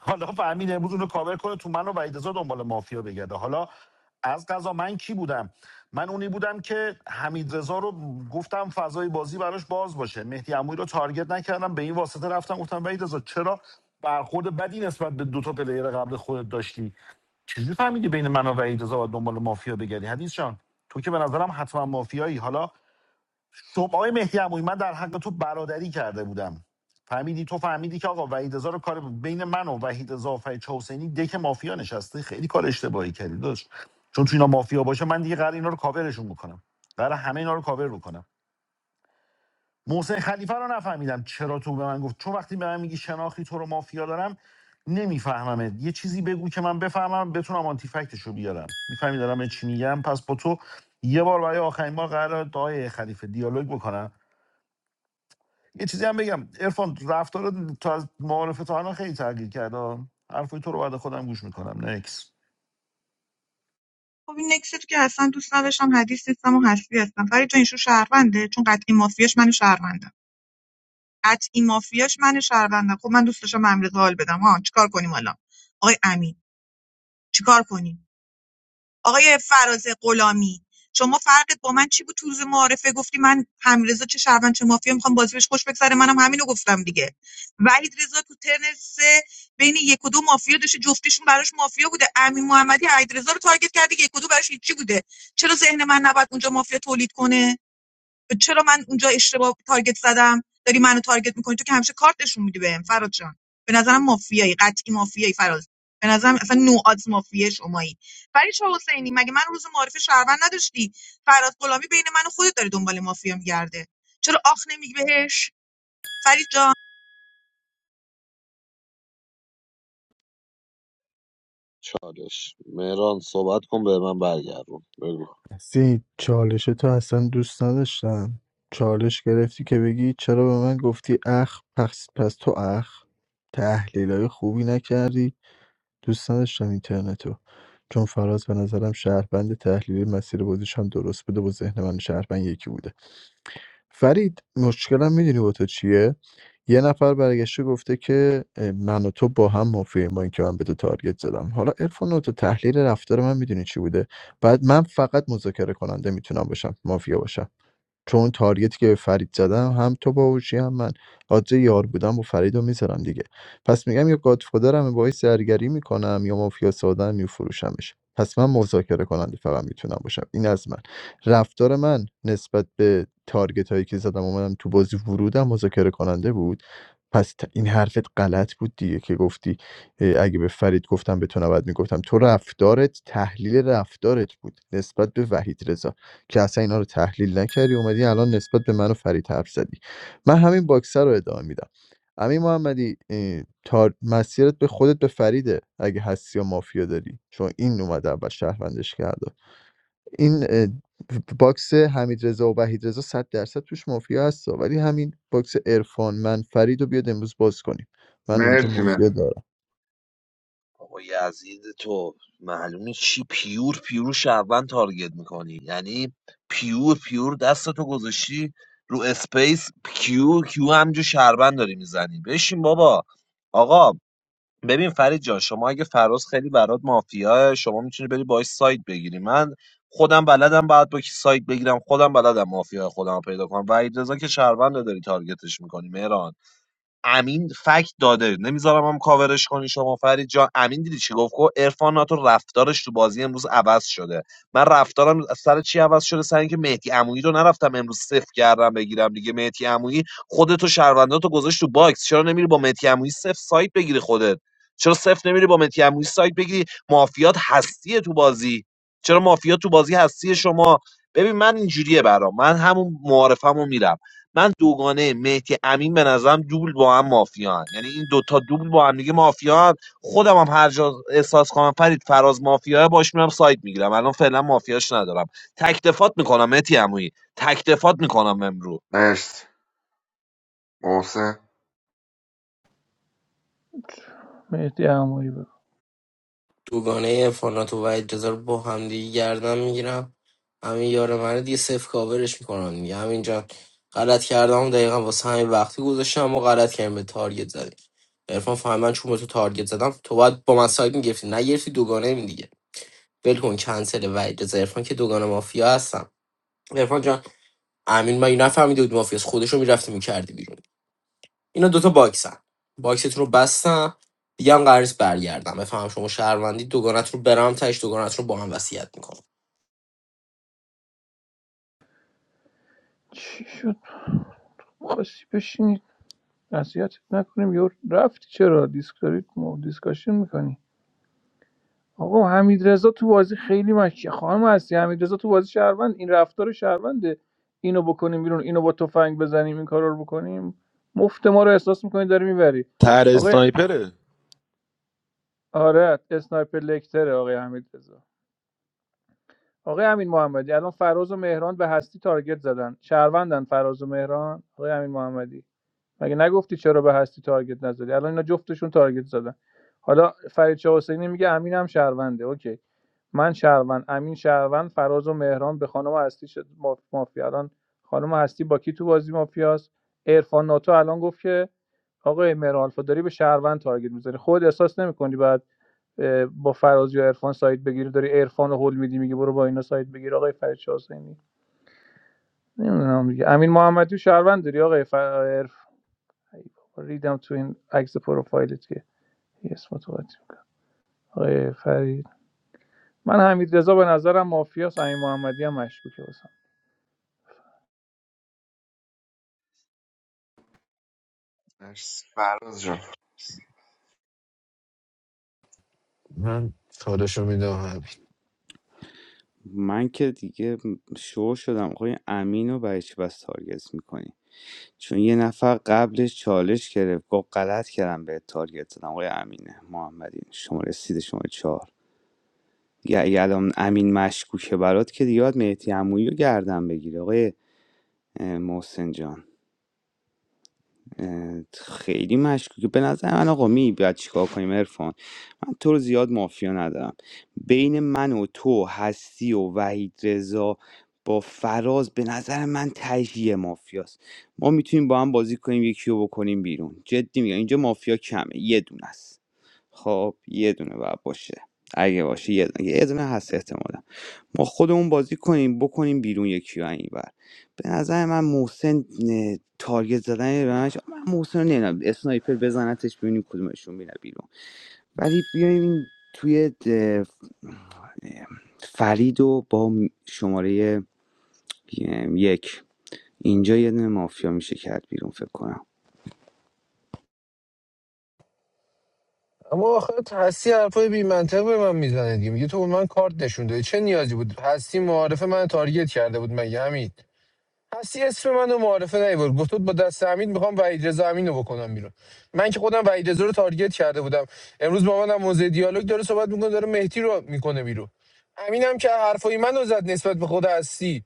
Speaker 16: حالا فهمید امروز اونو کاور کنه تو منو و وحیدرضا دنبال مافیا بگرده حالا از قضا من کی بودم من اونی بودم که حمید رضا رو گفتم فضای بازی براش باز باشه مهدی عمویی رو تارگت نکردم به این واسطه رفتم گفتم وحید رضا چرا برخورد بدی نسبت به دو تا پلیر قبل خودت داشتی چجوری فهمیدی بین من و وحید رضا باید دنبال مافیا بگردی حدیث جان تو که به نظرم حتما مافیایی حالا صبح آقای مهدی عمویی من در حق تو برادری کرده بودم فهمیدی تو فهمیدی که آقا وحید رضا رو کار بین من و وحید رضا و فرید حسینی دک مافیا نشسته خیلی کار اشتباهی کردی داشت چون تو اینا مافیا باشه من دیگه قرار اینا رو کاورشون بکنم قرار همه اینا رو کاور بکنم محسن خلیفه رو نفهمیدم چرا تو به من گفت چون وقتی به من میگی شناختی تو رو مافیا دارم نمیفهممت یه چیزی بگو که من بفهمم بتونم آنتی فکتش رو بیارم میفهمی دارم به چی میگم پس با تو یه بار برای آخرین بار قرار آقای خلیفه دیالوگ بکنم یه چیزی هم بگم ارفان رفتار تا از معارفه تا الان خیلی تغییر کرده ها. حرفای تو رو بعد خودم گوش میکنم نکس
Speaker 3: خب این نکست که اصلا دوست نداشتم حدیث نیستم و حسبی هستم فرید جان این شو شهرونده چون قطعی مافیاش من شهروندم قطعی مافیاش من شهروندم خب من دوست داشتم به امریکا حال بدم ها چیکار کنیم حالا آقای امین چیکار کنیم آقای فراز غلامی شما فرقت با من چی بود تو روز معارفه گفتی من همرضا چه شهروند چه مافیا میخوام بازی بهش خوش بگذره منم همینو گفتم دیگه وحید رضا تو ترن سه بین یک و دو مافیا داشته جفتشون براش مافیا بوده امین محمدی عید رضا رو تارگت کرده یک و دو براش هیچی بوده چرا ذهن من نباید اونجا مافیا تولید کنه چرا من اونجا اشتباه تارگت زدم داری منو تارگت میکنی تو که همیشه کارت نشون میدی بهم فراد جان به نظرم مافیایی قطعی مافیایی فراد به نظرم اصلا نو آدز مافیه شمایی ولی چه حسینی مگه من روز معارف شهروند نداشتی فراد غلامی بین من و خودت داری دنبال مافیا میگرده چرا آخ نمیگی بهش فرید جان
Speaker 1: چالش مهران صحبت کن به من برگردون بگو
Speaker 4: سی چالش تو اصلا دوست نداشتم چالش گرفتی که بگی چرا به من گفتی اخ پس, پس تو اخ تحلیل های خوبی نکردی دوست نداشتم اینترنتو چون فراز به نظرم شهروند تحلیلی مسیر بازیش هم درست بوده با ذهن من شهروند یکی بوده فرید مشکلم میدونی با تو چیه یه نفر برگشته گفته که اه، من و تو با هم مافیم با اینکه من به تو تارگت زدم حالا عرفان تو تحلیل رفتار من میدونی چی بوده بعد من فقط مذاکره کننده میتونم باشم مافیا باشم چون اون تارگتی که به فرید زدم هم تو باهوشی هم من آدزه یار بودم و فرید رو میذارم دیگه پس میگم یا گادفادرم باعث زرگری میکنم یا مافیا ساده میفروشمش پس من مذاکره کننده فقط میتونم باشم این از من رفتار من نسبت به تارگت هایی که زدم اومدم تو بازی ورودم مذاکره کننده بود پس ت- این حرفت غلط بود دیگه که گفتی اه، اگه به فرید گفتم به تو نباید میگفتم تو رفتارت تحلیل رفتارت بود نسبت به وحید رضا که اصلا اینا رو تحلیل نکردی اومدی الان نسبت به من و فرید حرف زدی من همین باکسر رو ادامه میدم امین محمدی اه، تار... مسیرت به خودت به فریده اگه هستی یا مافیا داری چون این اومده اول شهروندش کرده این اه، باکس حمید رضا و وحید رضا 100 درصد توش مافیا هست ولی همین باکس عرفان من فرید رو بیاد امروز باز کنیم من اینجا
Speaker 10: مرسی
Speaker 4: مافیا
Speaker 10: مهران
Speaker 4: دارم
Speaker 1: بابا یزید تو معلومه چی پیور پیور شهروند تارگت میکنی یعنی پیور پیور دستتو گذاشتی رو اسپیس کیو کیو همجور شهروند داری میزنی بشین بابا آقا ببین فرید جان شما اگه فراز خیلی برات مافیاه شما میتونی بری باش سایت بگیری من خودم بلدم بعد با کی سایت بگیرم خودم بلدم مافیا خودم رو پیدا کنم و رضا که شهروند داری تارگتش میکنی مهران امین فکت داده نمیذارم هم کاورش کنی شما فرید جان امین دیدی چی گفت گفت عرفان ناتو رفتارش تو بازی امروز عوض شده من رفتارم از سر چی عوض شده سر اینکه مهدی عمویی رو نرفتم امروز صفر کردم بگیرم دیگه مهدی عمویی خودت و شهروندات گذاشت تو باکس چرا نمیری با مهدی عمویی صفر سایت بگیری خودت چرا صفر نمیری با مهدی عمویی سایت بگیری مافیات هستیه تو بازی چرا مافیات تو بازی هستی شما ببین من اینجوریه برام من همون معارفمو میرم من دوگانه مهدی امین به نظرم دوبل با هم مافیان یعنی این دوتا دوبل با هم دیگه مافیان خودم هم هر جا احساس کنم فرید فراز مافیا باش میرم سایت میگیرم الان فعلا مافیاش ندارم تکتفات میکنم مهدی عمویی تکتفات میکنم امرو
Speaker 10: مرسی محسن
Speaker 17: مهدی عمویی بگو
Speaker 6: دوگانه افرانات و وحید رضا رو با همدیگه گردن میگیرم همین یار من رو دیگه صفر کاورش میکنم دیگه همینجا غلط کردم و دقیقا واسه همین وقتی گذاشتم و غلط کردم به تارگت زدی عرفان فهم من چون به تو تارگت زدم تو باید با من سایت میگرفتی نگرفتی دوگانه می دیگه ول کن کنسل وحید رضا عرفان که دوگانه مافیا هستم عرفان جان امین مگه نفهمیده بود مافیاس خودش رو میرفتی میکردی بیرون اینا دوتا باکسن باکستون رو بستم دیگه هم قرار نیست برگردم بفهم شما شهروندی دوگانت رو برم تش دوگانت رو با هم وصیت میکنم
Speaker 17: چی شد خواستی بشینی نصیحتت نکنیم یا رفتی چرا دیسک دارید ما دیسکاشن میکنی آقا حمیدرضا تو بازی خیلی مشکی خانم هستی حمیدرضا تو بازی شهروند این رفتار شهرونده اینو بکنیم بیرون اینو با تفنگ بزنیم این کارا رو بکنیم مفت ما رو احساس میکنی داری میبری آقای آره اسنایپر لکتره آقای حمیدرضا آقای امین محمدی الان فراز و مهران به هستی تارگت زدن شهروندن فراز و مهران آقای امین محمدی مگه نگفتی چرا به هستی تارگت نزدی الان اینا جفتشون تارگت زدن حالا فرید شاه حسینی میگه امین هم شهرونده اوکی من شهروند امین شهروند فراز و مهران به خانم هستی شد مافیا الان خانم هستی با کی تو بازی مافیاست عرفان ناتو الان گفت که آقای مهران آلفا داری به شهروند تارگت میزنی خود احساس نمیکنی بعد با فراز یا عرفان سایت بگیری داری عرفان رو هول میدی میگی برو با اینا سایت بگیر آقای فرید شاه حسینی نمیدونم دیگه امین محمدی شهروند داری آقای ای بابا ریدم تو این عکس پروفایلت که یه اسم تو قاطی آقای فرید من حمید رضا به نظرم مافیاس امین محمدی هم مشکوکه واسم
Speaker 10: مرسی فراز جان
Speaker 12: من چالشو میدم همین
Speaker 7: من که دیگه شو شدم آقای امین رو برای چی بس تارگت میکنی چون یه نفر قبلش چالش گرفت گفت غلط کردم به تارگت زدم آقای امینه محمدی شما رسید شما چهار دیگه اگه الان امین مشکوکه برات که دیگه باید مهدی عمویی رو گردن بگیری آقای اه، محسن جان اه، خیلی مشکوکه به نظر من آقا می باید چیکار کنیم عرفان من تو رو زیاد مافیا ندارم بین من و تو هستی و وحید رضا با فراز به نظر من تجیه مافیاست ما میتونیم با هم بازی کنیم یکی رو بکنیم بیرون جدی میگم اینجا مافیا کمه یه دونه است خب یه دونه باید باشه اگه باشه یه دونه, یه دونه هست احتمالا ما خودمون بازی کنیم بکنیم بیرون یکی و این بر به نظر من محسن نه، تارگت زدن به منش من محسن رو نمیدونم اسنایپر بزنتش ببینیم کدومشون میره بیرون ولی بیایم توی ده- فرید و با شماره اه، یک اینجا یه دونه مافیا میشه کرد بیرون فکر کنم
Speaker 12: اما آخه هستی حرفای بی منطق به من میزنه دیگه میگه تو به من کارت نشون دادی چه نیازی بود هستی معارف من تارگت کرده بود مگه همین هستی اسم منو معارفه نیورد گفت بود با دست امین میخوام وحید رضا امین بکنم بیرون من که خودم وحید رضا رو تارگت کرده بودم امروز با منم موزه دیالوگ داره صحبت میکنه داره مهدی رو میکنه بیرون امینم که حرفای منو زد نسبت به خود هستی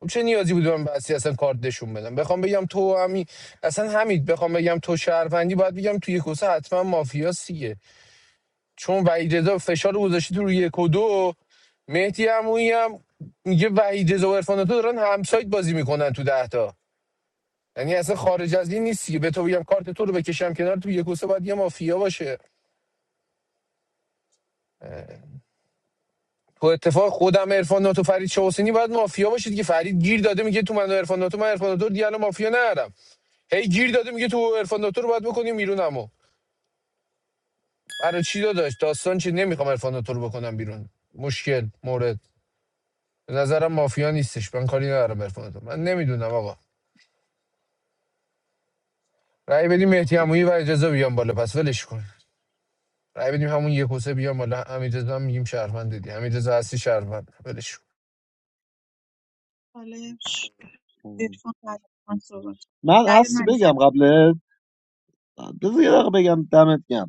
Speaker 12: خب چه نیازی بود من به هستی اصلا کارت نشون بدم بخوام بگم تو و امین اصلا همین بخوام بگم تو شهروندی باید بگم توی کوسه حتما مافیاست دیگه چون وحید رضا فشار رو گذاشته تو روی یک و دو مهدی عمویی هم میگه وحید رضا و عرفان تو دارن همسایت بازی میکنن تو ده تا یعنی اصلا خارج از این نیستی که به تو بگم کارت تو رو بکشم کنار تو یک و باید یه مافیا باشه تو اتفاق خودم عرفان ناتو فرید چه حسینی باید مافیا باشه دیگه فرید گیر داده میگه تو من و عرفان ناتو من عرفان ناتو رو دیگه الان مافیا ندارم هی گیر داده میگه تو عرفان ناتو رو باید بکنیم بیرون اما برای چی داداش داستان چی نمیخوام عرفان ناتو رو بکنم بیرون مشکل مورد به نظرم مافیا نیستش من کاری ندارم عرفان ناتو من نمیدونم آقا رأی بدیم مهدی
Speaker 1: خب،
Speaker 12: عمویی و اجازه بیام بالا پس ولش کن رای بدیم همون یه کوسه بیام بالا حمیدرضا هم میگیم شهروند دیگه حمیدرضا هستی شهروند ولش کن.
Speaker 3: چالش
Speaker 1: خب.
Speaker 3: عرفان بعد من صحبت کن.
Speaker 1: من
Speaker 3: بعد
Speaker 1: هستی
Speaker 3: من
Speaker 1: بگم قبل بذار یه دقیقه بگم دمت گم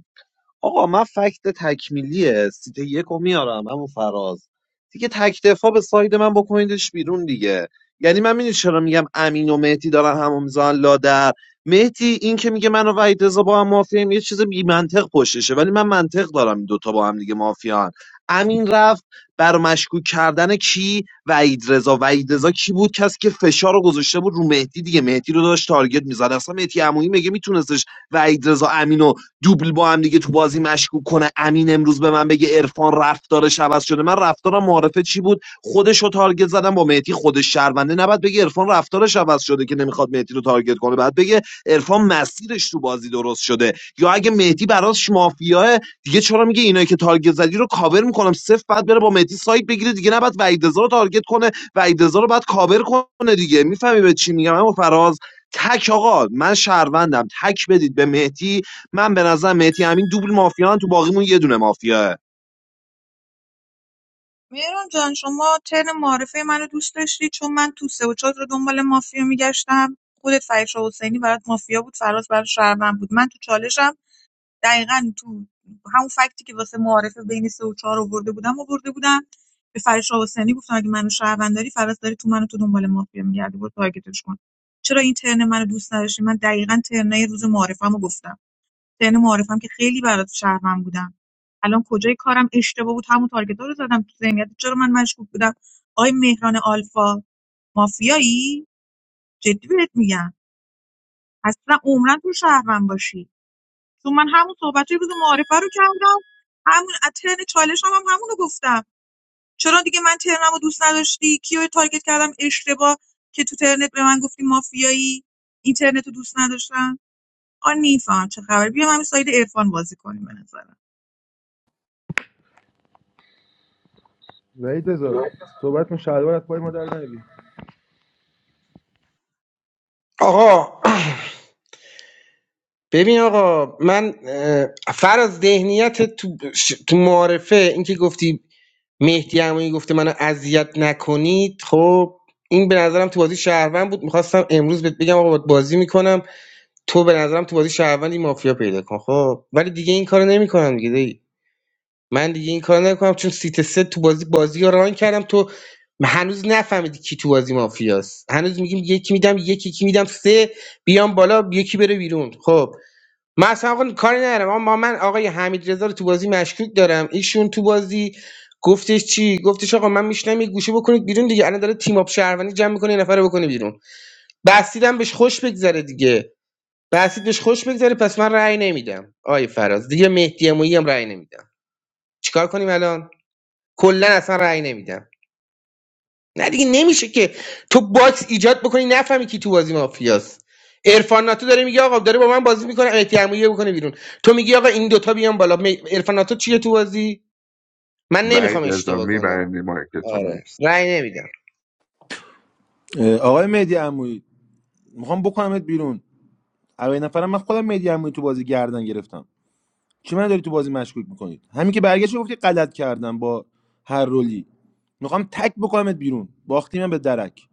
Speaker 1: آقا من فکت تکمیلی سیت یک رو میارم همون فراز دیگه تک دفاع به ساید من بکنیدش بیرون دیگه یعنی من میدونی چرا میگم امین و مهدی دارن همو میزنن لادر مهدی این که میگه من و وحید رضا با هم مافیاییم یه چیز بی منطق پشتشه ولی من منطق دارم این دوتا با هم دیگه مافیان امین رفت بر مشکوک کردن کی وحید رضا وحید رضا کی بود کسی که فشار رو گذاشته بود رو مهدی دیگه مهدی رو داشت تارگت میزد اصلا مهدی عمویی میگه میتونستش وحید رضا امین دوبل با هم دیگه تو بازی مشکوک کنه امین امروز به من بگه عرفان رفتارش عوض شده من رفتارم معرفه چی بود خودش رو تارگت زدم با مهدی خودش شرمنده نباید بگه عرفان رفتارش عوض شده که نمیخواد مهدی رو تارگت کنه بعد بگه عرفان مسیرش تو بازی درست شده یا اگه مهدی براش مافیاه دیگه چرا میگه اینایی که تارگت زدی رو کاور میکنم صفر بعد بره با مهدی سایت بگیره دیگه نباید وحید رضا رو تارگت کنه وحید رضا رو بعد کاور کنه دیگه میفهمی به چی میگم اما فراز تک آقا من شهروندم تک بدید به مهدی من به نظرم مهدی امین دوبل مافیان تو باقیمون یه دونه مافیاه
Speaker 3: مهران جان شما ترن معارفه منو دوست داشتی چون من تو سه و چهار رو دنبال مافیا میگشتم خودت فرید شاه حسینی برات مافیا بود فراز برات شهروند بود من تو چالشم دقیقا تو همون فکتی که واسه معارفه بین سه و چهار آورده بودم آورده بودم به فرید شاه حسینی گفتم اگه منو شهروند داری فراز داری تو منو تو دنبال مافیا میگردی برو تارگتش کن چرا این ترن منو دوست نداشتی من دقیقا ترنه روز معارفه‌مو گفتم ترم معارفم که خیلی برات شهروند بودم الان کجای کارم اشتباه بود همون تارگتا رو زدم تو ذهنیت چرا من مشکوک بودم آی مهران آلفا مافیایی جدی بهت میگم اصلا عمرن تو شهروند باشی چون من همون صحبتای روز معارفه رو کردم همون ترن چالش هم, هم همونو گفتم چرا دیگه من ترنمو دوست نداشتی کیو تارگت کردم اشتباه که تو ترنت به من گفتی مافیایی اینترنت رو دوست نداشتم آ نیفهم چه خبر بیا من ساید عرفان بازی کنیم به نظرم
Speaker 5: صحبت
Speaker 15: آقا ببین آقا من اه، فراز ذهنیت تو, ش- تو معارفه اینکه گفتی مهدی عمویی گفته منو اذیت نکنید خب این به نظرم تو بازی شهروند بود میخواستم امروز بهت بگم آقا باهات بازی میکنم تو به نظرم تو بازی شهروندی مافیا پیدا کن خب ولی دیگه این کارو نمیکنم دیگه دی. من دیگه این کارو نمیکنم چون سیت سه تو بازی بازی رو ران کردم تو هنوز نفهمیدی کی تو بازی مافیاست هنوز میگیم یکی میدم یکی یکی میدم سه بیام بالا یکی بره بیرون خب من اصلا آقا کاری ندارم اما با من آقای حمید رضا رو تو بازی مشکوک دارم ایشون تو بازی گفتش چی گفتش آقا من میشنم یه گوشه بکنید بیرون دیگه الان داره تیم اپ شهروندی جمع میکنه یه نفر رو بکنه بیرون بسیدم بهش خوش بگذره دیگه بسید بهش خوش بگذره پس من رأی نمیدم آی فراز دیگه مهدی امویی هم رأی نمیدم چیکار کنیم الان کلا اصلا رأی نمیدم نه دیگه نمیشه که تو باکس ایجاد بکنی نفهمی کی تو بازی مافیاست عرفان ناتو داره میگه آقا داره با من بازی میکنه امیتی عمویه بکنه بیرون تو میگی آقا این دوتا بیان بالا می- عرفان ناتو چیه تو بازی من نمیخوام
Speaker 10: وعید یزدان
Speaker 15: اشتباه کنم
Speaker 10: میبرندی مایک تو
Speaker 15: آره
Speaker 10: مرسی
Speaker 15: رأی نمیدم
Speaker 5: اه، آقای مهدی عمویی میخوام بکنمت بیرون اولین نفرم من خودم مهدی عمویی تو بازی گردن گرفتم چی من داری تو بازی مشکوک میکنید همین که برگشت گفتی غلط کردم با هر رولی میخوام تک بکنمت بیرون باختی من به درک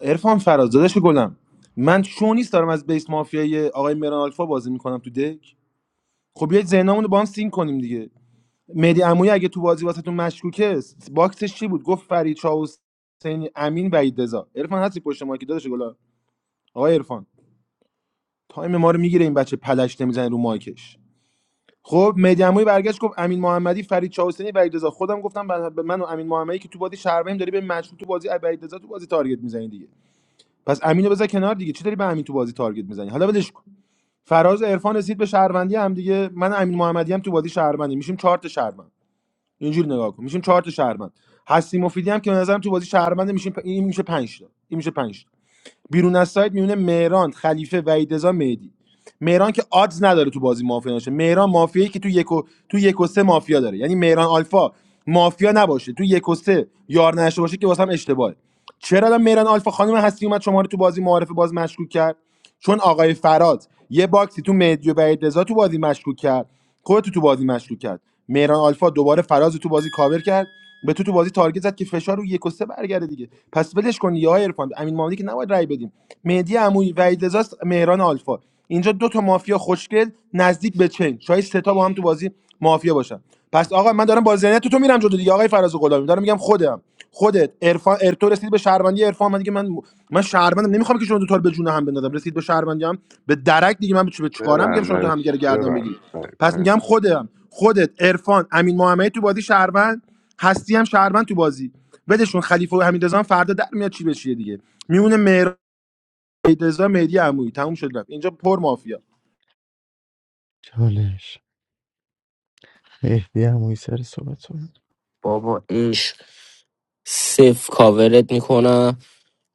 Speaker 5: عرفان فراز داداش گلم من شو نیست دارم از بیس مافیای آقای میران آلفا بازی میکنم تو دک خب بیاید ذهنمون رو با هم سینک کنیم دیگه مهدی عمویی اگه تو بازی واسهتون مشکوکه باکسش چی بود گفت فرید چاوس حسین امین وحید رضا عرفان هستی پشت مایکی داداش گلم آقای عرفان تایم ما رو میگیره این بچه پلش نمیزنه رو مایکش خب مهدی عمویی برگشت گفت امین محمدی فرید چاوسنی وحید رضا خودم گفتم به من و امین محمدی که تو بازی شهربیم داری به مشروط تو بازی وحید رضا تو بازی تارگت میزنی دیگه پس امینو بذار کنار دیگه چی داری به امین تو بازی تارگت میزنی حالا ولش کن فراز و عرفان رسید به شهروندی هم دیگه من و امین محمدی هم تو بازی شهروندی میشیم چهار تا شهروند اینجوری نگاه کن میشیم چهار تا شهروند هستی مفیدی هم که به نظرم تو بازی شهروند میشیم این میشه 5 تا این میشه 5 بیرون از سایت میونه مهران خلیفه وحیدزا مهدی مهران که آدز نداره تو بازی مافیا باشه مهران مافیایی که تو یک و تو یک و سه مافیا داره یعنی مهران آلفا مافیا نباشه تو یک و سه یار نشه باشه که واسه هم اشتباهه چرا الان مهران آلفا خانم هستی اومد شما رو تو بازی معارفه باز مشکوک کرد چون آقای فراد یه باکسی تو مهدی و بعید رضا تو بازی مشکوک کرد خودتو تو بازی مشکوک کرد مهران آلفا دوباره فراز تو بازی کاور کرد به تو تو بازی تارگت زد که فشار رو یک و سه برگرده دیگه پس ولش کن یا عرفان امین مامدی که نباید رای بدیم مهدی عمویی وحید رضاست، مهران آلفا اینجا دو تا مافیا خوشگل نزدیک به چین شاید سه تا با هم تو بازی مافیا باشن پس آقا من دارم با ذهنیت تو میرم جلو دیگه آقای فراز غلامی دارم میگم خودم خودت عرفان ارتو رسید به شهروندی عرفان من دیگه من من شهروندم نمیخوام که شما دو تا رو به جون هم بندازم رسید به شهروندی هم به درک دیگه من به چه- به چیکارم میگم شما تو
Speaker 10: ببنده
Speaker 5: همدیگه رو گردن
Speaker 10: ببند
Speaker 5: بگیرید پس
Speaker 10: مرسی
Speaker 5: میگم خودم خودت عرفان امین محمدی تو بازی شهروند هستی هم شهروند تو بازی بدشون خلیفه و حمیدرضا هم فردا در میاد چی بشه دیگه میونه مهر حمیدرضا مهدی عمویی تموم شد رفت اینجا پر مافیا
Speaker 4: چالش مهدی همونی سر صحبت کنه.
Speaker 6: بابا عشق صف کاورت میکنم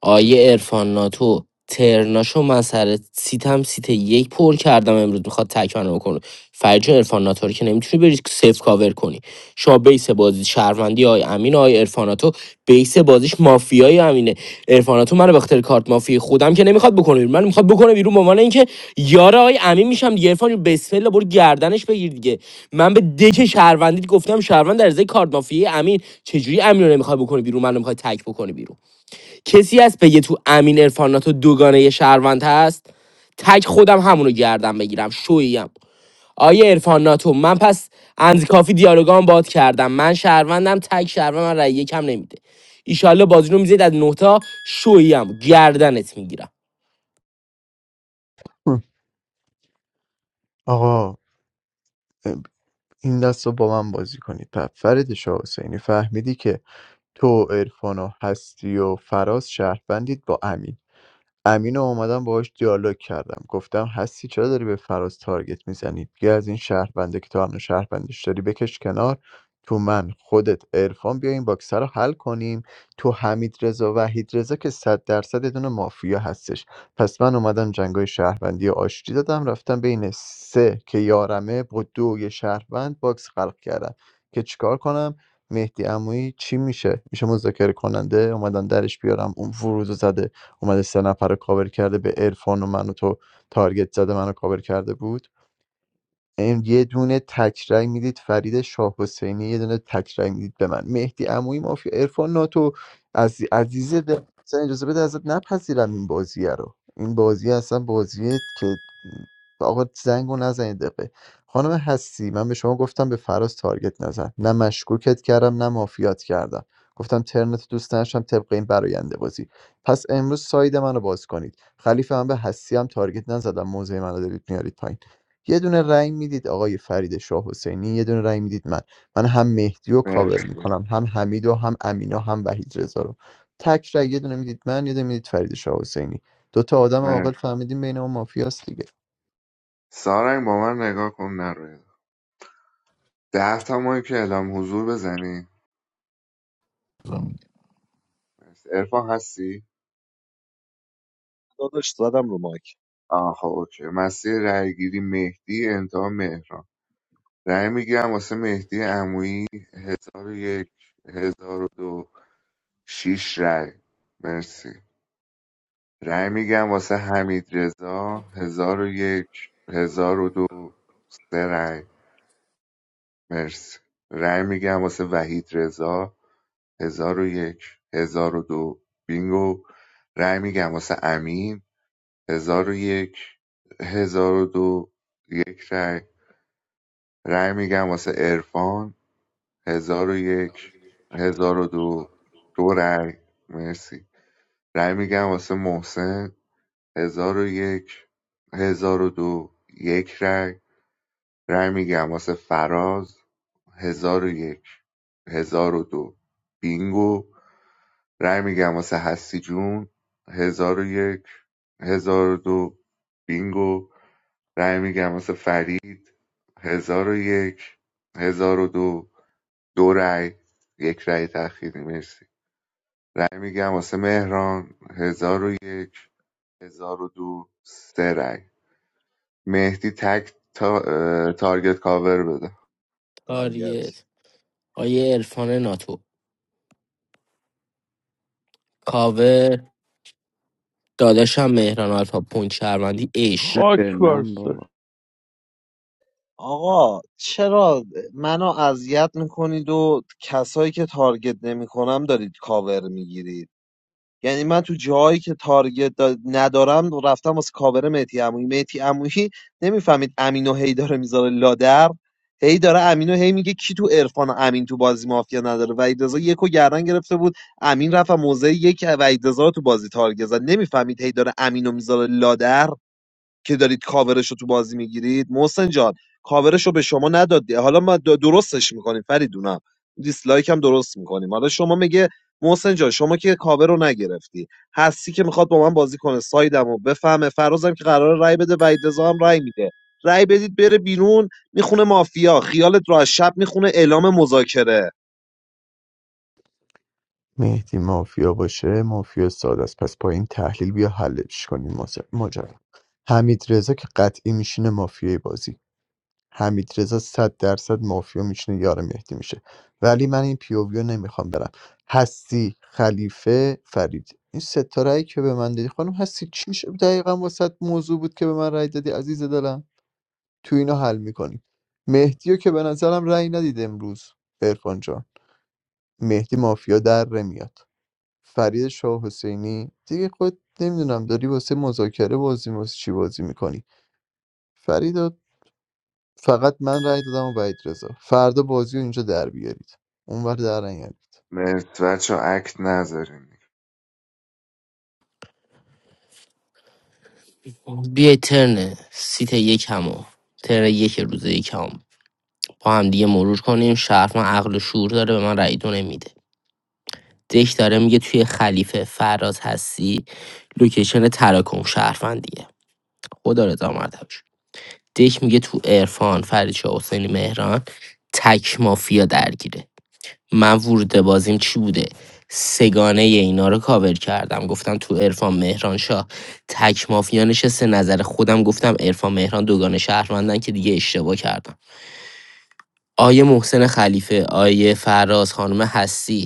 Speaker 6: آیه ارفان ناتو ترناشو مسخره سیتم سیت یک پر کردم امروز میخواد تکانه بکنه فرجا ارفان ناتو رو که نمیتونی بری سیف کاور کنی شما بیس بازی شهروندی آی امین آی ارفان ناتو بیس بازی بازیش مافیایی همینه عرفاناتو منو به خاطر کارت مافی خودم که نمیخواد بکنه بیرون. من میخواد بکنه بیرون به عنوان اینکه یار آقای امین میشم دیگه عرفان جون، بسم الله برو گردنش بگیر دیگه من به دک شهروندیت گفتم شهروند در ازای کارت مافی امین چجوری امین رو نمیخواد بکنه بیرون منو میخواد تک بکنه بیرون کسی هست بگه تو امین عرفاناتو دوگانه شهروند هست تک خودم همونو گردم بگیرم شویم آیه عرفان ناتو من پس اند کافی دیالوگام باد کردم من شهروندم تک شهروند من رأی یکم نمیده ایشالله بازی رو میزید از نه تا شویم گردنت میگیرم
Speaker 4: آقا این دست رو با من بازی کنید پس فرید شاه حسینی فهمیدی که تو و عرفان و هستی و فراز شهروندید با امین امین رو اومدم باهاش دیالوگ کردم گفتم هستی چرا داری به فراز تارگت میزنی بیا از این شهربنده که تو هم شهربندش داری بکش کنار تو من خودت عرفان بیا این باکسه رو حل کنیم تو حمید رضا وحید رضا که صد درصد یه دونه مافیا هستش پس من اومدم جنگای شهروندی آشتی دادم رفتم بین سه که یارمه با دو یه شهروند باکس خلق کردم که چیکار کنم مهدی عمویی چی میشه میشه مذاکره کننده اومدن درش بیارم اون فروز زده اومده سه نفر رو کاور کرده به عرفان و منو تو تارگت زده منو کاور کرده بود ام، یه دونه تکرای میدید فرید شاه حسینی یه دونه تکرای میدید به من مهدی عمویی مافیا عرفان ناتو از عزیز دل اصلا اجازه بده ازت نپذیرم این بازیه رو این بازی اصلا بازیه که آقا زنگ و نزنید دقیقه خانم هستی من به شما گفتم به فراز تارگت نزن نه مشکوکت کردم نه مافیات کردم گفتم ترنت دوست نشم طبق این براینده بازی پس امروز ساید منو باز کنید خلیفه من به هستی هم تارگت نزدم موزه منو دارید میارید پایین یه دونه رأی میدید آقای فرید شاه حسینی یه دونه رأی میدید من من هم مهدی رو کاور
Speaker 10: مرسی
Speaker 4: میکنم هم حمید و هم امینا هم وحید رضا رو تک رأی یه دونه میدید من یه دونه میدید فرید شاه حسینی دو تا آدم عاقل
Speaker 10: مرسی.
Speaker 4: فهمیدیم بین اون مافیاست دیگه
Speaker 10: سارنگ با من نگاه کن نروید ده تا مایک که اعلام حضور بزنی ارفان هستی؟
Speaker 1: داداش زدم رو مایک
Speaker 10: آه خب اوکی مسیر رأیگیری مهدی انتها مهران رای میگیرم واسه مهدی عمویی هزار و یک هزار و دو شیش رای مرسی رای میگم واسه حمید رضا هزار و یک هزار و دو سه رای مرسی رای میگم واسه وحید رضا هزار و یک هزار و دو بینگو رای میگم واسه امین هزار و یک هزار و دو یک رای رای میگم واسه عرفان هزار و یک هزار و دو دو رای مرسی رای میگم واسه محسن هزار و یک هزار و دو یک رای رای میگم واسه فراز هزار و یک هزار و دو بینگو رای میگم واسه هستی جون هزار و یک هزار و دو بینگو رای میگم واسه فرید هزار و یک هزار و دو دو رای یک رای تأخیری مرسی رای میگم واسه مهران هزار و یک هزار و دو سه رای مهدی تک تا... اه، تارگت کاور بده
Speaker 1: تارگت
Speaker 6: آریت آیه عرفان ناتو کاور داداشم مهران آلفا پونت شهروندی اش
Speaker 7: به
Speaker 17: خاک
Speaker 7: من بابا
Speaker 17: برسه
Speaker 1: آقا چرا منو اذیت میکنید و کسایی که تارگت نمیکنم دارید کاور میگیرید یعنی من تو جاهایی که تارگت دا- ندارم رفتم واسه کاور مهدی عمویی مهدی عمویی نمیفهمید امین هی داره میذاره لادر هی داره امین هی میگه کی تو عرفان و امین تو بازی مافیا نداره وحید رضا یکو گردن گرفته بود امین رفت و موزه یک وحید رضا رو تو بازی تارگت زد نمیفهمید هی داره امینو میذاره لادر که دارید کاورش رو تو بازی میگیرید محسن جان کاورش رو به شما ندادی حالا ما د- درستش میکنیم فریدونم دیسلایک هم درست میکنیم حالا شما میگه محسن جان شما که کاور رو نگرفتی هستی که میخواد با من بازی کنه سایدم و بفهمه فرازم که قرار رای بده و هم رای میده رای بدید بره بیرون میخونه مافیا خیالت را شب میخونه اعلام مذاکره
Speaker 4: مهدی مافیا باشه مافیا ساده است پس پایین تحلیل بیا حلش کنیم ماجرا حمید رضا که قطعی میشینه مافیای بازی حمیدرضا صد درصد مافیا میشینه یار مهدی میشه ولی من این پیووی رو نمیخوام برم هستی خلیفه فرید این ستاره که به من دادی خانم هستی چی میشه دقیقا واسه موضوع بود که به من رأی دادی عزیز دلم تو اینا حل میکنیم مهدی رو که به نظرم رأی ندید امروز ارفان جان مهدی مافیا در میاد فرید شاه حسینی دیگه خود نمیدونم داری واسه مذاکره بازی واسه چی بازی میکنی فرید فقط من رأی دادم و وحید رضا فردا بازی رو اینجا در بیارید اونور در نیارید
Speaker 10: مرسی بچه اکت نذارین
Speaker 6: بیا ترن سیت یکمو ترن یک روز یکم با هم دیگه مرور کنیم شهر من عقل و شعور داره به من رأی دو نمیده دک داره میگه توی خلیفه فراز هستی لوکیشن تراکم شهروندیه خدا رضا مرتبش دک میگه تو عرفان فرید شاه حسینی مهران تک مافیا درگیره من ورود بازیم چی بوده سگانه ی اینا رو کاور کردم گفتم تو عرفان مهران شاه تک مافیا نشسته نظر خودم گفتم عرفان مهران دوگانه شهروندن که دیگه اشتباه کردم آیه محسن خلیفه آیه فراز خانم هستی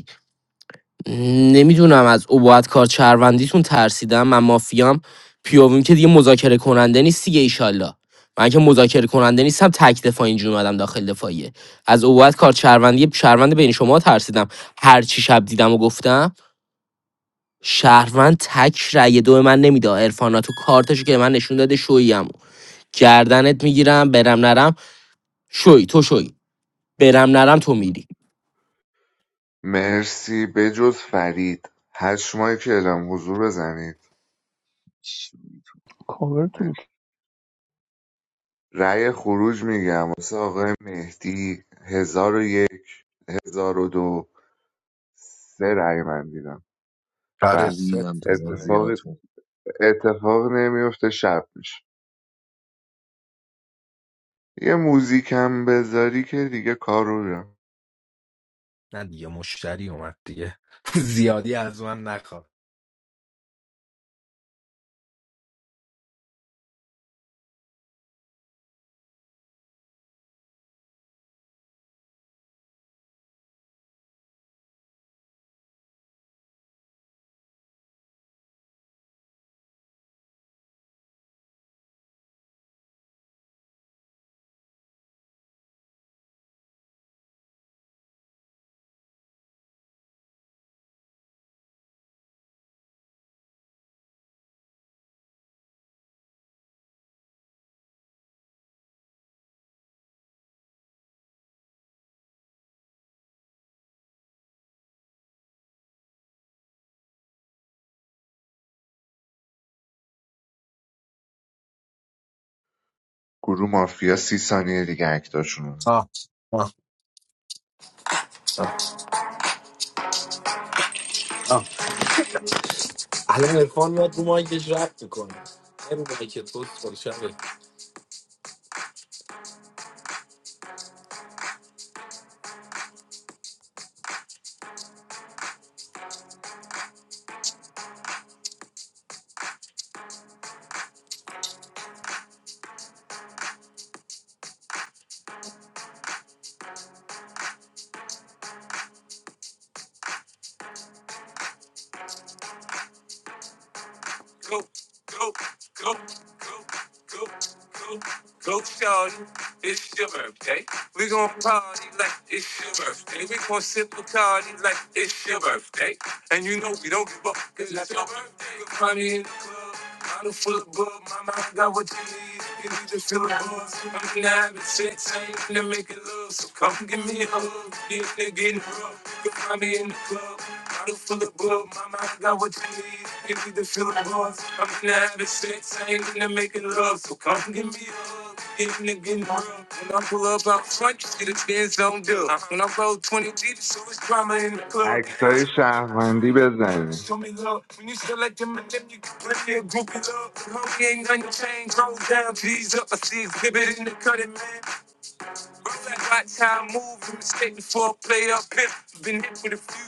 Speaker 6: نمیدونم از عبوت کار شهروندیتون ترسیدم من مافیام پیوویم که دیگه مذاکره کننده نیست دیگه ایشالله من که مذاکره کننده نیستم تک دفاع اینجور اومدم داخل دفاعیه از عبوت کار شهروندی شهروند بین شما ترسیدم هر چی شب دیدم و گفتم شهروند تک رأی دو من نمیده عرفاناتو کارتشو که من نشون داده شویمو گردنت میگیرم برم نرم شوی تو شوی برم نرم تو میری
Speaker 10: مرسی بجز فرید هشت ماهی که اعلام حضور بزنید
Speaker 17: کاور تو
Speaker 10: مرسی.
Speaker 17: بکن
Speaker 10: رأی خروج میگم واسه آقای مهدی هزار و یک هزار و دو سه رأی من دیدم
Speaker 8: آره
Speaker 10: بعد
Speaker 1: ریدم
Speaker 8: ست
Speaker 1: تو
Speaker 8: بزنه.
Speaker 10: اتفاق
Speaker 1: بازیاتون
Speaker 10: اتفاق نمیفته شب میشه یه موزیک هم بذاری که دیگه کار رو دارم.
Speaker 8: نه دیگه مشتری اومد دیگه زیادی از من نخواه
Speaker 10: گروه مافیا سی ثانیه دیگه اکتاشونو
Speaker 8: آه آه آه الان ارفان میاد رو مایکش رفت کنه نه رو مایک تو سرشبه birthday. We gon' party like it's your birthday. We gon' sip Bacardi like it's your birthday. And you know we don't give up cause it's your birthday. We party in the club. Bottle full of bug, my mind got what you need. You need to feel a buzz. I'm gonna have it sex, I ain't gonna make it love. So come give me a hug. If they're getting rough, you can find me in the club. Bottle full of bug, my mind got what you need. You need to feel a buzz. I'm gonna have it sex, I ain't gonna make it love. So come give me a hug. Get a nigga in the room. When I pull up out front, you see the fans don't do. When I roll 20 deep, so it's drama in the club.
Speaker 10: اکتای شهروندی بزنی
Speaker 8: Show me love. When you select them and them, you can bring me a groupie love. Homie ain't gonna change. Roll down, G's up. I see exhibit in the cutting, man. Roll that right time move, you mistaken for a player pimp. Been hit with a few,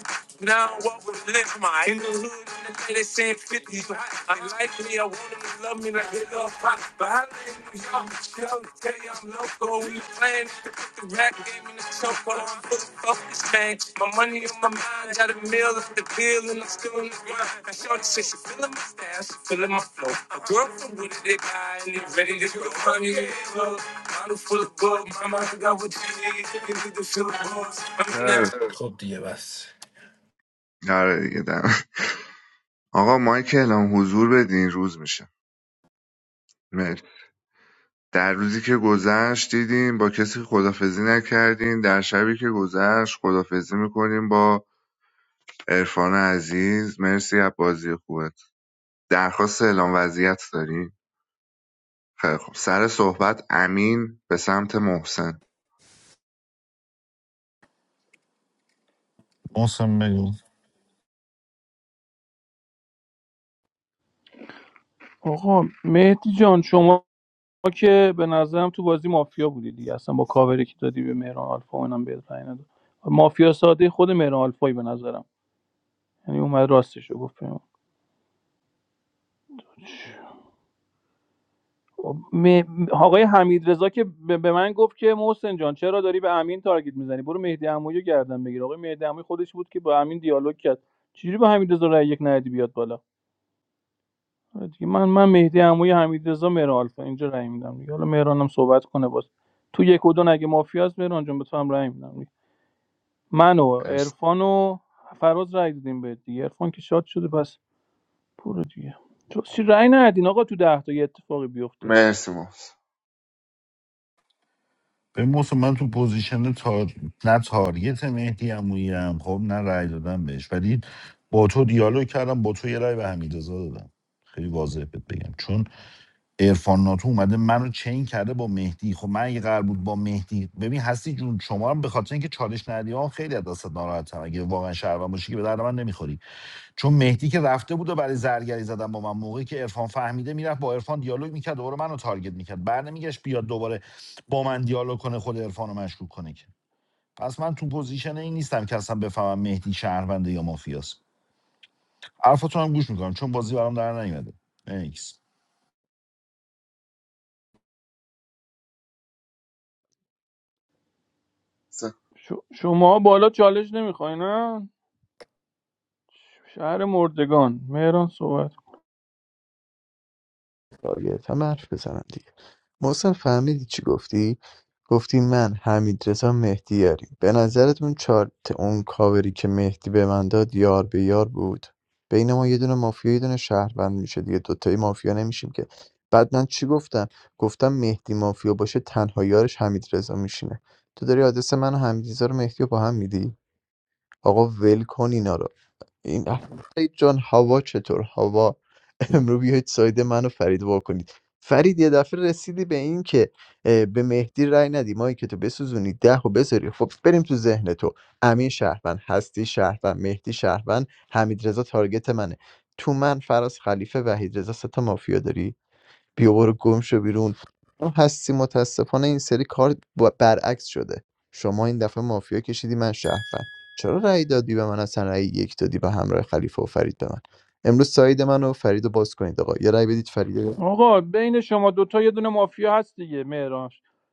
Speaker 8: now I walk with a limp. My in the hood, in the day, they saying 50 you hot. I like me, I want them to love me like they love pop. But I live in New York, tell them, you I'm local. We playing, the rack game in the choke. but I'm Focus change. My money on my mind. Got a meal off the bill and I'm still in the grind. I short said she feeling my style, she feeling my flow. A girl from Wooded, they buy and they ready to go. Honey, they go. Bottle full of gold. My Mama, got what you need. You need to feel the boss. I'm in that.
Speaker 10: خب.
Speaker 8: Hope to us.
Speaker 10: آره دیگه دم. آقا مایک اعلام حضور بدین روز میشه مرسی. در روزی که گذشت دیدیم با کسی خدافزی نکردیم در شبی که گذشت خدافزی میکنیم با عرفان عزیز مرسی از بازی خوبت درخواست اعلام وضعیت داری؟ خیلی خب سر صحبت امین به سمت محسن
Speaker 16: موسم بگو
Speaker 17: آقا مهدی جان شما که به نظرم تو بازی مافیا بودی دیگه اصلا با کاوری که دادی به مهران آلفا اونم به پای نداد. مافیا ساده خود مهران آلفایی به نظرم یعنی اومد راستش رو گفت م... آقای حمید رضا که به به من گفت که محسن جان چرا داری به امین تارگت میزنی برو مهدی عمویی رو گردن بگیر آقای مهدی عمویی خودش بود که با امین دیالوگ کرد چجوری با حمید رضا یک ندی بیاد بالا آره دیگه من من مهدی عمویی حمید رضا مهران آلفا اینجا رای میدم دیگه حالا مهرانم صحبت کنه باز تو یک و دو اگه مافیاست مهران جان به تو هم رأی میدم دیگه. من و
Speaker 10: مرسی
Speaker 17: عرفان و فراز رأی دادیم به دیگه عرفان که شاد شده پس برو دیگه تو چی رأی ندین آقا تو ده تا یه اتفاقی بیفته
Speaker 10: مرسی محسن
Speaker 16: به موسم من تو پوزیشن تار... نه تارگت مهدی عمویی هم خب نه رأی دادم بهش ولی با تو دیالوگ کردم با تو یه رأی به حمیدرضا دادم خیلی واضح بهت بگم چون عرفان ناتو اومده منو چین کرده با مهدی خب من اگه قرار بود با مهدی ببین هستی جون شما هم به خاطر اینکه چالش ندی ها خیلی از دست ناراحتم اگه واقعا شهروند باشی که به درد من نمیخوری چون مهدی که رفته بود و برای زرگری زدن با من موقعی که عرفان فهمیده میرفت با عرفان دیالوگ میکرد دوباره منو تارگت میکرد برنمیگشت بیاد دوباره با من دیالوگ کنه خود عرفانو مشکوک کنه که پس من تو پوزیشن این نیستم که اصلا بفهمم مهدی شهرونده یا مافیاست حرفتون هم گوش میکنم چون بازی برام در نیومده Thanks.
Speaker 17: ش- شما بالا چالش نمیخوای نه شهر مردگان مهران صحبت
Speaker 4: تارگت هم حرف بزنم دیگه محسن فهمیدی چی گفتی گفتی من حمید رضا مهدی یاریم به نظرتون چارت اون کاوری که مهدی به من داد یار به یار بود بین ما یه دونه مافیا یه دونه شهروند میشه دیگه دوتایی مافیا نمیشیم که بعد من چی گفتم گفتم مهدی مافیا باشه تنها یارش حمید رضا میشینه تو داری آدرس من و حمید رضا رو مهدی رو با هم میدی آقا ول کن اینا رو. این فرید جان هوا چطور هوا امرو بیاید سایده من و فرید وا کنید فرید یه دفعه رسیدی به این که اه، به مهدی رای ندی ما که تو بسوزونی ده و بذاری خب بریم تو ذهن تو امین شهروند هستی شهروند مهدی شهروند حمید رضا تارگت منه تو من فراز خلیفه وحید رضا سه تا مافیا داری بیا برو گم شو بیرون اون هستی متاسفانه این سری کار با- برعکس شده شما این دفعه مافیا کشیدی من شهروند چرا رأی دادی به من اصلا رأی یک دادی به همراه خلیفه و فرید به من امروز ساید من و فرید رو باز کنید آقا یه رأی بدید فرید رو-
Speaker 17: آقا بین شما دوتا یه دونه مافیا هست دیگه مهران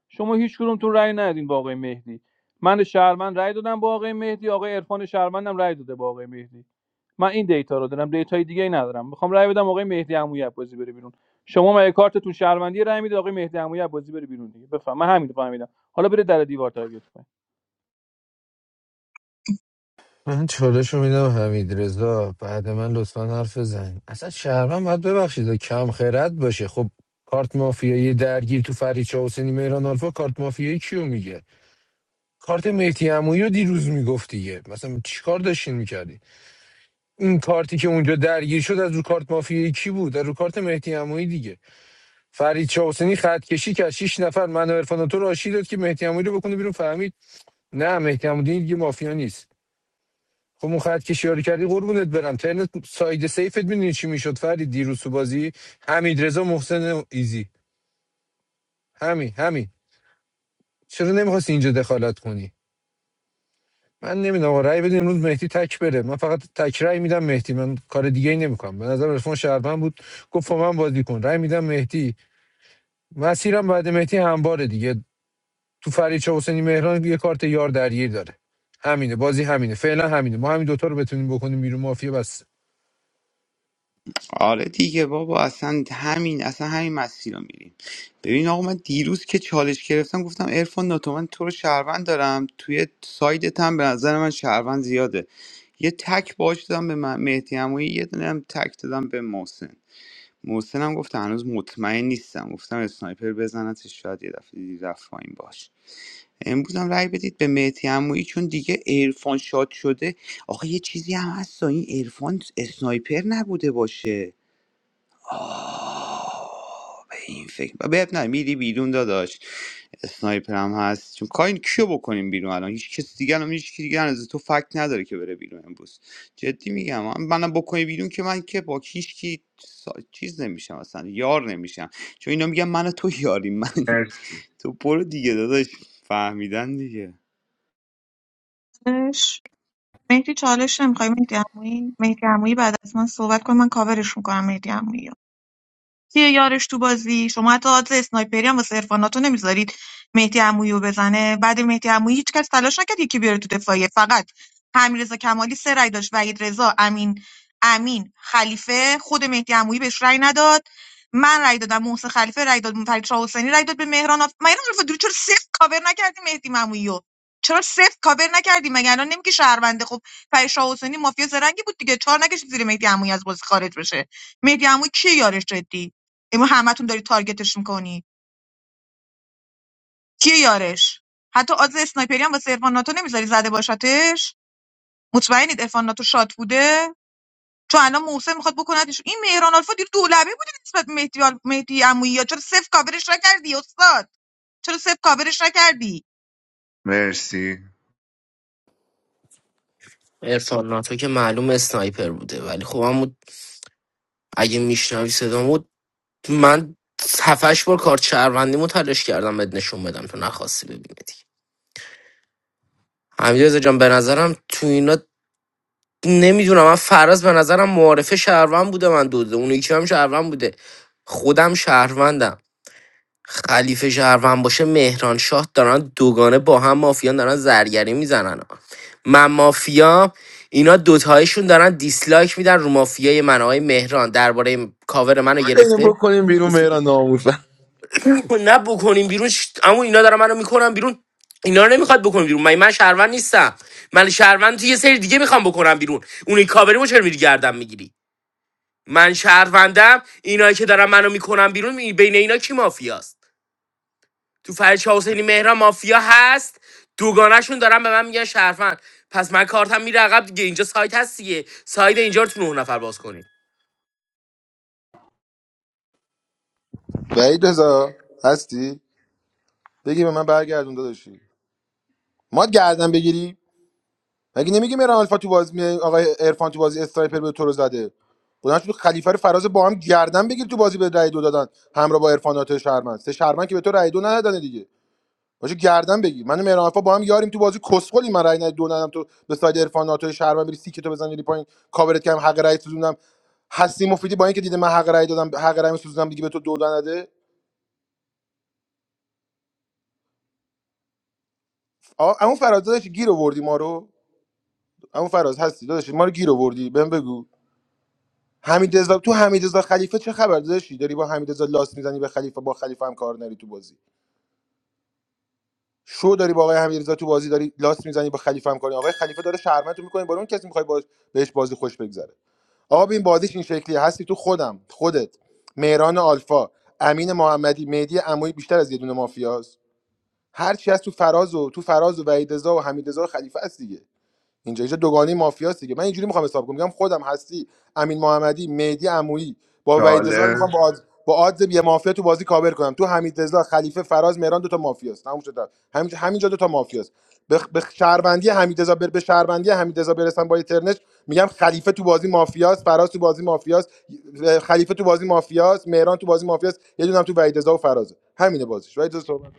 Speaker 17: شما هیچ کدومتون رأی ندین با آقای مهدی من شهرمند رأی دادم با آقای مهدی آقای عرفان شهرمندم رأی داده با آقای مهدی من این دیتا رو دارم دیتای دیگه ای ندارم میخوام رأی بدم آقای مهدی عمویی بازی بره بیرون شما مگه کارتتون شهروندی رأی میدید آقای مهدی عمویی بازی بره بیرون دیگه بفهم من همین رو فهمیدم حالا بره در دیوار تارگت کن
Speaker 12: من چالش رو میدم حمید رضا بعد من لطفا حرف بزن اصلا شهروند باید ببخشید کم خرد باشه خب کارت مافیایی درگیر تو فریچا حسینی مهران آلفا کارت مافیایی کیو میگه کارت مهدی عمویی رو دیروز میگفت دیگه مثلا چیکار داشتین میکردی این کارتی که اونجا درگیر شد از رو کارت مافیایی کی بود از رو کارت مهدی عمویی دیگه فرید حسینی خط کشی کرد شش نفر من و عرفان و تو رو آشتی داد که مهدی عمویی رو بکنه بیرون فهمید نه مهدی عمودی دیگه مافیا نیست خب اون خط کشی ها رو کردی قربونت برم ترنت ساید سیفت میدونی چی میشد فرید دیروز تو بازی حمید رضا محسن و ایزی همین همین چرا نمیخواستی اینجا دخالت کنی من نمیدونم آقا رأی بده امروز مهدی تک بره من فقط تک رأی میدم مهدی من کار دیگه ای نمیکنم به نظر رسمان شهرمن بود گفت با من بازی کن رأی میدم مهدی مسیرم بعد مهدی همباره دیگه تو فرید چه حسینی مهران یه کارت یار درگیر داره همینه بازی همینه فعلا همینه ما همین دوتا رو بتونیم بکنیم بیرون مافیا بس
Speaker 7: آره دیگه بابا اصلا همین اصلا همین مسیر رو میریم ببین آقا من دیروز که چالش گرفتم گفتم ارفان ناتو من تو رو شهروند دارم توی سایدت هم به نظر من شهروند زیاده یه تک باش دادم به من- مهدی عمویی، یه دونه هم تک دادم به محسن محسن هم گفت هنوز مطمئن نیستم گفتم اسنایپر بزنتش شاید یه دفعه دیگه رفت پایین باش امروز هم رأی بدید به مهدی عمویی چون دیگه عرفان شاد شده آخه یه چیزی هم هست این عرفان اسنایپر نبوده باشه آه، به این فکر به به- نه میری بیرون داداش اسنایپر هم هست چون کاین کیو بکنیم بیرون الان هیچ کس دیگه الان هیچ کی دیگه از تو فکت نداره که بره بیرون امروز جدی میگم من منم بکنی بیرون که من که با هیچ کی سا- چیز نمیشم اصلا یار نمیشم چون اینا میگن من و تو یاری من
Speaker 10: مرسی
Speaker 7: تو برو دیگه داداش فهمیدن دیگه
Speaker 3: مهدی چالش نمیخوای مهدی عمویی مهدی عمویی بعد از من صحبت کن من کاورش میکنم مهدی عمویی رو کیه یارش تو بازی شما حتی آدز اسنایپری هم واسه عرفاناتو نمیذارید مهدی عمویی رو بزنه بعد مهدی عمویی هیچ کس تلاش نکرد یکی بیاره تو دفاعیه فقط حمیدرضا کمالی سه رأی داشت وحید رضا امین امین خلیفه خود مهدی عمویی بهش رأی نداد من رأی دادم محسن خلیفه رأی داد فرید شاه حسینی رأی داد به مهران آف... مهران آفرودی چرا صفر کاور نکردی مهدی عمویی رو؟ چرا صفر کاور نکردی مگه الان نمیگی شهرونده خب فرید شاه حسینی مافیا زرنگی بود دیگه چهار نکشید زیر مهدی عمویی از بازی خارج بشه مهدی عمویی کی یارش جدی امرو همتون داری تارگتش میکنی کیه یارش حتی آدز اسنایپری هم واسه عرفان ناتو نمیذاری زده باشتش مطمئنید عرفان ناتو شات بوده چون الان محسن میخواد بکندش این مهران الفا دیر دولبه بودی نسبت به مهدی آل- مهدی عمویی ها. چرا صفر کاورش نکردی استاد چرا صفر کاورش نکردی
Speaker 10: مرسی
Speaker 6: عرفان که معلوم اسنایپر بوده ولی خب همون اگه میشنوی صدامو من هفتش بار کارت شهروندیمو تلاش کردم بهت نشون بدم تو نخواستی ببینی دیگه حمیدرضا جان به نظرم تو اینا نمیدونم من فراز به نظرم معارفه شهروند بوده من دوده اون یکی هم شهروند بوده خودم شهروندم خلیفه شهروند باشه مهران شاه دارن دوگانه با هم مافیان دارن زرگری میزنن من مافیا اینا دوتایشون دارن دیسلایک میدن رو مافیای من آقای مهران درباره کاور منو
Speaker 5: اینو
Speaker 6: گرفته
Speaker 5: بکنیم بیرون مهران ناموسن
Speaker 6: خب نه بکنیم بیرون اما اینا دارن منو میکنن بیرون اینا رو نمیخواد بکنیم بیرون من من شهروند نیستم من شهروند تو یه سری دیگه میخوام بکنم بیرون اونی کاوریمو چرا میری گردم میگیری من شهروندم اینایی که دارن منو میکنن بیرون می- بین اینا کی مافیاست تو فرشا حسینی مهران مافیا هست دوگانشون دارن به من میگن شهروند پس من کارتم میره عقب دیگه اینجا سایت هست دیگه سایت اینجا رو تو نه نفر باز کنید
Speaker 5: وحید رضا هستی بگی به من برگردون داداشی ما گردن بگیری مگه نمیگی میرم الفا تو بازی می- آقای عرفان تو بازی استرایپر به تو رو زده بلند شد خلیفه رو فراز با هم گردن بگیر تو بازی به رای دو دادن همراه با عرفان ناتو شهرمند سه شهرمند که به تو رای دو ندادن دیگه باشه گردن بگیر من و مهران الفا با هم یاریم تو بازی کسخلی من رای ند- دو ندادم تو به ساید عرفان ناتو شهرمند بری سیکتو تو بزنی پایین کاورت کردم حق رای سوزوندم هستی مفیدی با اینکه دیده من حق رای دادم حق رای سوزوندم دیگه به تو دو نده آ اما فراز داداش گیر آوردی ما رو اما فراز هستی داداشی ما رو گیر آوردی بهم بگو حمید تو حمید خلیفه چه خبر داداشی داری با حمید لاس میزنی به خلیفه با خلیفه هم کار نری تو بازی شو داری با آقای حمید تو بازی داری لاس میزنی با خلیفه هم کاری آقای خلیفه داره شرمتو میکنه با اون کسی میخوای باش بهش بازی خوش بگذره آقا ببین بازیش این شکلی هستی تو خودم خودت مهران آلفا امین محمدی مهدی عمویی بیشتر از یه دونه مافیاست هر چی از تو فراز و تو فراز و وحید و حمید و خلیفه است دیگه اینجا اینجا دوگانی مافیاست دیگه من اینجوری میخوام حساب کنم میگم خودم هستی امین محمدی مهدی عمویی با وحید رضا رو میخوام با
Speaker 10: چالش
Speaker 5: آد... با آدز یه مافیا تو بازی کاور کنم تو حمید رضا خلیفه فراز مهران دو تا مافیاست تموم شد همینجا همینجا دو تا مافیاست به بخ... بخ- شهروندی حمید رضا بر... به شهروندی حمید رضا برسم با ترنش میگم خلیفه تو بازی مافیاست فراز تو بازی مافیاست خلیفه تو بازی مافیاست مهران تو بازی مافیاست یه دونه هم تو وحید رضا و فرازه همینه بازیش وحید رضا صحبت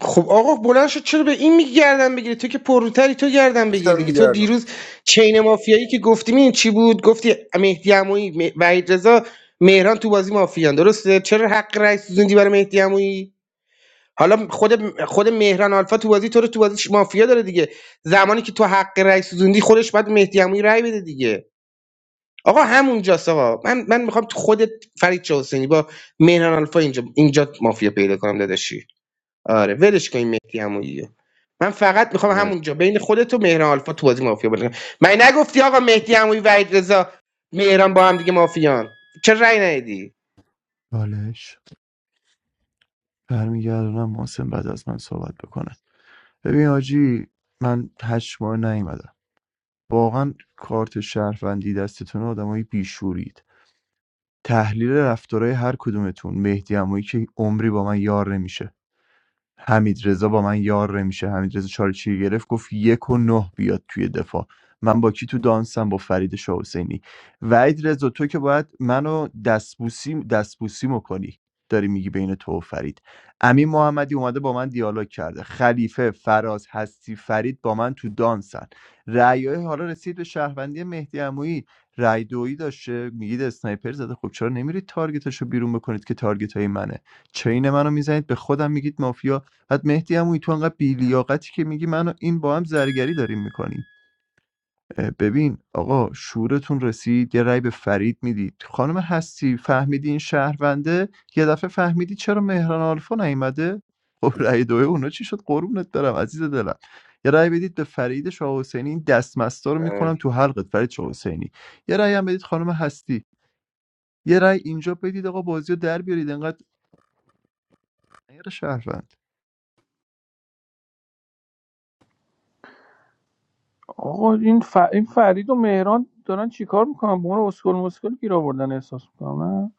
Speaker 15: خب آقا بلند شد چرا به این میگی گردن بگیری تو که پروتری تو گردن بگیر
Speaker 5: گفتم
Speaker 15: دیگه
Speaker 5: دیگه
Speaker 15: تو دیروز چین مافیایی که گفتی این چی بود گفتی مهدی عمویی م- وحید رضا مهران تو بازی مافیان درسته چرا حق رأی سوزوندی برای مهدی عمویی حالا خود خود مهران آلفا تو بازی تو رو تو بازی مافیا داره دیگه زمانی که تو حق رأی سوزوندی خودش باید مهدی عمویی رأی بده دیگه آقا همونجاست آقا من من میخوام تو خودت فرید چه حسینی با مهران آلفا اینجا اینجا مافیا پیدا کنم داداشی آره ولش کن این مهدی عمویی رو. من فقط میخوام
Speaker 10: مرسی
Speaker 15: همونجا بین خودت و مهران آلفا تو بازی مافیا بده من نگفتی آقا مهدی عمویی وحید رضا مهران با هم دیگه مافیان چه رأی ندی
Speaker 4: برمیگردونم محسن بعد از من صحبت بکنه ببین آجی من هشت ماه نیومدم واقعا کارت شهروندی دستتون آدمای بیشورید تحلیل رفتارهای هر کدومتون مهدی عمویی که عمری با من یار نمیشه حمیدرضا با من یار میشه حمیدرضا چالچی گرفت گفت یک و نه بیاد توی دفاع من با کی تو دانسم با فرید شاه حسینی وحید رضا تو که باید منو دستبوسی دستبوسیمو کنی داری میگی بین تو و فرید امین محمدی اومده با من دیالوگ کرده خلیفه فراز هستی فرید با من تو دانسن رأیای حالا رسید به شهروندی مهدی عمویی رأی دویی داشته میگید اسنایپر زده خب چرا نمیرید تارگتشو بیرون بکنید که تارگت های منه چین منو میزنید به خودم میگید مافیا بعد مهدی هم تو انقدر بیلیاقتی که میگی منو این با هم زرگری داریم میکنیم ببین آقا شورتون رسید یه رأی به فرید میدید خانم هستی فهمیدی این شهرونده یه دفعه فهمیدی چرا مهران آلفا نیومده خب رأی دوه اونا چی شد قربونت برم عزیز دلم یه رأی بدید به فرید شاه حسینی این دستمستا رو میکنم
Speaker 10: مر-
Speaker 4: تو حلقت فرید شاه حسینی یه رأی هم بدید خانم هستی یه رأی اینجا بدید آقا بازیو رو در بیارید انقدر غیر شهروند
Speaker 17: آقا این, ف... این فرید و مهران دارن چیکار میکنن به اون اسکل مسکل گیر آوردن احساس میکنم نه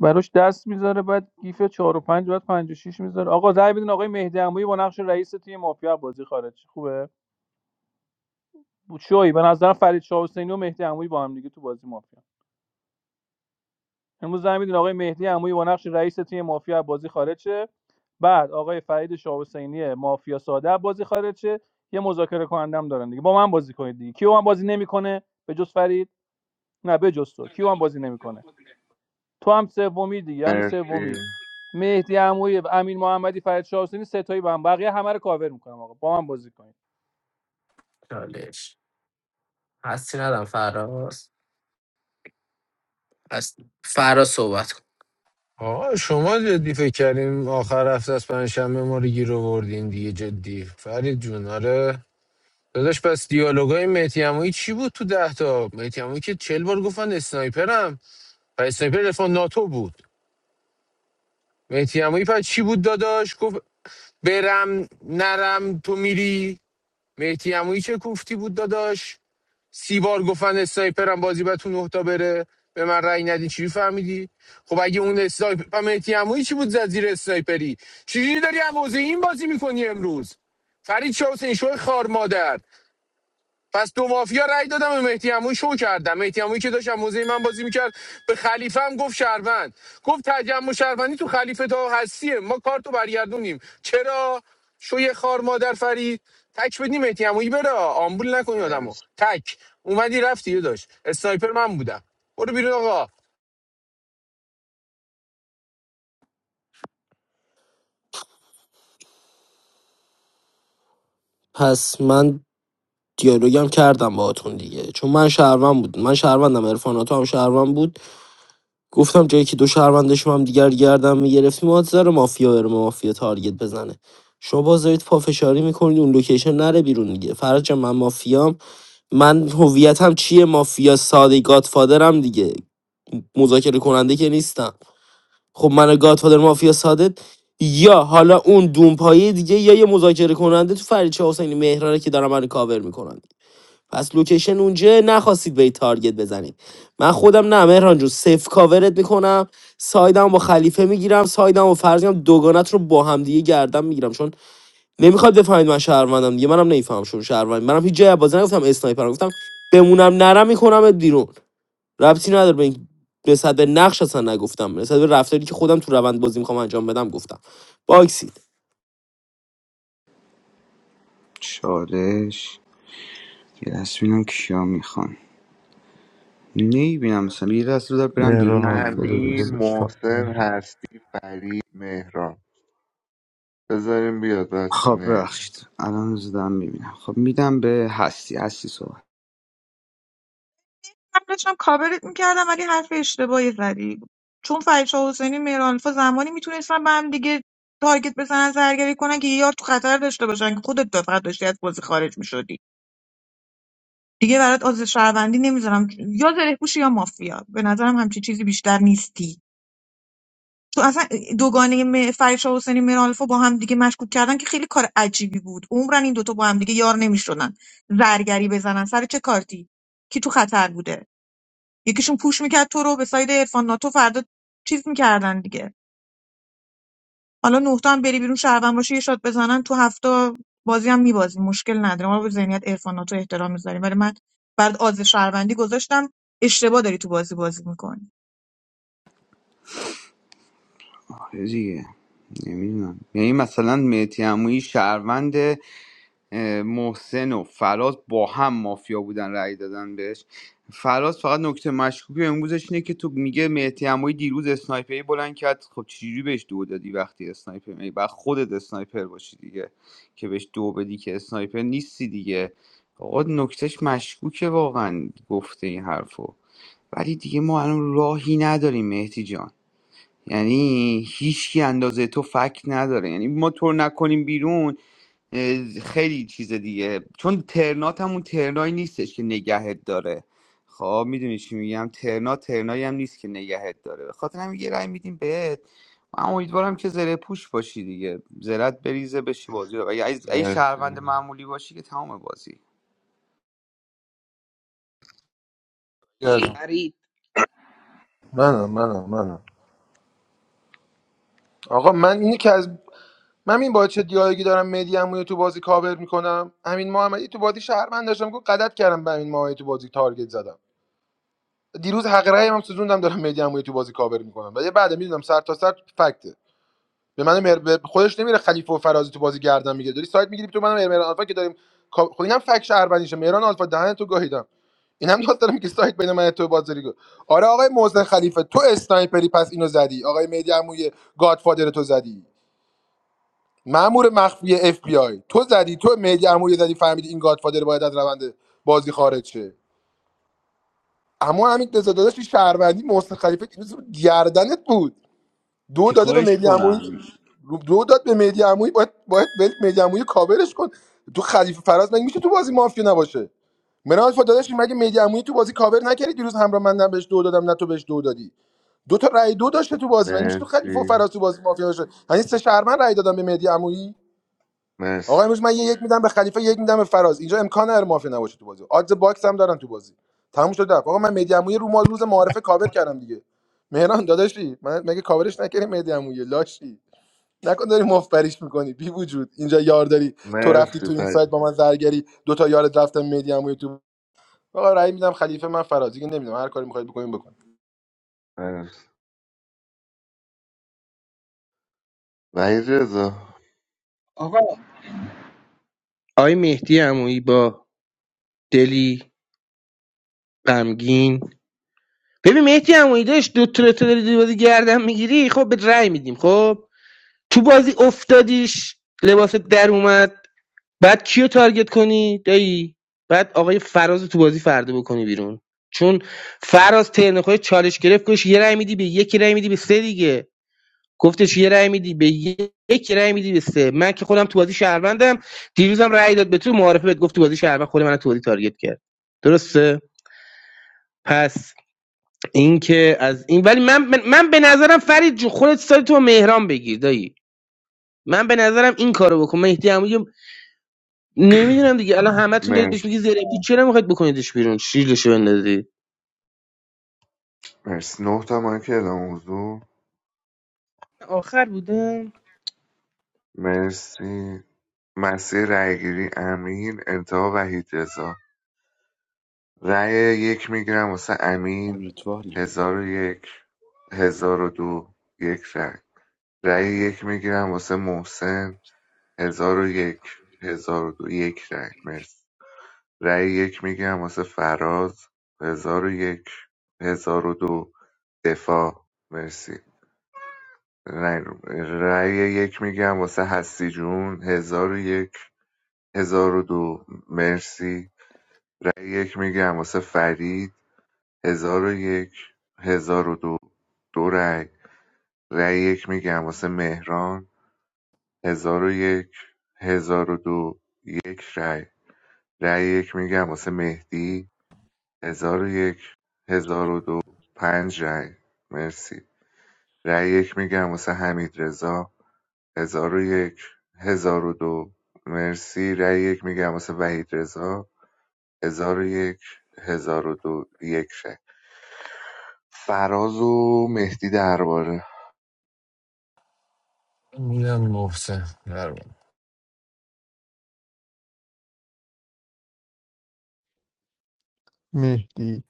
Speaker 17: براش دست میذاره بعد گیف 4 و 5 بعد 5 و 6 میذاره آقا رأی بدین آقای مهدی عمویی با نقش رئیس تیم مافیا بازی خارج شه. خوبه شوی به نظرم فرید شاه حسینی و مهدی عمویی با هم دیگه تو بازی مافیا امروز زنگ میدین آقای مهدی عمویی با نقش رئیس تیم مافیا بازی خارج شه. بعد آقای فرید شاه حسینی مافیا ساده بازی خارج شه. یه مذاکره کنندم دارن دیگه با من بازی کنید دیگه کی با من بازی نمیکنه به جز فرید نه بجز تو کیوان بازی نمیکنه تو هم سومی دیگه همین
Speaker 10: مرسی
Speaker 17: سومی مهدی عمویی امین محمدی فرید شاه حسینی ستایی با هم بقیه همه رو کاور میکنم آقا با من بازی کنید
Speaker 6: چالش هستی ندم فراز هست فراز صحبت کن.
Speaker 12: آقا شما جدی فکر کردیم آخر هفته از پنجشنبه ما رو گیر آوردین دیگه جدی فرید جون آره داداش پس دیالوگای مهدی عمویی چی بود تو ده تا مهدی عمویی که چل بار گفتن اسنایپرم و اسنایپر رفا ناتو بود مهدی عمویی پس چی بود داداش گفت برم نرم تو میری مهدی عمویی چه کوفتی بود داداش سی بار گفتن اسنایپر هم بازی باید تو نه تا بره به من رأی ندین چی فهمیدی خب اگه اون اسنایپر مهدی عمویی چی بود زد زیر اسنایپری چجوری داری هم این بازی میکنی امروز فرید شاه حسین شوی خار مادر پس دو مافیا رأی دادم به مهدی عمویی شو کردم مهدی عمویی که داشت از موزه من بازی میکرد به خلیفه هم گفت شهروند گفت تجمع شهروندی تو خلیفه تا هستیه ما کارتو برگردونیم چرا شوی خار مادر فرید تک بدی مهدی عمویی بره آمبول نکنی آدمو
Speaker 10: مرسی
Speaker 12: تک اومدی رفتی یه داشت اسنایپر من بودم برو بیرون آقا
Speaker 6: پس من دیالوگم کردم باهاتون دیگه چون من شهروند بود من شهروندم عرفاناتو هم شهروند بود گفتم جایی که دو شهروندش هم دیگر گردم میگرفتیم آدز داره مافیا بره مافیا تارگت بزنه شما باز دارید پافشاری میکنید اون لوکیشن نره بیرون دیگه فرج جان، من مافیام من هویتم چیه مافیا ساده گادفادرم دیگه مذاکره کننده که نیستم خب من گادفادر مافیا ساده یا حالا اون دونپایه دیگه یا یه مذاکره کننده تو فریچه حسینی مهرانه که دارن من کاور میکنن پس لوکیشن اونجا نخواستید به تارگت بزنید من خودم نه مهران جون سف کاورت میکنم سایدم با خلیفه میگیرم سایدم و فرضیم دوگانت رو با هم دیگه گردم میگیرم چون نمیخواد بفهمید من شهروندم دیگه منم نمیفهمم شون شهروند منم هیچ جای بازی نگفتم اسنایپرم گفتم بمونم نرم میکنم بیرون ربطی نداره به این نسبت به نقش اصلا نگفتم نسبت به رفتاری که خودم تو روند بازی میخوام انجام بدم گفتم باکسید
Speaker 7: چالش یه دست بینم کیا میخوان نیبینم مثلا یه دست رو دار برم
Speaker 4: مهران
Speaker 7: بیرون بیام
Speaker 4: آلفا بده
Speaker 7: یه
Speaker 10: امین
Speaker 4: داداش فقط
Speaker 10: محسن
Speaker 4: مهران
Speaker 10: هستی فرید مهران بذاریم بیاد بچه
Speaker 7: خب
Speaker 10: نیم
Speaker 7: ببخشید الان زدم میبینم خب میدم به هستی هستی صحبت
Speaker 3: من داشتم کاورت میکردم ولی حرف اشتباهی زدی چون فرشا حسینی مهران الفا زمانی میتونستن به هم دیگه تارگت بزنن زرگری کنن که یه یار تو خطر داشته باشن که خودت فقط داشتی از بازی خارج میشدی دیگه برات عضو شهروندی نمیذارم یا زره پوشی یا مافیا به نظرم همچی چیزی بیشتر نیستی تو اصلا دوگانه م- فرید شاه حسینی میرالفو با هم دیگه مشکوک کردن که خیلی کار عجیبی بود عمرن این دوتا با هم دیگه یار نمیشدن زرگری بزنن سر چه کارتی کی تو خطر بوده یکیشون پوش میکرد تو رو به ساید عرفان ناتو فردا چیز میکردن دیگه حالا نقطه هم بری بیرون شهروند باشی یه شات بزنن تو هفته بازی هم میبازیم مشکل نداره ما به ذهنیت عرفانات و احترام میذاریم ولی من بعد آز شهروندی گذاشتم اشتباه داری تو بازی بازی میکنی
Speaker 7: آره دیگه نمیدونم یعنی مثلا مهتی عمویی شهروند محسن و فراز با هم مافیا بودن رأی دادن بهش فراز فقط نکته مشکوکی امروزش اینه که تو میگه مهتی عمویی دیروز اسنایپری بلند کرد خب چجوری بهش دو دادی وقتی اسنایپر می بعد خودت اسنایپر باشی دیگه که بهش دو بدی که اسنایپر نیستی دیگه آقا نکتهش مشکوکه واقعا گفته این حرفو ولی دیگه ما الان راهی نداریم مهدی جان یعنی هیچکی اندازه تو فکت نداره یعنی ما تو رو نکنیم بیرون اه، خیلی چیز دیگه چون ترنات همون ترنایی نیستش که نگهت داره خب میدونی چی میگم ترنا ترنایی هم نیست که نگهت داره به خاطر همین یه رای میدیم بهت من امیدوارم که زره پوش باشی دیگه زرت بریزه بشی بازی رو اگه اگه اگه شهروند
Speaker 10: مرسی
Speaker 7: معمولی باشی که تمام بازی
Speaker 5: الان.
Speaker 15: فرید
Speaker 5: منم منم منم آقا من اینی که از من این با چه دیالوگی دارم مهدی عمویی تو بازی کاور میکنم امین محمدی تو بازی شهروند داشتم که غلط کردم به امین محمدی تو بازی تارگت زدم دیروز حق رأی هم سوزوندم دارم مهدی عمویی تو بازی کاور میکنم ولی بعد میدونم سر تا سر فکته به من مر... به خودش نمیره خلیفه و فرازی تو بازی گردن میگه داری سایت میگیری تو منم مهران آلفا که داریم کا- خب اینم فک شهروندیشه مهران آلفا دهن تو گاهیدم اینم دوست دارم که سایت بین من و تو بازاری گفت آره آقای محسن خلیفه تو اسنایپری پس اینو زدی آقای مهدی عمویی گادفادر تو زدی مامور مخفی اف بی آی تو زدی تو مهدی عمو زدی فهمیدی این گادفادر باید از روند بازی خارج شه اما همین رضا داداش شهروندی محسن خلیفه دیروز گردنت بود دو داده به
Speaker 7: چیکارش
Speaker 5: مهدی عمویی
Speaker 7: کنم
Speaker 5: دو داد به مهدی عمویی باید باید ول مهدی عمویی کاورش کن تو خلیفه فراز مگه میشه تو بازی مافیا نباشه من آلفا داداش مگه مهدی عمویی تو بازی کاور نکردی دیروز همراه من نه بهش دو دادم نه تو بهش دو دادی دو تا رای دو داشته تو بازی مگه میشه تو خلیفه و
Speaker 10: مرسی
Speaker 5: فراز تو بازی مافیا باشه یعنی سه شهرمن رای دادم به مهدی عمویی
Speaker 10: مرسی
Speaker 5: آقا امروز من یه یک میدم به خلیفه یک میدم به فراز اینجا امکان هر مافیا نباشه تو بازی آدز باکس هم دارن تو بازی تموم شد رفت آقا من مهدی عمویی رو مال روز معارفه کاور کردم دیگه مهران داداشی من مگه کاورش نکردی مهدی عمویی لاشی نکن داری مفبریش میکنی بی وجود اینجا یار داری تو رفتی
Speaker 10: مرسی
Speaker 5: تو این سایت
Speaker 10: فرید
Speaker 5: با من زرگری دو تا یارت رفتم مهدی عمویی تو آقا رأی میدم خلیفه من فراز دیگه نمیدونم هر کاری میخواید بکنین بکن
Speaker 10: مرسی وحید رضا
Speaker 15: آقا آقای مهدی عمویی با دلی غمگین ببین مهدی عمویی داشت دو تا داری دو بازی گردن میگیری خب به رأی میدیم خب تو بازی افتادیش لباست در اومد بعد کیو تارگت کنی دایی بعد آقای فراز تو بازی فردا بکنی بیرون چون فراز ترنخوی چالش گرفت گوش یه رأی میدی به یکی رأی میدی به سه دیگه گفتش یه رأی میدی به یک رأی میدی به سه من که خودم تو بازی شهروندم دیروزم رأی داد به تو معارفه بهت گفت تو بازی شهروند خود من تو بازی تارگت کرد درسته پس این که از این ولی من من, من به نظرم فرید جو خودت سایت تو مهران بگیر دایی من به نظرم این کارو بکن مهدی عمویی نمیدونم دیگه الان همتون دارید بهش
Speaker 10: مرسی
Speaker 15: میگی زره پوچ چرا میخواید بکنیدش بیرون شیلشو بندازی
Speaker 10: مرسی نه تا مایک اعلام حضور
Speaker 15: آخر بودم
Speaker 10: مرسی مسیر رایگیری امین، انتها وحیدرضا رای یک میگیرم واسه امین
Speaker 7: امیدواریم
Speaker 10: هزار و یک هزار و دو یک رای رای یک میگیرم واسه محسن هزار و یک هزار و دو یک رای مرسی رای یک میگیرم واسه فراز هزار و یک هزار و دو دفاع مرسی رای, رای یک میگیرم واسه هستی جون هزار و یک هزار و دو مرسی رأی یک میگم واسه فرید هزار و یک هزار و دو دو رأی رأی یک میگم واسه مهران هزار و یک هزار و دو یک رأی رأی یک میگم واسه مهدی هزار و یک هزار و دو پنج رأی مرسی رأی یک میگم واسه حمید رضا هزار و یک هزار و دو مرسی رأی یک میگم واسه وحید رضا هزار و یک هزار و دو یک رأی فراز و مهدی درباره
Speaker 12: میدم محسن درمان.
Speaker 4: مهدی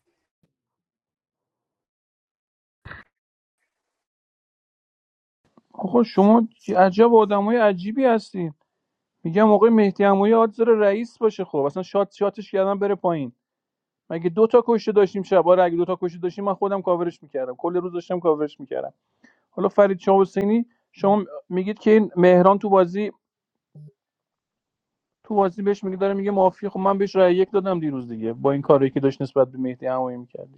Speaker 17: آقا شما چه عجب آدمای عجیبی هستین میگم آقای مهدی عمویی آدز داره رئیس باشه خب اصلا شات شاتش کردن بره پایین مگه دو تا کشته داشتیم شب آره اگه دو تا کشته داشتیم من خودم کاورش میکردم کل روز داشتم کاورش میکردم حالا فرید شاه حسینی شما میگید که این مهران تو بازی تو بازی بهش میگه داره میگه مافیا خب من بهش رأی یک دادم دیروز دیگه با این کاری که داشت نسبت به مهدی همایی میکرد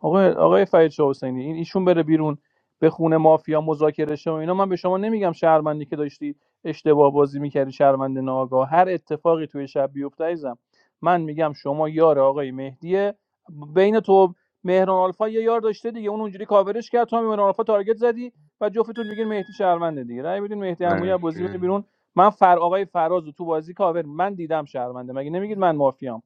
Speaker 17: آقای آقای فرید شاه حسینی این ایشون بره بیرون به خونه مافیا مذاکره شه و اینا من به شما نمیگم شهرمندی که داشتی اشتباه بازی میکردی شهرمند ناآگاه هر اتفاقی توی شب بیفته عزیزم من میگم شما یار آقای مهدیه بین تو مهران آلفا یه یار داشته دیگه اون اونجوری کاورش کرد تو هم مهران آلفا تارگت زدی و جفتتون میگین مهدی شهرمنده دیگه رأی بدین مهدی عمویی از بازی بره
Speaker 10: مرسی
Speaker 17: بیرون من فر آقای فراز رو تو بازی کاور من دیدم شهرمنده مگه نمیگید من مافیام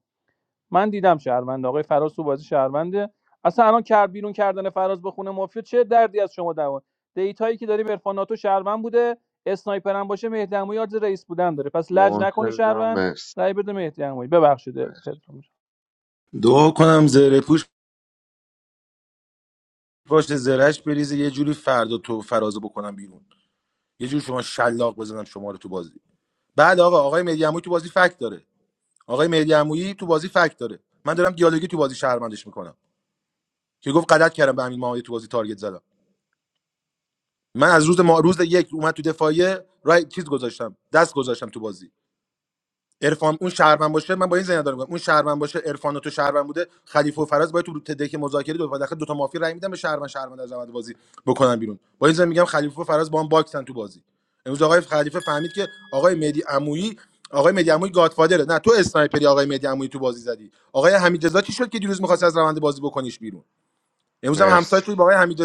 Speaker 17: من دیدم شهروند آقای فراز تو بازی شهرونده اصلا الان کرد بیرون کردن فراز به خونه مافیا چه دردی از شما دوان دیتایی که داری عرفان ناتو شهروند بوده اسنایپر هم باشه مهدی عمویی آدز رئیس بودن داره پس لج نکنه
Speaker 10: محسن جان
Speaker 17: شهروند
Speaker 10: مرسی
Speaker 17: رای بده مهدی عمویی ببخشید پدرام جان.
Speaker 5: دعا کنم زره پوش باشه زرهش بریزه یه جوری فردا تو فرازو بکنم بیرون یه جوری شما شلاق بزنم شما رو تو بازی بعد آقا آقای مهدی عمویی تو بازی فکت داره آقای مهدی عمویی تو بازی فکت داره من دارم دیالوگی تو بازی شهرمندش میکنم که گفت غلط کردم به امین محمدی تو بازی تارگت زدم من از روز ما روز یک اومد تو دفاعیه رای چیز گذاشتم دست گذاشتم تو بازی عرفان اون شهروند باشه من با این ذهن دارم میگم، اون شهروند باشه عرفان و تو شهروند بوده خلیفه و فراز باید تو تدک مذاکره دو داخل دو تا مافیا رای میدن به شهروند شهروند از روند بازی بکنن بیرون با این ذهن میگم خلیفه و فراز با هم باکسن تو بازی امروز آقای خلیفه فهمید که آقای مهدی عمویی آقای مهدی عمویی گادفادره نه تو اسنایپری آقای مهدی عمویی تو بازی زدی آقای حمید رضا چی شد که دیروز می‌خواست از روند بازی بکنیش بیرون امروز هم همسایه
Speaker 10: مرسی
Speaker 5: شد با آقای حمید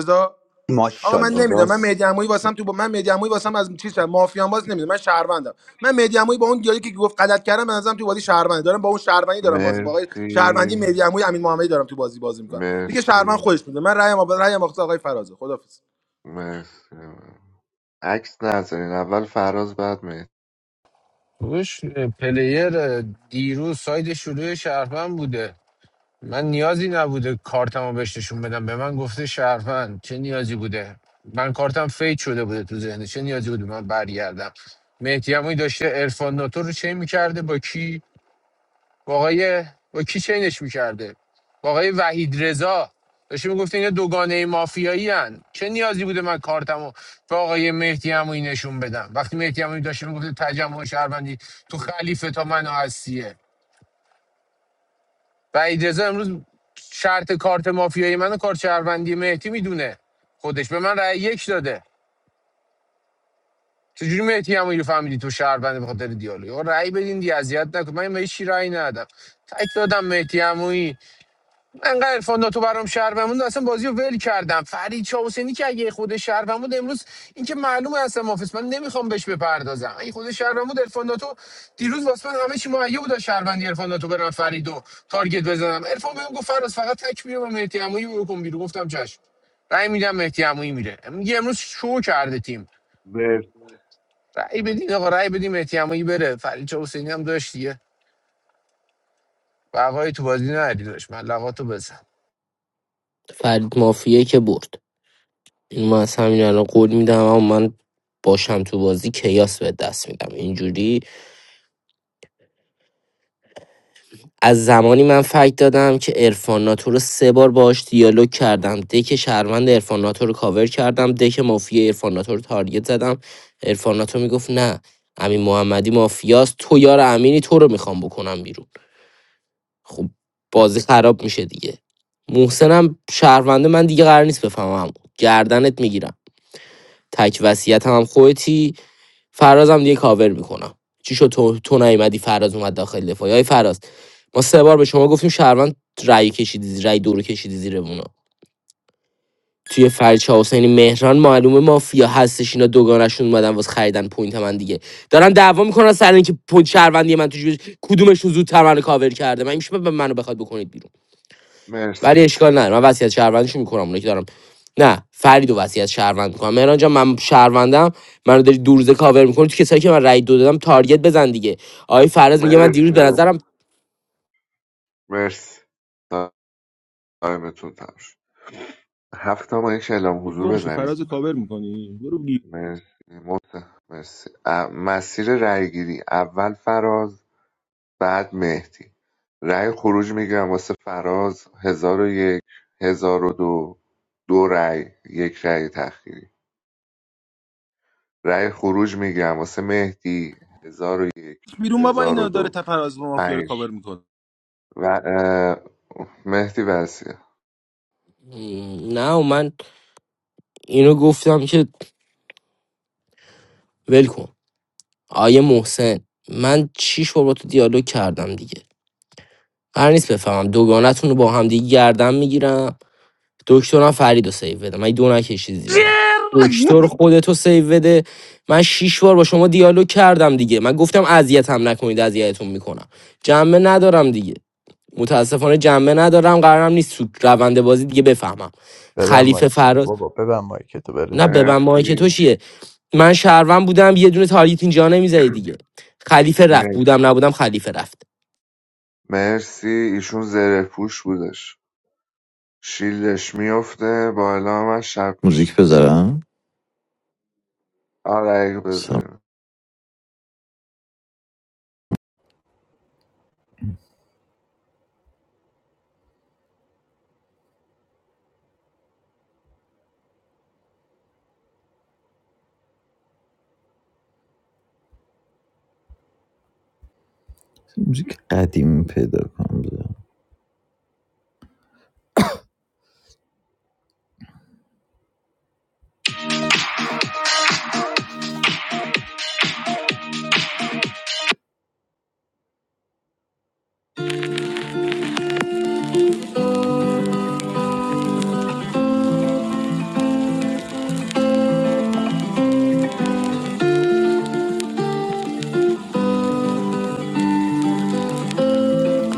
Speaker 5: آقا من
Speaker 7: ماشاءالله
Speaker 5: نمیدونم من
Speaker 7: راست
Speaker 5: مهدی عمویی واسم تو با من مهدی عمویی واسم از چیز شد. مافیان باز نمیدونم من شهروندم من مهدی عمویی با اون دیالوگی که گفت غلط کردم من ازم تو بازی شهروندی دارم با اون شهروندی دارم بازی با آقای شهروندی
Speaker 10: مرسی
Speaker 5: مهدی عمویی امین محمدی دارم تو بازی بازی میکنم دیگه شهروند
Speaker 10: مرسی
Speaker 5: خودش میده من رایم آقا رایم آقا آقای فرازه خدافظ
Speaker 10: مرسی عکس نذارین اول فراز بعد مهدی
Speaker 12: روش پلیر دیروز ساید شروع شهروند بوده من نیازی نبوده کارتمو بهش نشون بدم به من گفته شهروند چه نیازی بوده من کارتم فید شده بوده تو ذهنه چه نیازی بوده من برگردم مهدی عمویی داشته عرفان ناتو رو چین میکرده با کی با آقای با کی چینش میکرده با آقای وحید رضا داشته میگفته اینا دوگانه مافیایی هن. چه نیازی بوده من کارتمو به آقای مهدی عمویی نشون بدم وقتی مهدی عمویی داشته میگفته تجمع شهروندی تو خلیفه تا منو هستیه و اجازه امروز شرط کارت مافیایی منو و کارت شهروندی مهدی میدونه خودش به من رأی یک داده چجوری مهدی هم رو فهمیدی تو شهروند به خاطر دیالوگ آقا رأی بدین دی اذیت نکن من به هیچ چی رأی ندادم تک دادم مهدی عمویی انقدر عرفان ناتو برام شهروند بود اصلا بازی رو ول کردم فرید چاوسنی که اگه خود شهروند بود امروز اینکه معلومه اصلا مافیس من نمیخوام بهش بپردازم اگه خود شهروند بود عرفان ناتو دیروز واسه من همه چی مهیا بود از شهروندی عرفان ناتو برم فرید تارگت بزنم عرفان بهم گفت فراز فقط تک میرم و مهدی عمویی رو بکن بیرون گفتم چشم رأی میدم مهدی عمویی میره میگه امروز شو کرده تیم رأی بدین آقا رأی بدین مهدی عمویی بره فرید چاوسنی هم داشت دیگه بقای تو بازی نداری داشت ملقاتو بزن
Speaker 6: فرید مافیه که برد من از همین الان قول میدم اما من باشم تو بازی کیاس به دست میدم اینجوری از زمانی من فکت دادم که ارفان ناتو رو سه بار باهاش دیالوگ کردم دک شهروند ارفان ناتو رو کاور کردم دک مافیا ارفان ناتو رو تارگت زدم ارفان ناتو میگفت نه امین محمدی مافیاست تو یار امینی تو رو میخوام بکنم بیرون خب بازی خراب میشه دیگه محسنم شهرونده من دیگه قرار نیست بفهمم گردنت میگیرم تک وصیتم هم خودتی فرازم دیگه کاور میکنم چی شد تو, تو نیومدی فراز اومد داخل دفاعی های فراز ما سه بار به شما گفتیم شهروند رأی کشیدی زیر- رأی دو رو کشیدی زیر اونا توی فرچه حسینی مهران معلومه مافیا هستش اینا دوگانشون اومدن واسه خریدن پوینت من دیگه دارن دعوا میکنن سر اینکه پوینت شهروندی من تو جیبش- کدومشون زودتر منو کاور کرده من میشه به منو بخواد بکنید بیرون
Speaker 10: مرسی
Speaker 6: ولی اشکال نداره من وصیت شهروندیشو میکنم اونایی که دارم نه فریدو و وصیت شهروند میکنم مهران جان من شهروندم منو داری دو روزه کاور میکنی تو کسایی که من رای دو دادم تارگت بزن دیگه آقای فرز میگه من
Speaker 10: مرسی
Speaker 6: دیروز به
Speaker 10: مرسی
Speaker 6: نظرم
Speaker 10: مرسی تایمتون تموم شد هفت تا ما یک اعلام
Speaker 5: تو
Speaker 10: حضور
Speaker 5: گم شو
Speaker 10: بزنید
Speaker 5: فراز کاور میکنی برو بگی
Speaker 10: مرسی محسن مرسی ا- مسیر رایگیری اول فراز بعد مهدی رای خروج میگم واسه فراز هزار و یک هزار و دو دو رای یک رای تأخیری رای خروج میگم واسه مهدی هزار و یک
Speaker 5: بیرون با
Speaker 10: هزار و
Speaker 5: اینا داره
Speaker 10: دو
Speaker 5: تفراز با مافیا رو کاور
Speaker 10: پنج
Speaker 5: میکنه
Speaker 10: و اه، مهدی وسیع
Speaker 6: نه و من اینو گفتم که ول کن آیه محسن من چیش بار با تو دیالوگ کردم دیگه هر نیست بفهمم دوگانتون رو با هم دیگه گردم میگیرم دکترم فریدو رو سیو بده من دو نکشی زیر من دکتر خودتو سیو بده من شش بار با شما دیالوگ کردم دیگه من گفتم اذیتم نکنید اذیتتون میکنم جنبه ندارم دیگه متاسفانه جنبه ندارم قرارم نیست تو روند بازی دیگه بفهمم
Speaker 4: ببن
Speaker 6: خلیفه
Speaker 4: مایک
Speaker 6: فراز
Speaker 4: بابا ببن مایک تو بره
Speaker 6: نه ببن
Speaker 4: فرق
Speaker 6: مایک تو
Speaker 10: مرسی
Speaker 6: چیه من شهروند بودم یه دونه تارگت اینجا نمیزدی دیگه خلیفه رفت
Speaker 10: مرسی
Speaker 6: بودم نبودم خلیفه رفت
Speaker 10: مرسی ایشون زره پوش بودش شیلش میفته با اعلام من شب میشه
Speaker 14: موزیک بذارم
Speaker 10: آره اگه
Speaker 14: سم.
Speaker 10: بذاریم
Speaker 14: موزیک قدیمی پیدا کنم بذارم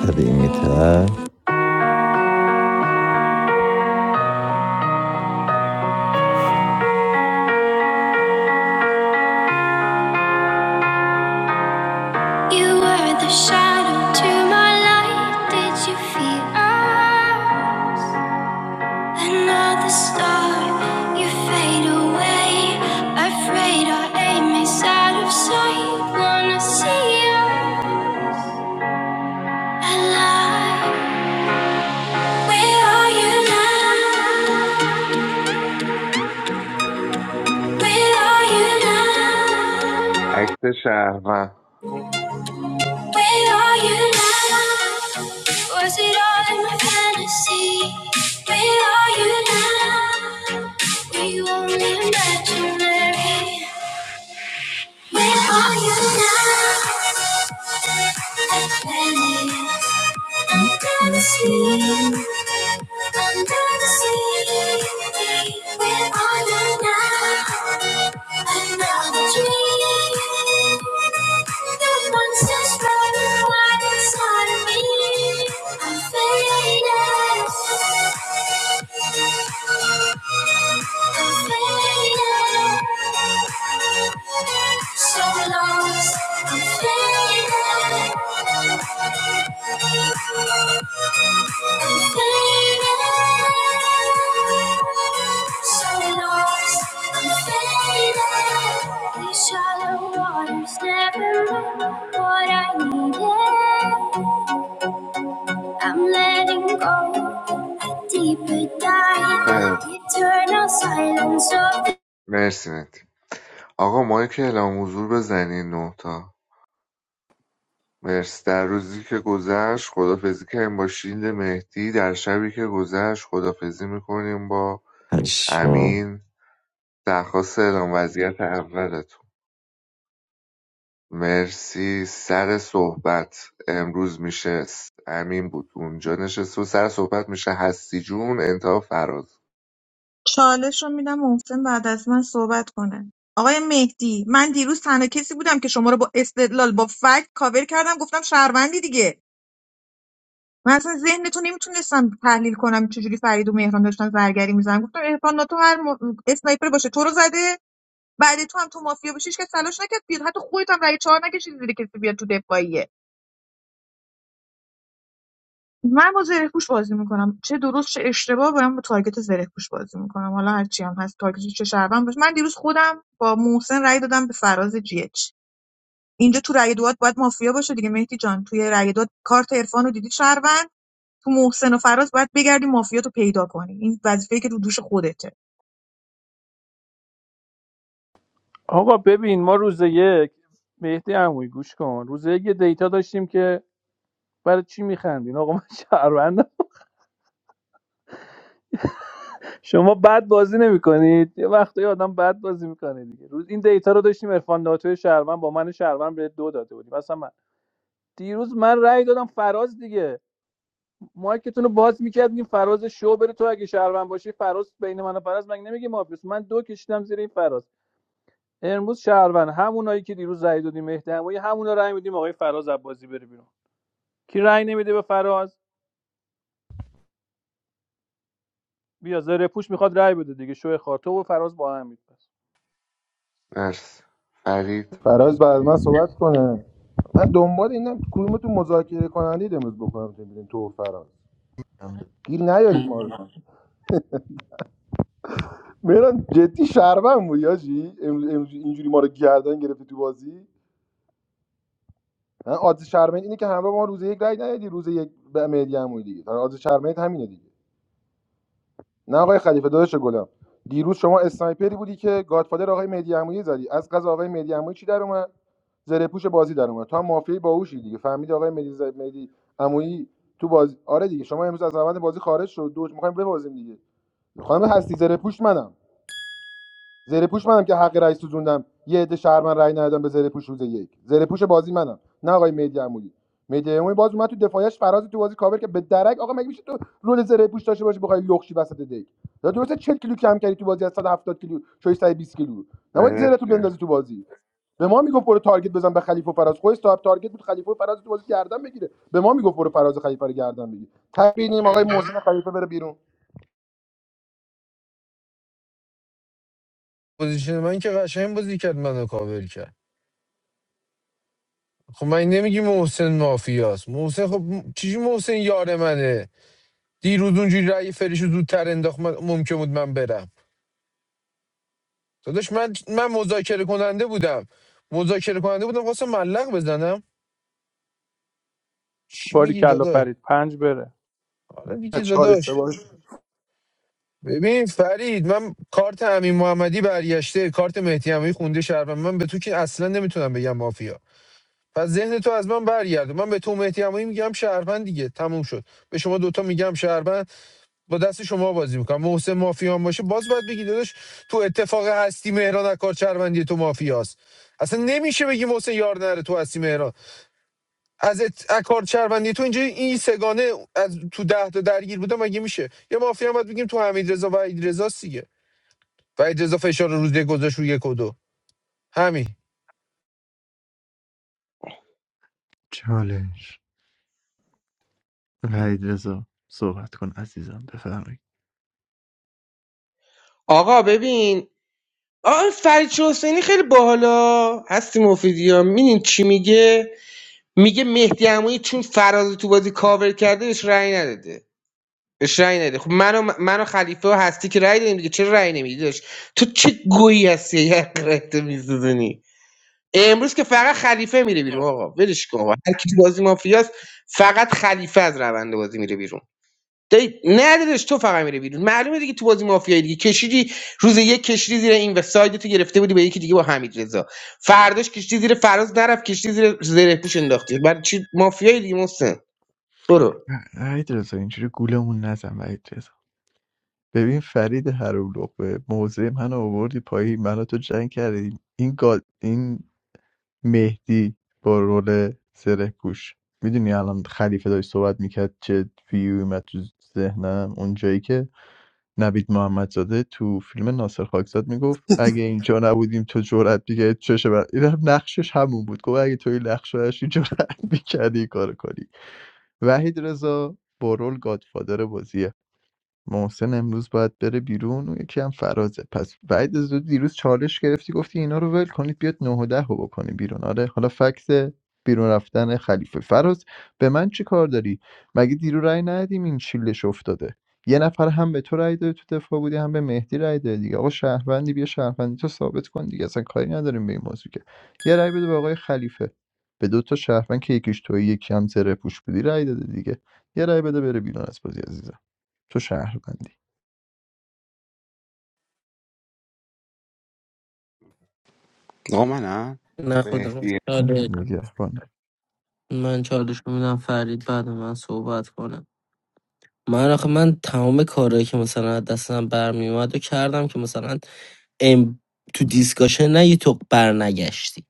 Speaker 14: قدیمی تر You were the shadow to my light. Did you feel? alright? Another star, you fade away. Afraid our aim is out of sight. Wanna see you alive. Where are you now? Where are you now?
Speaker 10: اکت شهروند
Speaker 14: Where are you now? Was it all in my fantasy? Where are you now? Were you only imaginary? Where are you now? Baby, under the sea, under the sea. Where are you now? Another dream. The monster's running wild inside of me. I'm faded. Shallow waters never run what I needed. I'm letting go. A deeper dive.
Speaker 10: خیر.
Speaker 14: Eternal silence of
Speaker 10: مرسی مهدی آقا مایک که اعلام حضور بزنین نه تا مرسی در روزی که گذشت خدافزی کردیم با شیلد مهدی در شبی که گذشت خدافزی میکنیم با
Speaker 14: I saw
Speaker 10: امین درخواست اعلام وضعیت اولتون مرسی سر صحبت امروز میشه س- امین بود اونجا نشست و سر صحبت میشه هستی جون انتها فراز
Speaker 3: چالش رو میدم محسن بعد از من صحبت کنه آقای مهدی من دیروز تنها کسی بودم که شما رو با استدلال با فکت کاور کردم گفتم شهروندی دیگه من اصلا ذهن تو نمیتونستم تحلیل کنم چجوری فرید و مهران داشتن زرگری میزنن گفتم عرفان ناتو هر م... اسنایپر باشه تو رو زده بعد تو هم تو مافیا بشی که کس تلاش نکرد بیاد حتی خودت هم رای چهار نکشیدی زیر کسی بیاد تو دفاعیه من با زره پوش بازی میکنم چه درست چه اشتباه باید با تارگت زره پوش بازی میکنم حالا هرچی هم هست تارگت چه شهروند باشه من دیروز خودم با محسن رای دادم به فراز جی اچ اینجا تو رای دوات باید مافیا باشه دیگه مهدی جان توی رای دوات کارت عرفان رو دیدی شهروند تو محسن و فراز باید بگردی مافیا تو پیدا کنی این وظیفه که رو دوش خودته
Speaker 17: آقا ببین ما روز یک مهدی عمویی گوش کن روز یک یه دیتا داشتیم که برای چی میخندین آقا من شهروندم شما بد بازی نمیکنید یه وقتایی آدم بد بازی میکنه دیگه روز این دیتا رو داشتیم عرفان ناتوی شهروند با من شهروند به دو داده بودیم مثلا من دیروز من رأی دادم فراز دیگه مایکتون رو باز میکردیم فراز شو بره تو اگه شهروند باشی فراز بین من و فراز مگه نمیگی مافیوس من دو کشیدم زیر این فراز امروز شهروند همونایی که دیروز رأی دادیم مهدی همونی همونا رأی میدیم آقای فراز عباسی بره بیرون کی رأی نمیده به فراز بیا زره پوش میخواد رأی بده دیگه شو خاطو و فراز با هم میپس
Speaker 10: مرسی فرید
Speaker 5: فراز بعد من صحبت کنه من دنبال اینم کدومتون مذاکره کنندید امروز بکنم تو بیرون، تو و فراز گیر نیارید ما رو مهران جدی شربن بود یاجی امروز- امروز اینجوری ما رو گردن گرفتی تو بازی من آدز شرمن اینه که همراه ما روز یک رای ندادی روز یک به مهدی هم بودی دیگه آدز شرمن همینه دیگه نه آقای خلیفه داداش گلم دیروز شما اسنایپری بودی که گادفادر آقای مهدی عمویی زدی از قضا آقای مهدی عمویی چی در اومد زره پوش بازی در اومد تو هم مافیای باهوشی دیگه فهمیدی آقای مهدی ز... مهدی عمویی تو بازی آره دیگه شما امروز از روند بازی خارج شد دو میخوایم ببازیم دیگه خانم هستی زره پوش منم زره منم که حق رأی سوزوندم یه عده شهر من رأی ندادم به زره روز یک زره بازی منم نه آقای مهدی عمویی مهدی عمویی باز اومد تو دفاعش فراز تو بازی کاور که به درک آقا مگه میشه تو رول زره پوش داشته باشی بخوای لخشی وسط دک یا درسته 40 کیلو کم کردی تو بازی از 170 کیلو شوی 120 کیلو نباید زره تو
Speaker 10: مرسی
Speaker 5: بندازی تو بازی به ما میگفت برو تارگت بزن به خلیفه و فراز خودش صاحب تارگت بود خلیفه و فراز تو بازی گردن بگیره به ما میگفت برو فراز و خلیفه رو گردن بگیر تبینیم آقای محسن خلیفه بره بیرون
Speaker 12: پوزیشن من که قشنگ بازی کرد منو کاور کرد خب من نمیگی محسن مافیاست محسن خب م- چیزی محسن یار منه دیروز اونجوری رأی فریش رو زودتر انداخت من- ممکن بود من برم داداش من من مذاکره کننده بودم مذاکره کننده بودم خواستم ملق بزنم چی
Speaker 17: باری
Speaker 12: میگی
Speaker 17: کلا
Speaker 12: داداش
Speaker 17: فرید پنج بره
Speaker 12: حالا دیگه
Speaker 5: چهار
Speaker 12: داداش
Speaker 5: اشتباهش
Speaker 12: ببین فرید من کارت امین محمدی برگشته کارت مهدی امامی خونده شهر من به تو که اصلا نمیتونم بگم مافیا پس ذهن تو از من برگرده من به تو مهدی عمویی میگم شهروند دیگه تموم شد به شما دوتا میگم شهروند با دست شما بازی میکنم محسن مافیان باشه باز باید بگی داداش تو اتفاق هستی مهران اکار شهروندی تو مافیاست اصلا نمیشه بگی محسن یار نره تو هستی مهران از ات... اکار شهروندی تو اینجا این سگانه از تو ده تا درگیر بودم مگه میشه یه مافیا هم باید بگیم تو حمید و عید رضا دیگه و عید فشار روز یک گذاشت رو یک و دو همین
Speaker 4: چالش وحید رضا صحبت کن عزیزم بفرمایید
Speaker 15: آقا ببین آقا فرید شاه حسینی خیلی باحالا هستی مفیدی ها چی میگه میگه مهدی عمویی چون فراز تو بازی کاور کرده بهش رأی نداده بهش رأی نده خب من و, من و خلیفه و هستی که رأی دادیم دیگه چرا رأی نمیدی داشت تو چه گویی هستی یه قرهتو میسوزونی امروز که فقط خلیفه میره بیرون آقا ولش کن آقا. هر کی تو بازی مافیاست فقط خلیفه از روند بازی میره بیرون دی ندادش تو فقط میره بیرون معلومه دیگه تو بازی مافیایی دیگه کشیدی روز یک کشیدی زیر این و سایدتو گرفته بودی به یکی دیگه با حمید رضا فرداش کشیدی زیر فراز نرفت کشیدی زیر زره پوش انداختی برای چی مافیایی دیگه محسن برو
Speaker 4: وحید رضا اینجوری گولمون نزن وحید رضا ببین فرید هروقبه موضع من آوردی پایی منو تو جنگ کردی این گال این مهدی با رول سره پوش میدونی الان خلیفه داشت صحبت میکرد چه ویوی اومد تو ذهنم اون جایی که نوید محمدزاده تو فیلم ناصر خاکزاد میگفت اگه اینجا نبودیم تو جرأت دیگه چشه بر... این هم نقشش همون بود گفت اگه تو این نقش رو داشتی جرأت می‌کردی این کارو کنی وحید رضا با رول گادفادر بازیه محسن امروز باید بره بیرون اون یکی هم فرازه پس بعد از دیروز چالش گرفتی گفتی اینا رو ول کنید بیاد نه و ده رو بکنی بیرون آره حالا فکس بیرون رفتن خلیفه فراز به من چی کار داری مگه دیرو رای ندیم این چیلش افتاده یه نفر هم به تو رأی داده تو دفاع بودی هم به مهدی رای داده دیگه آقا شهروندی بیا شهروندی تو ثابت کن دیگه اصلا کاری نداریم به این موضوع که یه رای بده به آقای خلیفه به دو تا شهروند که یکیش توی یکی هم زره پوش بودی رای داده دیگه یه رأی بده بره بیرون از بازی عزیزم تو شهروندی
Speaker 7: آقا منم؟
Speaker 6: نه خودم
Speaker 10: مهدی
Speaker 4: آه،
Speaker 6: چالش
Speaker 4: نگهبانه
Speaker 6: من چالش میدم فرید بعد من صحبت کنه من آخه من تمام کارهایی که مثلا از دستم برمیومد و کردم که مثلا ام تو دیسکاشن نه یه تو بر نگشتی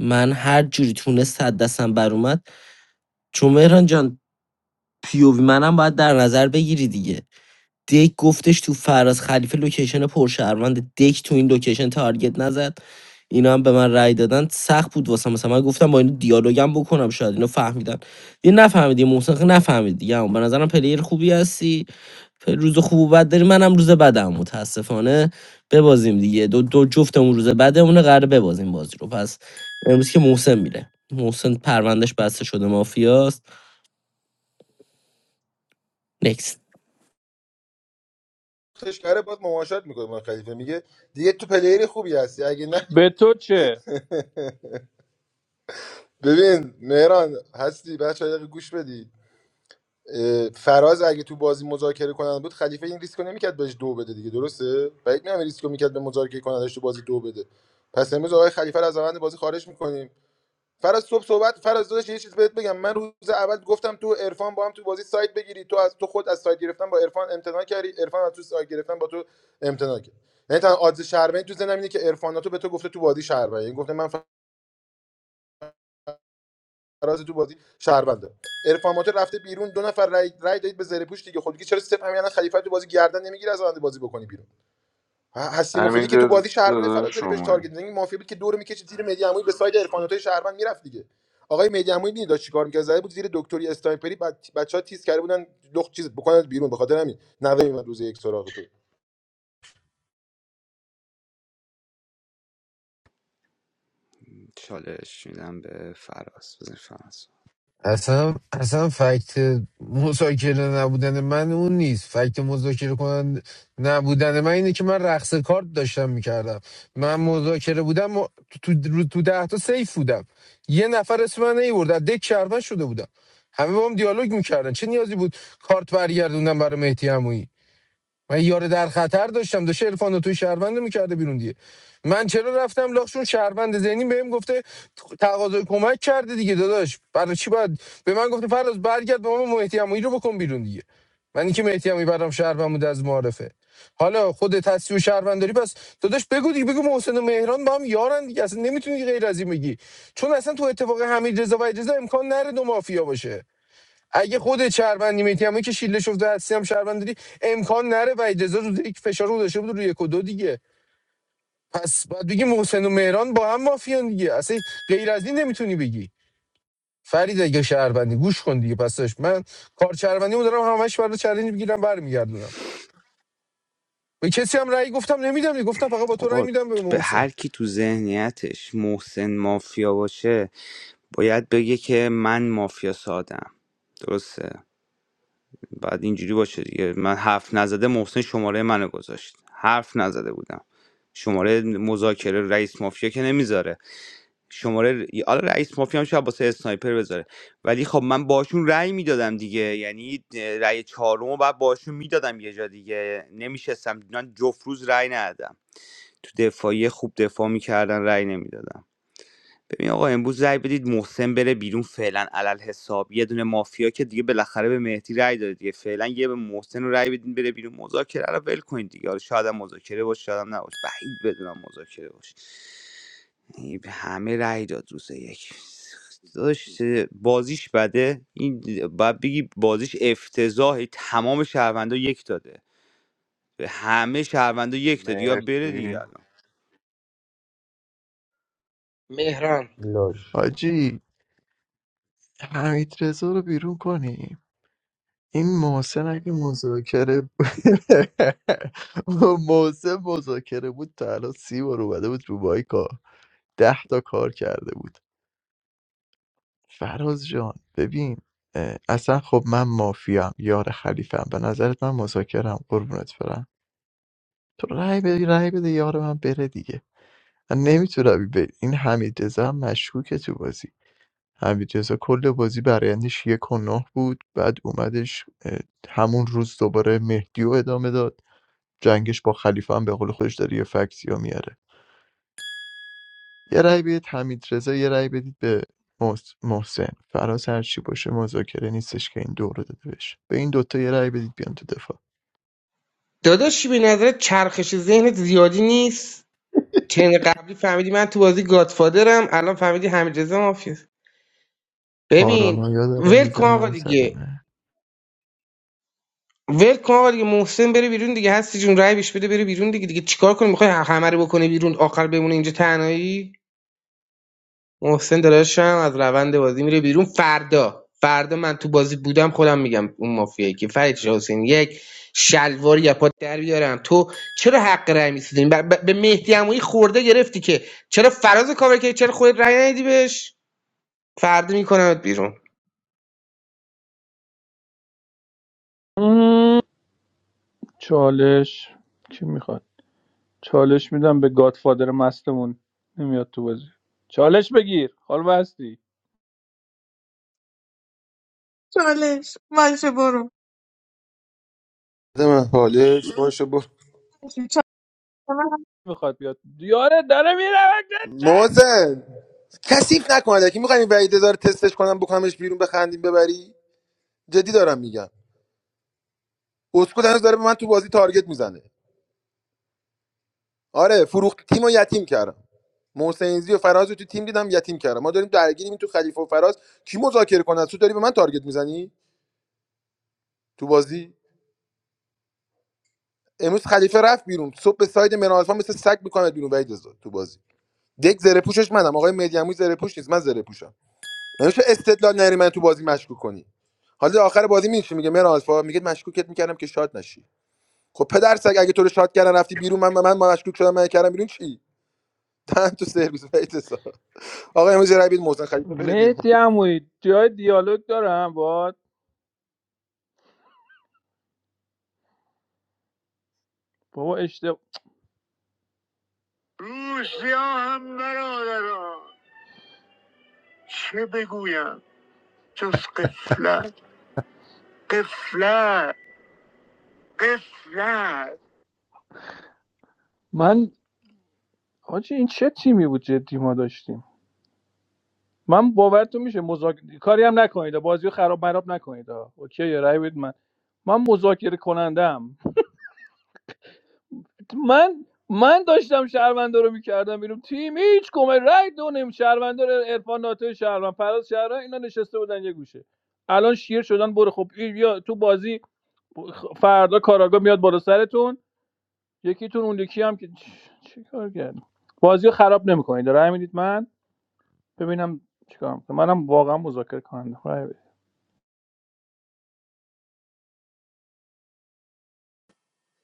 Speaker 6: من هر جوری تونست از دستم بر اومد چون مهران جان پیووی منم باید در نظر بگیری دیگه دک گفتش تو فراز خلیفه لوکیشن پرشهروند دک تو این لوکیشن تارگت نزد اینا هم به من رأی دادن سخت بود واسه مثلا من گفتم با این دیالوگم بکنم شاید اینو فهمیدن دیگه نفهمیدی محسن خیلی نفهمید دیگه اما به نظرم پلیر خوبی هستی پ- روز خوب و بد داری منم روز بدم متاسفانه ببازیم دیگه دو, دو جفتمون روز بدمونه قراره ببازیم بازی رو پس امروز که محسن میره محسن پروندهش بسته شده مافیاست نکست
Speaker 5: کرده باید مماشات میکنه با خلیفه میگه دیگه تو پلیر خوبی هستی اگه نه
Speaker 17: به تو چه؟
Speaker 5: ببین مهران هستی بچه دقیقه گوش بدی اه، فراز اگه تو بازی مذاکره کننده بود خلیفه این ریسکو نمیکرد بهش دو بده دیگه درسته بعید میام ریسکو میکرد به مذاکره کنندش تو بازی دو بده پس امروز آقای خلیفه رو از روند بازی خارج میکنیم فراز صبح صحبت فراز داداش یه چیز بهت بگم من روز اول گفتم تو عرفان با هم تو بازی سایت بگیری تو از تو خود از سایت گرفتن با عرفان امتناع کردی عرفان از تو سایت گرفتن با تو امتناع کرد یعنی تنها آدز شهروندی تو زنم اینه که عرفان تو به تو گفته تو بازی شهروند یعنی گفته من فراز تو بازی شهرونده عرفان ناتو رفته بیرون دو نفر رای, رای دادید به زره پوش دیگه خودی چرا سپ همین الان خلیفه تو بازی گردن نمیگیره از آینده بازی بکنی بیرون ه- هستی مفیدی
Speaker 10: امین
Speaker 5: که تو بازی شهرمند
Speaker 10: داده
Speaker 5: فرازری بهش
Speaker 10: شما
Speaker 5: تارگت میزنی مافیا بود که دور میکشید زیر مهدی عمویی به ساید عرفاناتای شهرمند میرفت دیگه آقای مهدی عمویی دیدی داشت چیکار میکرد زده بود زیر دکتری استایپری بچه ها تیز کرده بودن لخت چیز بکنن بیرون به خاطر همین نوه من روز یک سراغ تو
Speaker 7: چالش میدم به فراز بزن فراز
Speaker 12: اصلا اصلا فکت مذاکره نبودن من اون نیست فکت مذاکره کنن نبودن من اینه که من رقص کارت داشتم میکردم من مذاکره بودم و تو, تو, تو ده تا سیف بودم یه نفر اسم من نیورد از دک شرفن شده بودم همه با هم دیالوگ میکردن چه نیازی بود کارت برگردوندم برای مهدی عمویی من یار در خطر داشتم داشته عرفان توی شهروند میکرده بیرون دیگه من چرا رفتم لاخشون شهروند ذهنی بهم گفته تقاضای کمک کرده دیگه داداش برای چی باید به من گفته فراز برگرد به ما مهدی عمویی رو بکن بیرون دیگه من اینکه مهدی عمویی برام شهروند بود از معارفه حالا خود تصفیه و شهروند داری پس داداش بگو دیگه بگو محسن و مهران با هم یارن دیگه اصلا نمیتونی غیر از این بگی چون اصلا تو اتفاق حمید رضا و اجازه امکان نره دو مافیا باشه اگه خودت شهروندی میتی هم که شیله شفته هستی هم شهروند داری امکان نره و اجازه رو یک فشار رو داشته بود روی یک و دو دیگه پس باید بگی محسن و مهران با هم مافیان دیگه اصلا غیر از این نمیتونی بگی فرید اگه شهروندی گوش کن دیگه پس داشت من کار شهروندی دارم همش برای چالش میگیرم برمیگردونم به کسی هم رأی گفتم نمیدم دیگه. گفتم فقط با تو رأی
Speaker 7: آقا
Speaker 12: میدم به
Speaker 7: به
Speaker 12: محسن
Speaker 7: هر کی تو ذهنیتش محسن مافیا باشه باید بگه که من مافیا سادم درسته بعد اینجوری باشه دیگه من حرف نزده محسن شماره منو گذاشت حرف نزده بودم شماره مذاکره رئیس مافیا که نمیذاره شماره حالا رئیس مافیا هم شاید واسه اسنایپر بذاره ولی خب من باشون رأی میدادم دیگه یعنی رأی چهارم رو بعد باشون میدادم یه جا دیگه نمیشستم من جفت روز رأی ندادم تو دفاعی خوب دفاع میکردن رأی نمیدادم ببین آقا امروز رأی بدید محسن بره بیرون فعلا علل حساب یه دونه مافیا که دیگه بالاخره به مهدی رأی داده دیگه فعلا یه به محسن رو رأی بدین بره بیرون مذاکره رو ول کنید دیگه حالا شاید هم مذاکره باشه شاید هم نباشه بعید بدونم مذاکره باشه این به همه رأی داد روز یک داشت بازیش بده این باید بگی بازیش افتضاحی تمام شهروندا یک داده به همه شهروندا یک داده یا بره دیگه
Speaker 10: مرسی
Speaker 7: الان
Speaker 15: مهران
Speaker 5: لاشی
Speaker 4: حاجی حمید رضا رو بیرون کنیم این محسن اگه مذاکره بود- محسن مذاکره بود تا الان سی بار اومده بود رو مایکا. ده تا کار کرده بود فراز جان ببین اه، اصلا خب من مافیام یار خلیفم به نظرت من مذاکرم قربونت برم تو رای بده رای بده یار من بره دیگه من نمیتونم این حمید رضا هم مشکوکه تو بازی حمیدرضا کل بازی برایندش یک و نه بود بعد اومدش اه، همون روز دوباره مهدی رو ادامه داد جنگش با خلیفه هم به قول خودش داره یه فکسی رو میاره یه رأی بدید حمیدرضا یه رأی بدید به محس- محسن فراز هر چی باشه مذاکره نیستش که این دور رو داده بشه به این دوتا یه رأی بدید بیان تو دفاع
Speaker 15: داداشی به نظر چرخش ذهنت زیادی نیست چند قبلی فهمیدی من تو بازی گادفادرم الان فهمیدی حمید رضا مافیاست ببین
Speaker 4: پارانویا داره
Speaker 15: ول کن آقا
Speaker 4: میزنه
Speaker 15: دیگه
Speaker 4: صدمه
Speaker 15: ول کن آقا دیگه محسن بره بیرون دیگه هستی جون رای بهش بده بره بیرون دیگه دیگه چیکار کنی میخوای همه رو بکنی بیرون آخر بمونه اینجا تنهایی محسن داداشم از روند بازی میره بیرون فردا فردا من تو بازی بودم خودم میگم اون مافیایی که فرید شاه حسین یک شلوار یا پات در بیارم تو چرا حق رأی میسوزین به مهدی عمویی خورده گرفتی که چرا فراز کاور کردی چرا خودت رای ندی بهش فردا میکنمت بیرون
Speaker 17: مم، چالش کی میخواد؟ چالش میدم به گادفادر مستمون نمیاد تو بازی چالش بگیر حال هستی
Speaker 3: چالش باشه برو
Speaker 5: بده من حالش باشه برو
Speaker 17: میخواد بیاد دیاره داره میره
Speaker 5: موزن کثیف نکنه که میخوایم وعید داره تستش کنم بکنمش بیرون بخندیم ببری جدی دارم میگم اسکو هنوز داره به من تو بازی تارگت میزنه آره فروخت تیم و یتیم کردم محسنیزی و فراز رو تو تیم دیدم یتیم کردم ما داریم درگیریم تو خلیفه و فراز کی مذاکره کنه تو داری به من تارگت میزنی تو بازی امروز خلیفه رفت بیرون صبح به ساید منالفا مثل سگ میکنه بیرون وحید رضا تو بازی دک زره پوشش منم آقای مدیاموی زره پوش نیست من زره پوشم نمیشه استدلال نری من تو بازی مشکوک کنی حالا آخر بازی میشه میگه من آلفا میگه مشکوکت میکردم که شاد نشی خب پدر سگ اگه تو رو شاد کردن رفتی بیرون من من مشکوک شدم من کردم بیرون چی دهن تو سرویس وحید رضا. آقا امروز یه رای بدید محسن خلیفه بره بیرون
Speaker 17: مهدی عمویی جای دیالوگ دارم باد بابا اشتباه روسیا هم برادران چه بگویم جز قفلت قفلت قفلت من حاجی این چه تیمی بود جدی ما داشتیم من باورتون میشه مذاکره کاری هم نکنید بازی رو خراب مراب نکنید ها. اوکی یه رای بدید من من مذاکره کنندم من من داشتم شهروندا رو میکردم بیرون تیم هیچ کمه رای دو نیم شهروندا رو عرفان ناتو شهروند فراز شهروند اینا نشسته بودن یه گوشه الان شیر شدن برو خب این بیا تو بازی خ- فردا کاراگا میاد بالا سرتون یکیتون اون یکی هم که چ- چیکار کرد بازی رو خراب نمیکنید رای میدید من ببینم چیکار می‌کنم. منم واقعا مذاکره کننده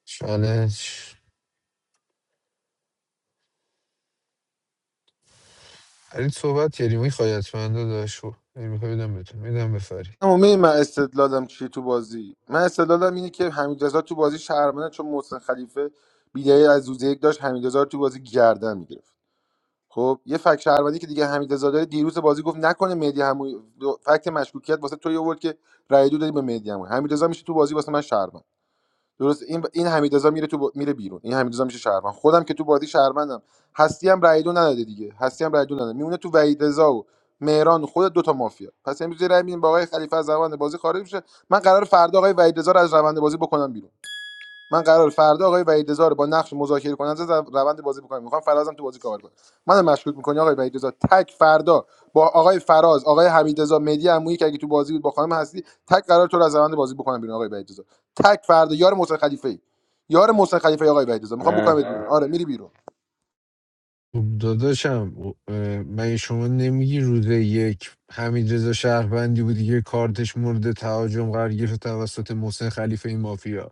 Speaker 12: چالش فرید صحبت کردی میخوای حتما داشو. میخوای بدم بهتون میدم به فرید
Speaker 5: اما می من استدلالم چیه تو بازی من استدلالم اینه که حمید رضا تو بازی شهرمنه چون محسن خلیفه بیدای از روز یک داشت حمید رضا رو تو بازی گردن میگرفت خب یه فکت شهروندی که دیگه حمید رضا داره دیروز بازی گفت نکنه مهدی همون فکت مشکوکیت واسه تو یه آورد که رای دو دادی به مهدی همون حمید رضا میشه تو بازی واسه من شهروند درست این این حمیدرضا میره تو با- میره بیرون این حمیدرضا میشه شهروند خودم که تو بازی شهروندم هستی هم رای دو نداده دیگه هستی هم رای دو نداده میمونه تو وحید رضا و مهران و خود دو تا مافیا پس امروز یه رای میدیم با آقای خلیفه از روند بازی خارج میشه من قرار فردا آقای وحید رضا رو از روند بازی بکنم بیرون من قرار فردا آقای وحید رو با نقش مذاکره کننده در روند بازی بکنم میخوام فرازم تو بازی کار کنه منو مشکوک میکنی آقای وحید تک فردا با آقای فراز آقای حمید رضا عمویی که اگه تو بازی بود با خانم هستی تک قرار تو رو از روند بازی بکنم بیرون آقای وحید تک فردا یار محسن خلیفه یار محسن خلیفه آقای وحید میخوام
Speaker 10: مرسی
Speaker 5: بکنمت بیرون آره میری بیرون
Speaker 12: خب داداشم اه، مگه شما نمیگی روز یک حمید رضا شهروندی بودی که کارتش مورد تهاجم قرار گرفت توسط محسن خلیفه این مافیا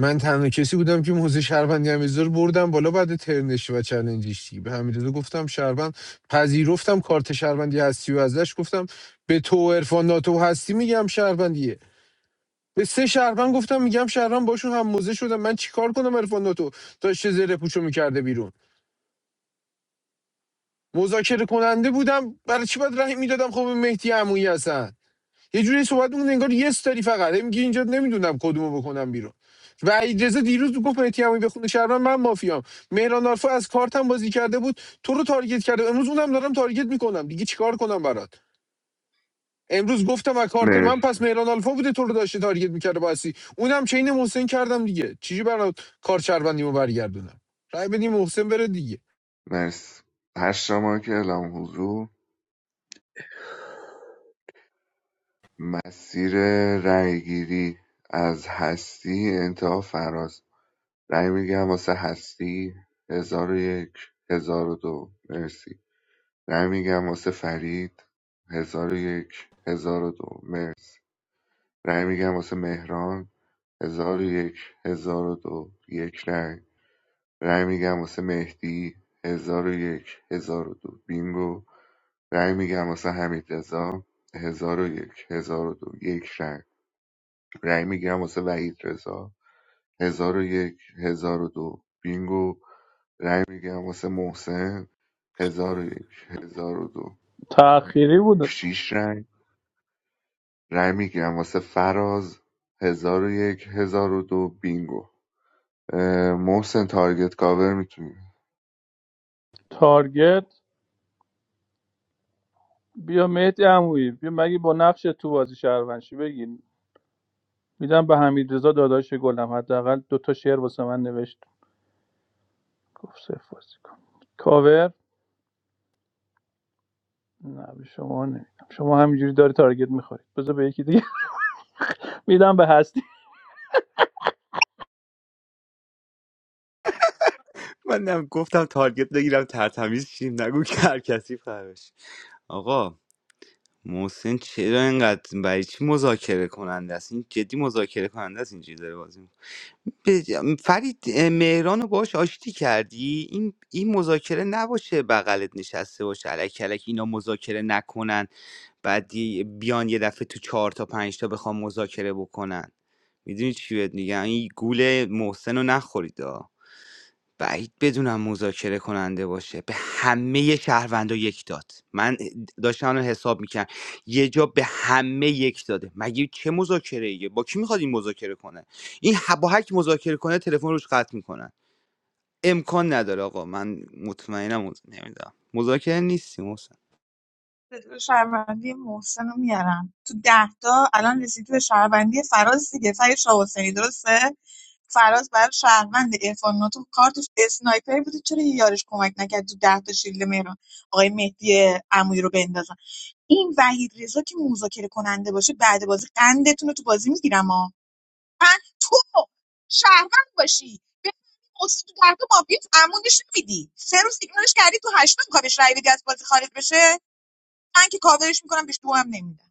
Speaker 12: من تنها کسی بودم که موزه شهروندی حمیدرضا رو بردم بالا بعد ترنش و چلنجش دیگه. به حمیدرضا گفتم شهروند پذیرفتم کارت شهروندی هستی و ازش گفتم به تو و عرفان ناتو و هستی میگم شهروندیه به سه شهروند گفتم میگم شهروند باشون هم موزه شدم من چیکار کنم عرفان ناتو تا زره پوچو میکرده بیرون مذاکره کننده بودم برای چی باید رأی میدادم خب به مهدی عمویی هستن یه جوری صحبت میکنه انگار یه داری فقط هی میگی اینجا نمیدونم کدومو بکنم بیرون و اجازه دیروز گفت مهدی عمویی به خونه من مافیام مهران آلفا از کارتم بازی کرده بود تو رو تارگت کرده امروز اونم دارم تارگت میکنم دیگه چیکار کنم برات امروز گفتم از کارت من
Speaker 10: مرسی
Speaker 12: پس مهران آلفا بوده تو رو داشته تارگت میکرده باسی اونم چین محسن کردم دیگه چیزی برات کار چربندیمو برگردونم رأی بدیم محسن بره دیگه
Speaker 10: مرسی هشت شما که اعلام حضور مسیر رأیگیری از هستی انتها فراز رأی میگم واسه هستی هزار و یک هزار و دو مرسی رأی میگم واسه فرید هزار و یک هزار و دو مرسی رأی میگم واسه مهران هزار و یک هزار و دو یک رأی رأی میگم واسه مهدی هزار و یک هزار و دو بینگو رأی میگیرم واسه حمید رضا هزار و یک هزار و دو یک رأی رأی میگیرم واسه وحید رضا هزار و یک هزار و دو بینگو رأی میگیرم واسه محسن هزار و یک هزار و دو
Speaker 17: تأخیری بود
Speaker 10: شیش رأی رأی میگیرم واسه فراز هزار و یک هزار و دو بینگو اه، محسن تارگت کاور میتونی
Speaker 17: تارگت بیا مهدی عمویی بیا مگه با نقش تو بازی شهروندشی بگیر میدم به حمید داداش گلم حداقل دو تا شعر واسه من نوشت گفت صفر بازی کن کاور نه به شما نمیدم شما همینجوری داری تارگت میخورید بذار به یکی دیگه میدم به هستی
Speaker 7: من نم گفتم تارگت بگیرم ترتمیز شیم نگو که هر کسی فرش آقا محسن چرا اینقدر برای چی مذاکره کننده است این جدی مذاکره کننده است اینجوری داره بازی میکنه فرید اه، مهران رو باش آشتی کردی این این مذاکره نباشه بغلت نشسته باشه الک الک اینا مذاکره نکنن بعد یه- بیان یه دفعه تو چهار تا پنج تا بخوام مذاکره بکنن میدونی چی بهت میگم این گول محسن رو نخورید بعید بدونم مذاکره کننده باشه به همه شهروندا یک داد من داشتم الان حساب میکنم یه جا به همه یک داده مگه چه مذاکره ایه با کی میخواد این مذاکره کنه این ه- با هر مذاکره کنه تلفن روش قطع میکنن امکان نداره آقا من مطمئنم مز... نمیدونم مذاکره نیستیم محسن
Speaker 3: استدلال شهروندی محسن رو میارم تو ده تا الان رسیدی به شهروندی فراز دیگه فرید شاه حسینی درسته فراز برای شهروند عرفان ناتو کارتش اسنایپر بوده چرا یه یارش کمک نکرد تو ده تا شیلد مهران آقای مهدی عمویی رو بندازن این وحید رضا که مذاکره کننده باشه بعد بازی قندتون رو تو بازی میگیرم ها من تو شهروند باشی بفهمی محسن تو ده تا مافیاس عمو نشون میدی سه روز ایگنورش کردی تو هشتم میخوای بهش رای بدی از بازی خارج بشه من که کاورش میکنم بهش دو هم نمیدم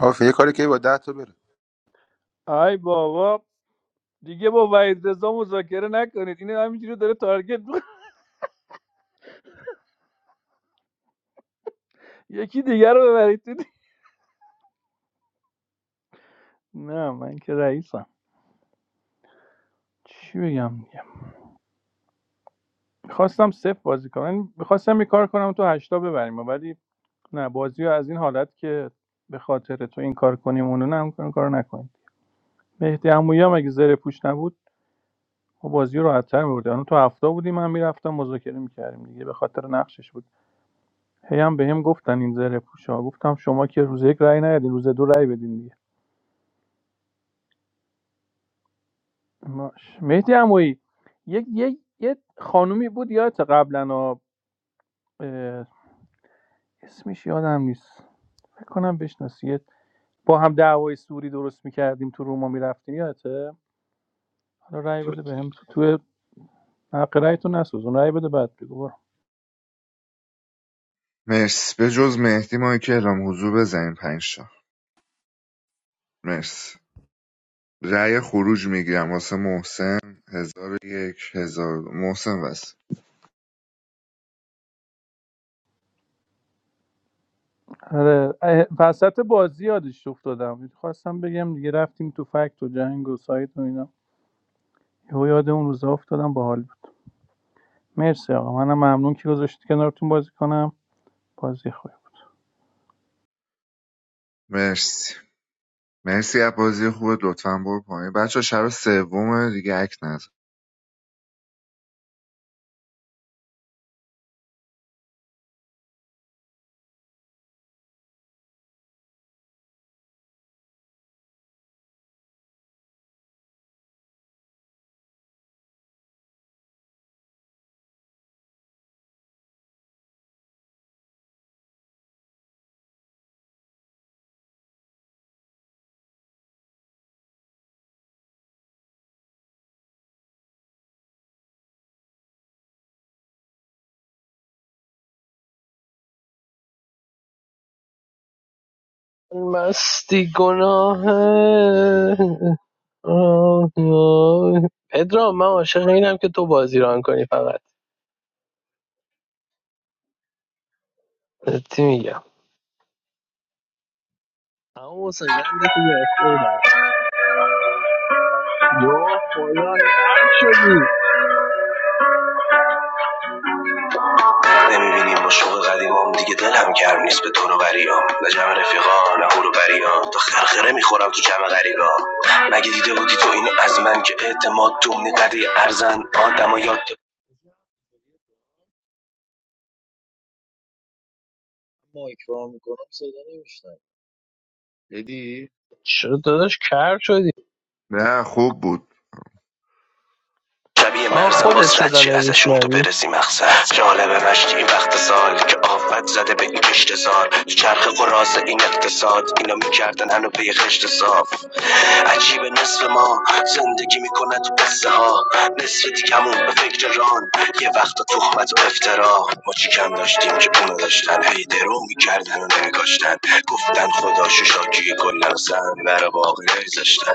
Speaker 5: آفه یه کاری که با 10 تا بره
Speaker 17: ای بابا دیگه با وحید رضا مذاکره نکنید این همینجوری داره تارگت می‌خوره. یکی دیگر رو ببرید تو دی- نه من که رئیسم چی بگم دیگه؟ میخواستم صفر بازی کنم میخواستم یه کار کنم تو هشتا ببریم ولی نه بازی رو از این حالت که به خاطر تو این کار کنیم اونو نه اون کار نکنیم مهدی عمویی هم اگه زره پوش نبود ما بازی رو راحت‌تر می‌بردیم الان تو هفتا بودیم من میرفتم مذاکره می‌کردیم. دیگه به خاطر نقشش بود هی هم بهم گفتن این زره پوشا گفتم شما که روز یک رأی ندین روز دو رأی بدین دیگه ماش. مهدی عمویی یک یک یه خانومی بود یادت قبلا اه، اسمش یادم نیست فکر کنم بشناسی با هم دعوای سوری درست میکردیم تو روما میرفتیم یادته حالا رأی بده بهم تو تو حق رأی تو نسوزون رأی بده بعد بگو برو.
Speaker 10: مرس به جز مهدی ما که اعلام حضور بزنیم پنج تا مرس رأی خروج میگیرم واسه محسن هزار و یک هزار محسن بس
Speaker 17: آره اه، وسط بازی یادش افتادم خواستم بگم دیگه رفتیم تو فکت و جنگ و سایت و اینا یهو یاد اون روزا افتادم با حال بود مرسی آقا منم ممنون که گذاشتی کنارتون بازی کنم بازی خوب بود.
Speaker 10: مرسی مرسی از بازی خوبه لطفا برو پایین بچه شب سوم دیگه اک نزن
Speaker 19: مستی گناه آه آه. پدرام من عاشق اینم که تو بازی ران کنی فقط تی میگم اما حسین قندتو گرفته بودم یو خدا کر شدی
Speaker 20: Don't you see? My work is old. Another day I'm not doing it. I'm going to the party. I'm not with my friends. I'm going to the party. I'm not going to the party. I'm not going to the party.
Speaker 19: شد داداش کر شدی
Speaker 10: نه خوب بود
Speaker 20: شبیه
Speaker 19: آن
Speaker 20: مرز
Speaker 19: خودت
Speaker 20: باز رد
Speaker 19: صدا
Speaker 20: شی ازشون تو
Speaker 19: نمیشنوی
Speaker 20: برسی مقصد جالب مشتی این وقت سال که آفت زده به این کشت سال چرخ قراز این اقتصاد اینا میکردن هنو پی خشت صاف عجیب نصف ما زندگی میکنن تو قصه ها نصف دیگمون به فکر ران یه وقت تهمت و افترا ما چی کم داشتیم که اونو داشتن هی درو میکردن و نمیکاشتن گفتن خدا شو شاکی کلن و سن برا باقی نمیذاشتن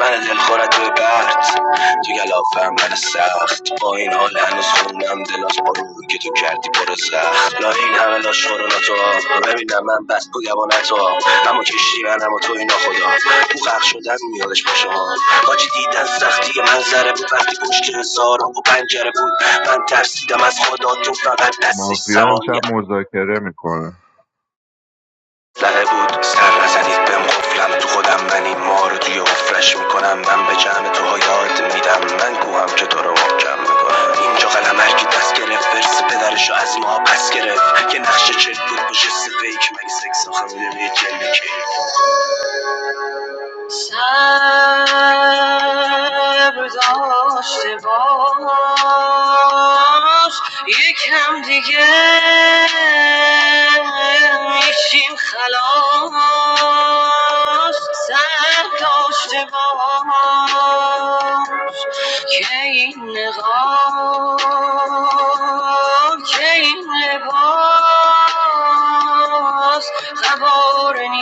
Speaker 20: من دلخورت به برد Tu galafar mersaft, ba inhal anoshunam delas paru ke tu kardi porza. La inhamelosh shoronatoo, vebi na man baste pugavanatoo. Hamo cheshi anamoto ina koya, buqashyadam miyad shpasham. Kaj didan saftiye manzar buvasti kushke zarang bu pangerbud. Ben tafsida mas khoda tustad persi
Speaker 10: مافیا
Speaker 20: samonya.
Speaker 10: امشب مذاکره میکنه
Speaker 20: La oud, ser razandid beam khoflam, tu khodam mani mar do yo khofreshim konam, ben bejam tuhayadim midam, ben kuham ke daram jamigo. In jo galamergi deskeref versi bedarisho az ma apeskeref, ke naxche chet bud bojeshi beyik megsekhzakh miliyeh jameke. Serdosh te boosh, yek ham dike, yeshim halosh. Serdosh te boosh, ke in leghos, ke in leboosh. I bought an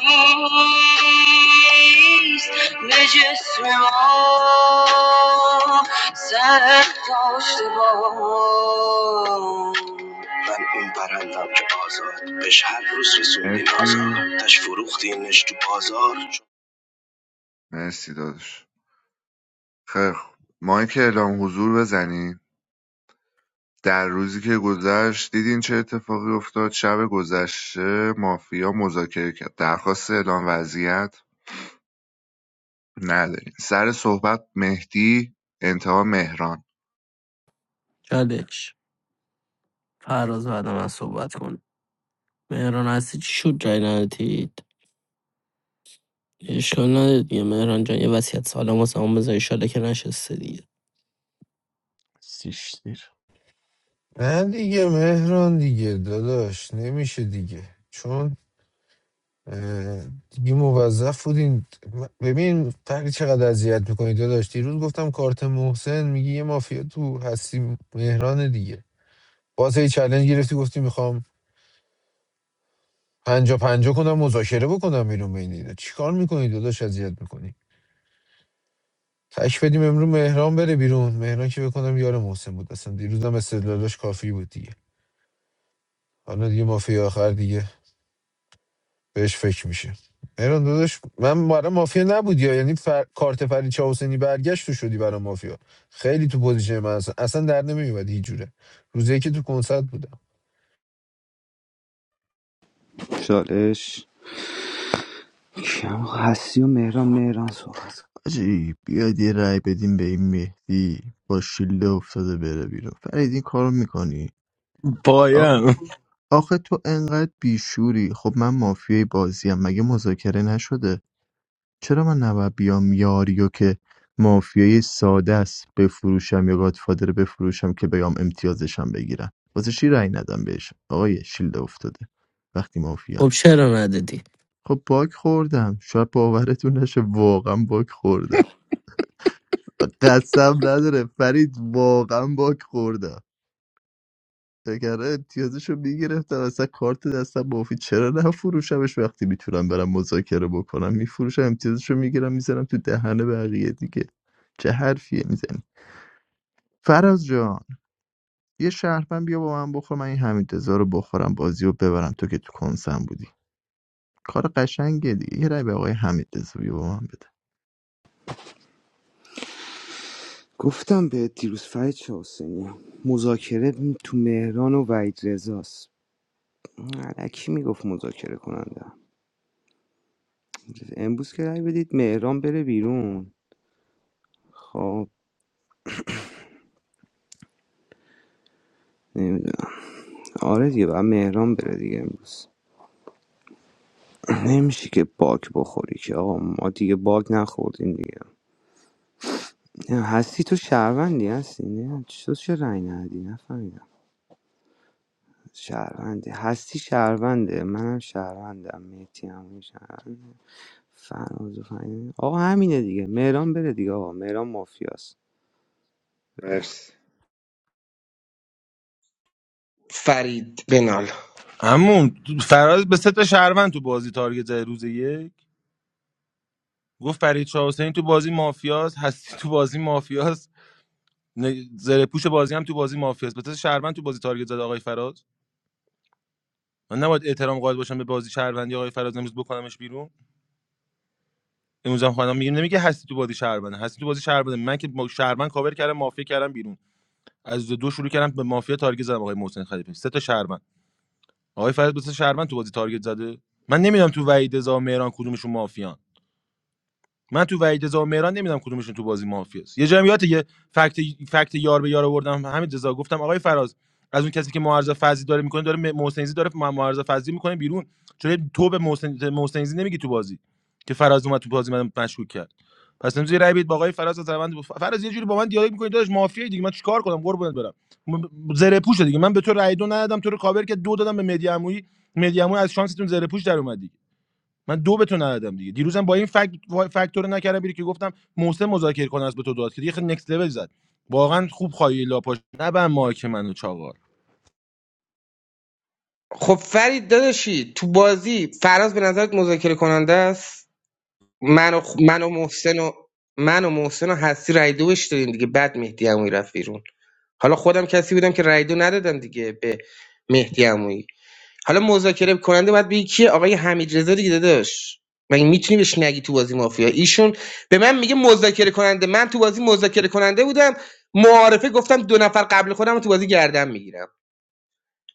Speaker 20: east, but just remember, I lost the boat. I'm in paradise, but every day I'm in
Speaker 10: مرسی
Speaker 20: a zoo. I'm a fool, but I'm a fool.
Speaker 10: مرسی دادش خیلی خوب مایک اعلام حضور بزنیم در روزی که گذشت دیدین چه اتفاقی افتاد شب گذشته مافیا مذاکره کرد درخواست اعلام وضعیت نداریم سر صحبت مهدی انتها مهران
Speaker 6: چالش فراز بعد من صحبت کن مهران هستی چی شد جای ندادید اشکال نداره دیگه مهران جان یه وصیت سالم واسه همون بذار ایشالا که نشسته دیگه
Speaker 4: سیش دیر
Speaker 12: نه دیگه مهران دیگه داداش نمیشه دیگه چون اه، دیگه موظف بودین م- ببین فرقی چقدر اذیت میکنی داداش دیروز گفتم کارت محسن میگی یه مافیا تو هستی مهران دیگه باز هی چالش گرفتی گفتی میخوام پنجا پنجا کنم مذاکره بکنم بیرون بین اینا چیکار میکنی داداش اذیت میکنی تک بدیم امروز مهران بره بیرون مهران که بکنم یار محسن بود اصلا دیروزم استدلالش کافی بود دیگه حالا دیگه مافیا آخر دیگه بهش فکر میشه مهران داداش من برای مافیا نبودی ها. یعنی فر... کارت فرید چاوسنی برگشت تو شدی برای مافیا خیلی تو پوزیشن من اصلا, اصلا در نمیومد هیچ جوره روزی که تو کنسرت بودم
Speaker 7: چالش کم هستی و مهران مهران صحبت کن.
Speaker 4: آجی بیاید یه رأی بدیم به این مهدی با شیله افتاده بره بیرون فرید این کارو میکنی آخه
Speaker 5: پایان
Speaker 4: تو آخه تو انقدر بیشوری خب من مافیای بازیم مگه مذاکره نشده چرا من نباید بیام یاریو که مافیای ساده است بفروشم یا گادفادر بفروشم که بیام امتیازشم بگیرم واسه چی رأی ندم بهش آقای شیلده افتاده وقتی
Speaker 6: خب
Speaker 4: مافیا
Speaker 6: چرا ندادی
Speaker 4: خب باگ خوردم شاید باورتون نشه واقعا باگ خوردم قسم نداره فرید واقعا باگ خوردم اگر امتیازشو میگرفتم اصلا کارت دستم مفید چرا نفروشمش وقتی میتونم برم مذاکره بکنم میفروشم امتیازشو میگیرم میزنم تو دهن بقیه دیگه چه حرفیه میزنی فراز جان یه شهرمن بیا با من بخور من این حمید رو بخورم بازی رو ببرم تو که تو کنسم بودی کار قشنگه دیگه یه رای به آقای حمید بیا با من بده
Speaker 7: گفتم به دیروز فرید چه حسینی مذاکره تو مهران و وحید رضاست الکی میگفت مذاکره کننده امروز که رای بدید مهران بره بیرون خب نمیدونم آره دیگه باید مهران بره دیگه امروز نمیشه که باگ بخوری که آقا ما دیگه باگ نخوردیم دیگه نه، هستی تو شهروندی هستی نه تو چه رای ندی نفهمیدم شهروندی هستی شهرونده منم شهروندم مهتی هم شهرونده فراز و فهمیدم آقا همینه دیگه مهران بره دیگه آقا مهران مافیاست
Speaker 10: مرس
Speaker 15: فرید بنال
Speaker 5: همون فراز به سه تا شهروند تو بازی تارگت زد روز یک گفت فرید شاه حسین تو بازی مافیاست هستی تو بازی مافیاست نه- زره پوش بازی هم تو بازی مافیاست بتاز شهروند تو بازی تارگت زد آقای فراز من نباید احترام قائل باشم به بازی شهروندی آقای فراز امروز بکنمش بیرون امروز هم خانم میگیم نمیگه هستی تو بازی شهروند هستی تو بازی شهروند من که ما شهروند کاور کردم مافیا کردم بیرون از دو شروع کردم به مافیا تارگت زدم آقای محسن خلیفه سه تا شهروند آقای فراز بتاز شهروند تو بازی تارگت زده من نمیدونم تو وحید رضا و مهران کدومشون مافیان من تو وحید رضا و مهران نمیدونم کدومشون تو بازی مافیاست یه جمعیت یه فکت فکت یار به یار آوردم همین رضا گفتم آقای فراز از اون کسی که معارضه فضی داره میکنه داره م- داره مع- معارضه فضی میکنه بیرون چون تو به محسن محسنیزی نمیگی تو بازی که فراز اومد تو بازی من مشکوک کرد پس امروز یه رای بدید با آقای فراز از روند فراز یه جوری با من دیالوگ میکنی داداش مافیایی دیگه من چیکار کنم قربونت برم م- زره پوشه دیگه من به تو رای دو ندادم تو رو کاور که دو دادم به مدیعمویی مدیعمویی از شانستون زره پوش در اومد من دو به تو ندادم دیگه دیروزم با این فاکتور نکردم بیری که گفتم محسن مذاکره کنه از به تو داد که دیگه خیلی نکست لول زد واقعا خوب خواهی لاپاش نبن مایک منو چاقار
Speaker 15: خب فرید داداشی تو بازی فراز به نظرت مذاکره کننده است من و, خ- من و محسن و من و محسن و هستی رای دو بهش دادیم دیگه بعد مهدی عمویی رفت بیرون حالا خودم کسی بودم که رای دو ندادم دیگه به مهدی عمویی حالا مذاکره کننده باید بگی کیه آقای حمید رضا دیگه داداش مگه میتونی بهش نگی تو بازی مافیا ایشون به من میگه مذاکره کننده من تو بازی مذاکره کننده بودم معارفه گفتم دو نفر قبل خودم رو تو بازی گردن میگیرم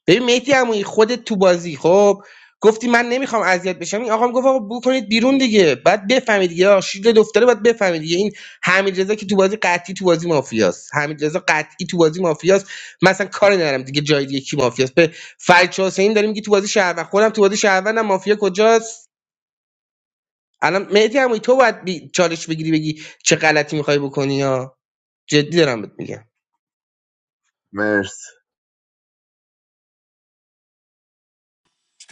Speaker 15: ببین مهدی عمویی خودت تو بازی خب گفتی من نمیخوام اذیت بشم این آقام گفت آقا بو کنید بیرون دیگه بعد بفهمید دیگه آه، شیر دفتره باید بفهمید دیگه این حمید رضا که تو بازی قطعی تو بازی مافیاست حمید رضا قطعی تو بازی مافیاست مثلا کار ندارم دیگه جای دیگه کی مافیاست به فرج حسین داریم میگی تو بازی شهروند خودم تو بازی شهروندم مافیا کجاست الان مهدی عمویی تو باید بی... چالش بگیری بگی چه غلطی میخوای بکنی یا جدی دارم بهت میگم
Speaker 10: مرس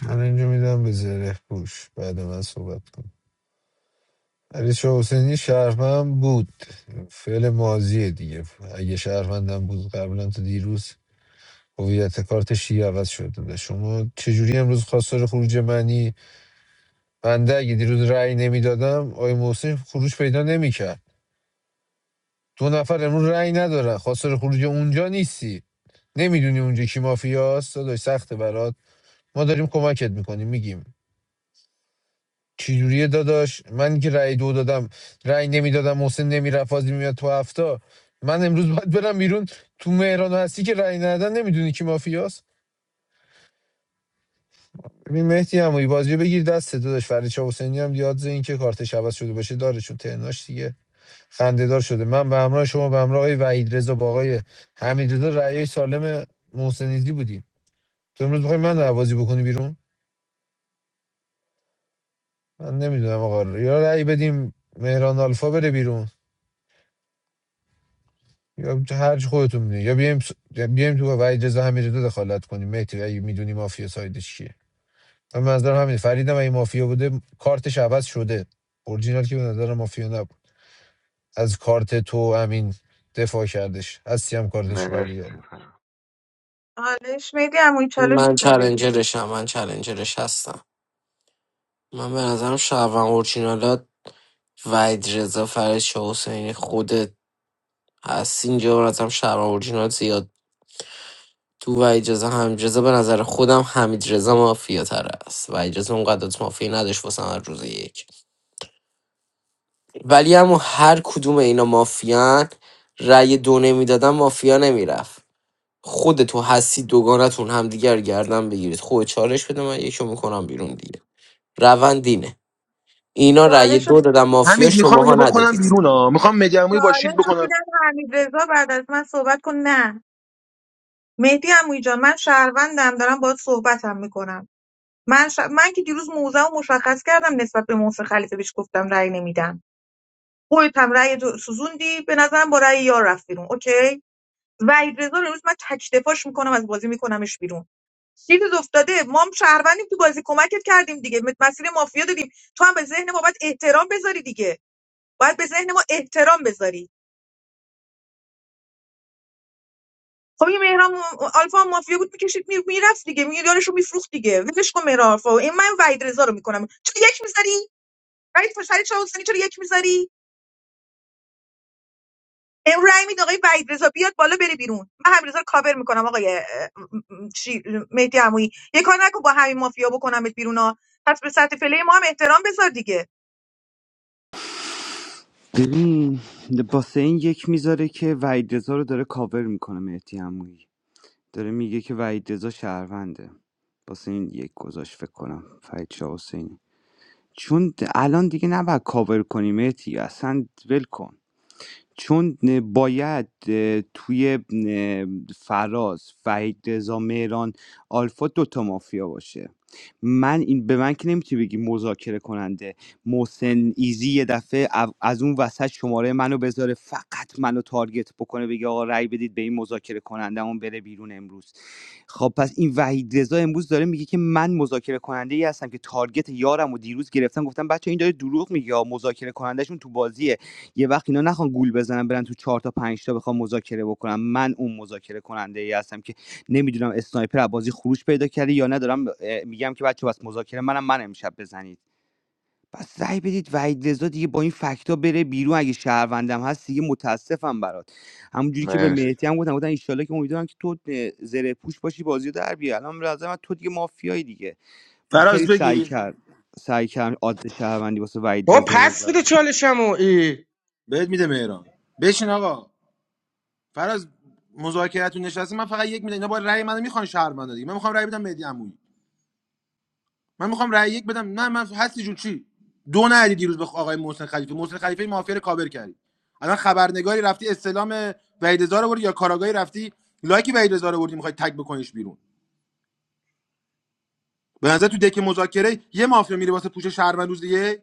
Speaker 12: من اینجا میدم به زره پوش بعد من صحبت کنم علی شاه حسینی شهرمند بود فعل ماضیه دیگه اگه شهرمندم بود قبلا تو دیروز هویت کارت شیعه عوض شده شما چجوری امروز خواستار خروج منی بنده اگه دیروز رأی نمیدادم آی محسن خروج پیدا نمیکرد دو نفر امروز رأی ندارن خواستار خروج اونجا نیستی نمیدونی اونجا کی مافیاست داداش سخته برات ما داریم کمکت میکنیم میگیم چجوریه داداش من که رأی دو دادم رأی نمیدادم محسن نمیرفت بازی میاد تو هفته من امروز باید برم بیرون تو مهران و هستی که رأی ندادن نمیدونی کی مافیاست ببین مهدی هم بازی رو بگیر دست داداش فرید شاه حسینی هم یاد این که کارتش عوض شده باشه داره چون تهناش دیگه خندهدار شده من به همراه شما به همراه آقای وحید رضا با آقای حمیدرضا رأی سالم محسنیزی بودیم تو امروز میخوای من رو بکنی بیرون من نمیدونم آقا یا رأی بدیم مهران آلفا بره بیرون یا هر خودتون میدونی یا بیایم س- یا بیایم تو وحید رضا حمیدرضا دخالت کنیم مهدی اگه میدونی مافیا سایدش چیه من منظرم همین فریدم اگه مافیا بوده کارتش عوض شده اورجینال که به نظر مافیا نبود از کارت تو امین دفاع کردش از سیام کارتش
Speaker 10: مرس
Speaker 12: برگردون
Speaker 3: چالش میدی اما چالش
Speaker 6: من
Speaker 3: میخوای بگی
Speaker 6: چلنجرشم من چلنجرش هستم من به نظرم شعبان اورجینالات وحید رضا فرش حسینی خودت هست اینجا به نظرم شعبان اورجینال زیاد تو وحید رضا حمید رضا به نظر خودم حمید رضا مافیا تر است وحید رضا اونقدر از مافیا نداشت واسه من روز یک ولی اما هر کدوم اینا مافیان رأی دو نمیدادن مافیا نمیرفت خود تو هستی دوگانتون همدیگر گردن بگیرید خود چالش بده من یکو میکنم بیرون دیگه روند اینه اینا رأی
Speaker 3: چالش رو
Speaker 6: دو دادن مافیا
Speaker 5: حمید میخوام
Speaker 6: شماها
Speaker 5: اینو بکنم
Speaker 6: ندادید
Speaker 5: بیرون ها میخوام مجموعی با شیلد
Speaker 3: چالش
Speaker 5: بکنم
Speaker 3: تم میکنم من ش... من که دیروز موزه مشخص کردم نسبت به محسن خلیفه بهش گفتم رأی نمیدم خودت هم رأی تو سوزوندی به نظرم با رأی یار رفت بیرون اوکی وحید رضا رو امروز من تک دفاعش میکنم از بازی میکنمش بیرون چیزی افتاده ما هم شهروندیم تو بازی کمکت کردیم دیگه مت- مسیر مافیا دادیم تو هم به ذهن ما باید احترام بذاری دیگه باید به ذهن ما احترام بذاری خب این مهران آلفا هم مافیا بود میکشید می... میرفت دیگه می یارشو میفروخت دیگه ولش کن مهران آلفا این من وحید رضا رو میکنم چرا یک میذاری وحید فرسری چرا حسینی چرا یک میذاری امرو رای می‌دی آقای وحید رضا بیاد بالا بره بیرون من همین رضا رو کاور میکنم آقای اه، م- م- چی مهدی عمویی یه کار نکن با همین مافیا بکنمت بیرون ها پس به سطح پلی ما هم احترام بذار دیگه
Speaker 7: ببین باسه این یک میذاره که وحید رضا رو داره کاور میکنه مهدی عمویی داره میگه که وحید رضا شهرونده باسه این یک گذاشت فکر کنم فرید شاه حسینی چون د- الان دیگه نباید کاور کنی مهدی اصلا ول کن چون اه، باید توی فراز وحید رضا مهران آلفا دوتا مافیا باشه من این به من که نمیتونی بگی مذاکره کننده محسن ایزی یه دفعه او- از اون وسط شماره منو بذاره فقط منو تارگت بکنه بگه آقا رأی بدید به این مذاکره کننده اون بره بیرون امروز خب پس این وحید رضا امروز داره میگه که من مذاکره کننده ای هستم که تارگت یارم و دیروز گرفتم گفتم بچه این داره دروغ میگه یا مذاکره کنندهشون تو بازیه یه وقت اینا نخوان گول بزنن برن تو چهار تا پنج تا بخوام مذاکره بکنم من اون مذاکره کننده ای هستم که نمیدونم اسنایپر از بازی خروج پیدا کرده یا ندارم اه، میگم که بچه بس مذاکره منم من امشب بزنید پس رأی بدید وحید رضا دیگه با این فکتا بره بیرون اگه شهروندم هست دیگه متاسفم برات همونجوری که به
Speaker 10: مرس
Speaker 7: مهدی هم گفتم گفتم ان که امیدوارم که تو اه، زره پوش باشی بازی رو در بیاری الان به نظر من تو دیگه مافیایی دیگه من خیلی
Speaker 5: فراز
Speaker 7: سعی
Speaker 5: بگی
Speaker 7: کرد سعی کردم عادت شهروندی واسه وحید
Speaker 15: بابا
Speaker 7: رضا
Speaker 15: پس بده
Speaker 7: بذارم
Speaker 15: چالشمو ای
Speaker 5: بهت میده مهران بشین آقا فراز مذاکرتون نشسته من فقط یک میدم اینا با رأی منو میخوان شهر من دیگه من میخوام رأی بدم مهدی عمویی من میخوام رأی یک بدم نه من هستی جون چی دو ندی دیروز به آقای محسن خلیفه محسن خلیفه مافیا رو کاور کردی الان خبرنگاری رفتی استلام وحید رضا رو بردی یا کاراگاهی رفتی لایک وحید رضا رو بردی میخوای تگ بکنیش بیرون به نظر تو دک مذاکره یه مافیا میره واسه پوش شهروند روز دیگه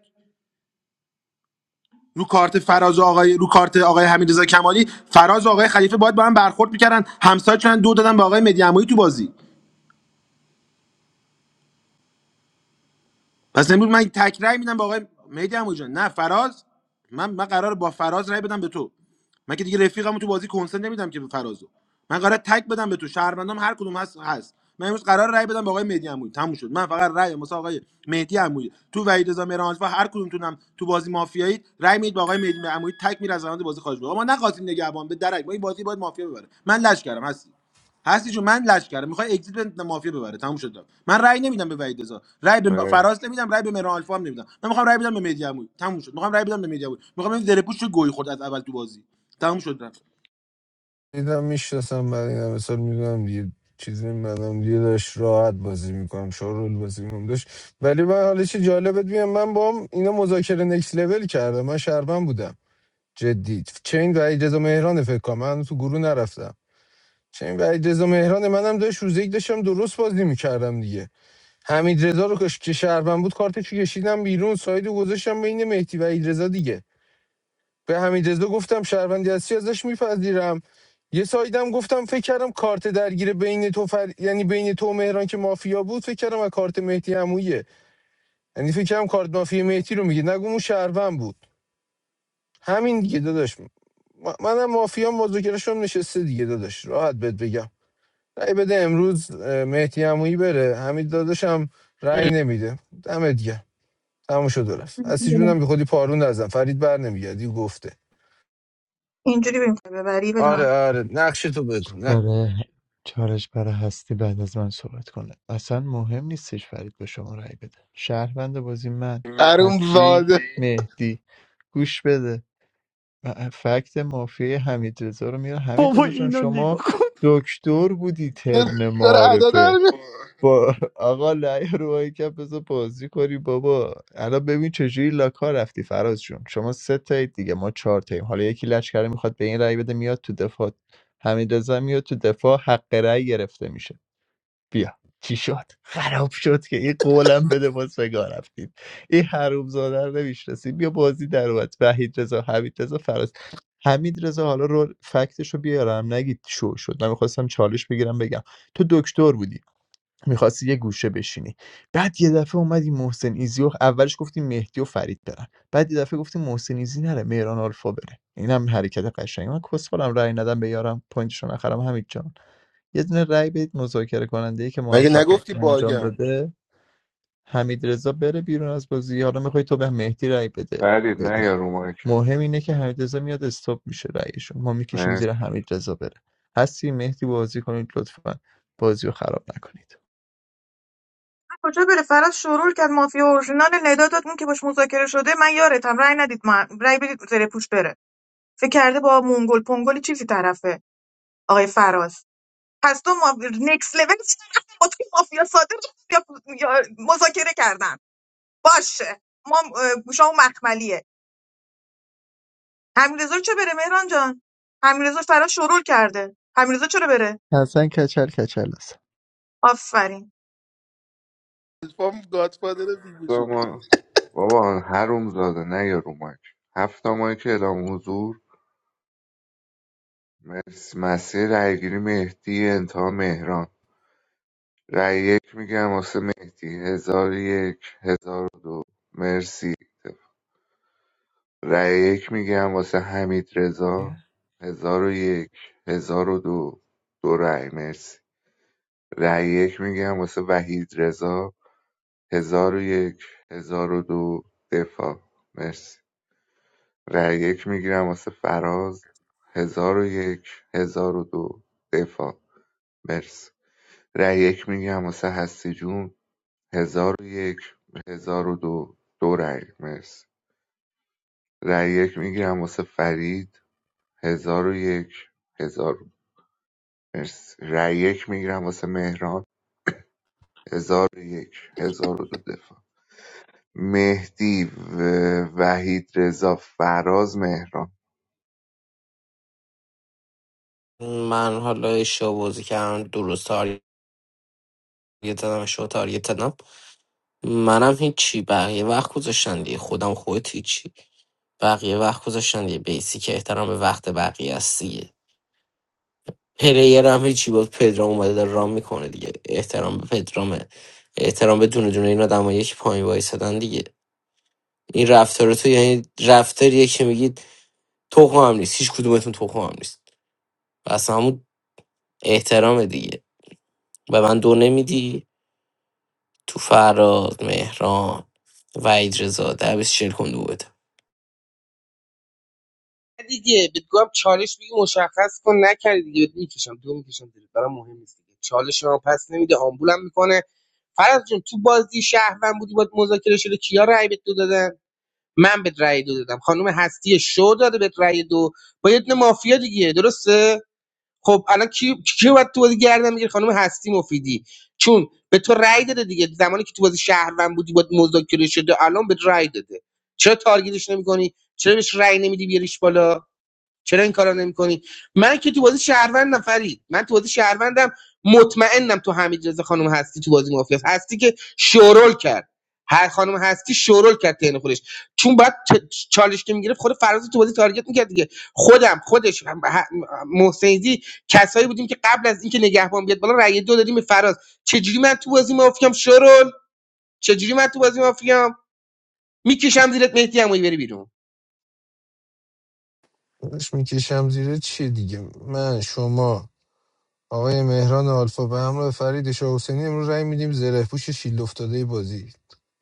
Speaker 5: رو کارت فراز آقای رو کارت آقای حمیدرضا کمالی فراز آقای خلیفه باید با هم برخورد میکردن همسایه چند دو دادن به آقای مدیعمایی تو بازی پس امروز من تک رأی میدم به آقای مهدی جان نه فراز من من قرار با فراز رأی بدم به تو من که دیگه رفیقمو تو بازی کنسنت نمیدم که به فرازو من قرار تک بدم به تو شهروندام هر کدوم هست هست من امروز قرار رأی بدم به آقای مهدی عمویی تموم شد من فقط رأی مثلا آقای مهدی عمویی تو وحید رضا مهران و هر کدومتونم تو بازی مافیایی رأی میدید به آقای مهدی عمویی تک میره از روند بازی خارج بشه ما نخواستیم نگهبان به درک ما این بازی باید مافیا ببره من لش کردم هستی هستی جون من لج کردم میخوای اگزییت بده مافیا ببره تموم شد رفت. من رأی نمیدم به وحید رضا رأی به
Speaker 10: مرس
Speaker 5: فراز نمیدم رأی به مهران الفا هم نمیدم من میخوام رأی بدم به مهدی عمویی تموم شد میخوام رأی بدم به مهدی عمویی میخوام این زره پوش گوی خورد از اول تو بازی تموم شد رفت
Speaker 12: دیدم میشناسم بعد این همه میدونم دیگه چیزی بدم دیگه داشت راحت بازی میکنم شارول بازی میکنم داشت ولی من حالا چه جالبت میگم من با هم اینا مذاکره نکس لول کردم من شربن بودم جدی چین و اجازه مهران فکر کنم من تو گروه نرفتم چین و اجازه مهران منم داشت روزه یک داشتم درست بازی میکردم دیگه حمید رضا رو کش- که شهروند بود کارتشو کشیدم بیرون سایدو گذاشتم بین مهدی و ایدرزا دیگه به همین رضا گفتم شهروندی هستی ازش میپذیرم یه سایدم گفتم فکر کردم کارت درگیر بین تو فر... یعنی بین تو و مهران که مافیا بود فکر کردم از کارت مهدی عمویه یعنی فکر کردم کارت مافیا مهدی رو میگه نگو اون شهروند بود همین دیگه داداش م- منم مافیا مذاکرهشون نشسته دیگه داداش راحت بهت بگم رأی بده امروز اه، مهدی عمویی بره همین داداشم رأی نمیده دمت گرم تموم شد و رفت هستی جونم به خودی پارون نزن فرید بر نمیگردی گفته
Speaker 3: اینجوری بریم ببری بده
Speaker 12: آره
Speaker 3: من
Speaker 12: آره نقشه تو بگو
Speaker 4: آره چالش برای هستی بعد از من صحبت کنه اصلا مهم نیستش فرید به شما رأی بده شهروند بازی من
Speaker 5: اون
Speaker 4: هستی
Speaker 5: واده
Speaker 4: مهدی گوش بده و فکت مافیای حمید رضا رو میاره حمید
Speaker 7: بابا
Speaker 4: رضا جان
Speaker 7: اینو نگاه
Speaker 4: شما دکتر بودی ترن
Speaker 5: داره ادا در
Speaker 4: معارفه
Speaker 5: میاد
Speaker 4: با آقا لعیه رو ماهی که بذار بازی کنی بابا الان ببین چجوری لاکا رفتی فراز جون شما سه تایید دیگه ما چهار تاییم حالا یکی لچ کرده میخواد به این رأی بده میاد تو دفاع حمید میاد تو دفاع حق رأی گرفته میشه بیا چی شد خراب شد که این قولم بده باز بگاه رفتید این حروم زاده رو نمیشناسی بیا بازی در اومد وحید رضا حمید رضا فراز حمید رضا حالا رو فکتش رو بیارم نگید شو شد من میخواستم چالش بگیرم بگم تو دکتر بودی می‌خواستی یه گوشه بشینی بعد یه دفعه اومدی محسن ایزی و اولش گفتی مهدی و فرید برن بعد یه دفعه گفتی محسن ایزی نره مهران آلفا بره اینم حرکت قشنگی من کسفالم رأی ندم به یارم پوینتشو نخرم حمید جان یه دونه رأی بدید مذاکره کننده ای که
Speaker 5: مگه
Speaker 4: موفق
Speaker 5: نگفتی
Speaker 4: انجام
Speaker 5: باگم
Speaker 4: داده حمید رضا بره بیرون از بازی حالا میخوای تو به مهدی رأی بده
Speaker 10: فرید
Speaker 4: بده.
Speaker 10: نه یا رو مایکت
Speaker 4: مهم اینه که حمیدرضا میاد استاپ میشه رأیشو ما میکشیم
Speaker 10: مرس
Speaker 4: زیر حمیدرضا بره هستی مهدی بازی کنید لطفا بازی رو خراب نکنید
Speaker 3: کجا بره فراز شروع کرد مافیا اورژینال ندا داد اون که باش مذاکره شده من یارتم رای ندید من رای بدید زره پوش بره فکر کرده با مونگل پونگل چیزی طرفه آقای فراز پس تو ما... نکس لول با توی مافیا صادق یا... یا مذاکره کردن باشه ما اه، گوشامون مخملیه همینرضا رو چه بره مهران جان همینرضا فراز شرول کرده همینرضا چرا بره
Speaker 4: حسن کچل کچل است
Speaker 3: آفرین
Speaker 5: الفام گادفادر بیگو شد
Speaker 10: ما بابا هروم زاده نه یا رو مایک هفت تا مایک اعلام حضور مرس مسیر رایگیری مهدی انتها مهران رای یک میگم واسه مهدی هزار و یک هزار و دو مرسی رأی یک میگم واسه حمید رضا هزار و یک هزار و دو دو رأی مرسی رأی یک میگم واسه وحید رضا هزار و یک هزار و دو دفاع مرسی رأی یک میگیرم واسه فراز هزار و یک هزار و دو دفاع مرسی رأی یک میگم واسه هستی جون هزار و یک هزار و دو دو رأی مرسی رأی یک میگیرم واسه فرید هزار و یک هزار مرسی رأی یک میگیرم واسه مهران هزار و یک هزار و دو دفاع مهدی و وحید رضا فراز مهران
Speaker 6: من حالا اشتباه بازی کردم درست تارگت دادم اشتباه تارگت دادم منم هیچی بقیه وقت گذاشتن دیگه خودم خودت هیچی بقیه وقت گذاشتن دیگه بیسی که احترام به وقت بقیه است دیگه پلیر هم هیچی بود پدرام اومده داره رام میکنه دیگه احترام به پدرامه احترام به دونه دونه این آدم که پایین وایسادن دیگه این رفتار تو یعنی رفتاریه که میگید تخم هم نیست هیچ کدومتون تخم هم نیست و اصلا همون احترام دیگه به من دو نمیدی تو فراد، مهران، وحید رضا ده بیست چل کن دو بده
Speaker 15: نه دیگه بهت گفتم چالش بگی مشخص کن نکردی دیگه بهت میکشم دو میکشم زیرت برام مهم نیست دیگه چالش رو پس نمیده آمبولم میکنه فرض جون تو بازی شهروند بودی باید مذاکره شده کیا رأی بهت دو دادن من بهت رأی دو دادم خانم هستی شو داده بهت رأی دو با یه دونه مافیا دیگه درسته خب الان کی کی باید تو بازی گردن میگیره خانم هستی مفیدی چون به تو رأی داده دیگه زمانی که تو بازی شهروند بودی باید مذاکره شده الان بهت رأی داده چرا تارگتش نمیکنی چرا بهش رأی نمیدی بیاریش بالا چرا این کارا نمیکنی من که تو بازی شهروندم فرید من تو بازی شهروندم مطمئنم تو حمید رضا خانم هستی تو بازی مافیا هستی که شورول کرد هر خانم هستی شورول کرد تن خودش چون بعد چالش که میگرفت خود فراز تو بازی تارگت میکرد دیگه خودم خودش هم- ه- محسنیزی کسایی بودیم که قبل از اینکه نگهبان بیاد بالا رأی دو دادیم به فراز چجوری من تو بازی مافیام شورول چجوری من تو بازی مافیام میکشم زیرت مهدی عمویی بری بیرون
Speaker 12: داشت میکشم زیره چی دیگه من شما آقای مهران آلفا به همراه فرید شاه حسینی امروز رای میدیم زره پوش شیل افتاده بازی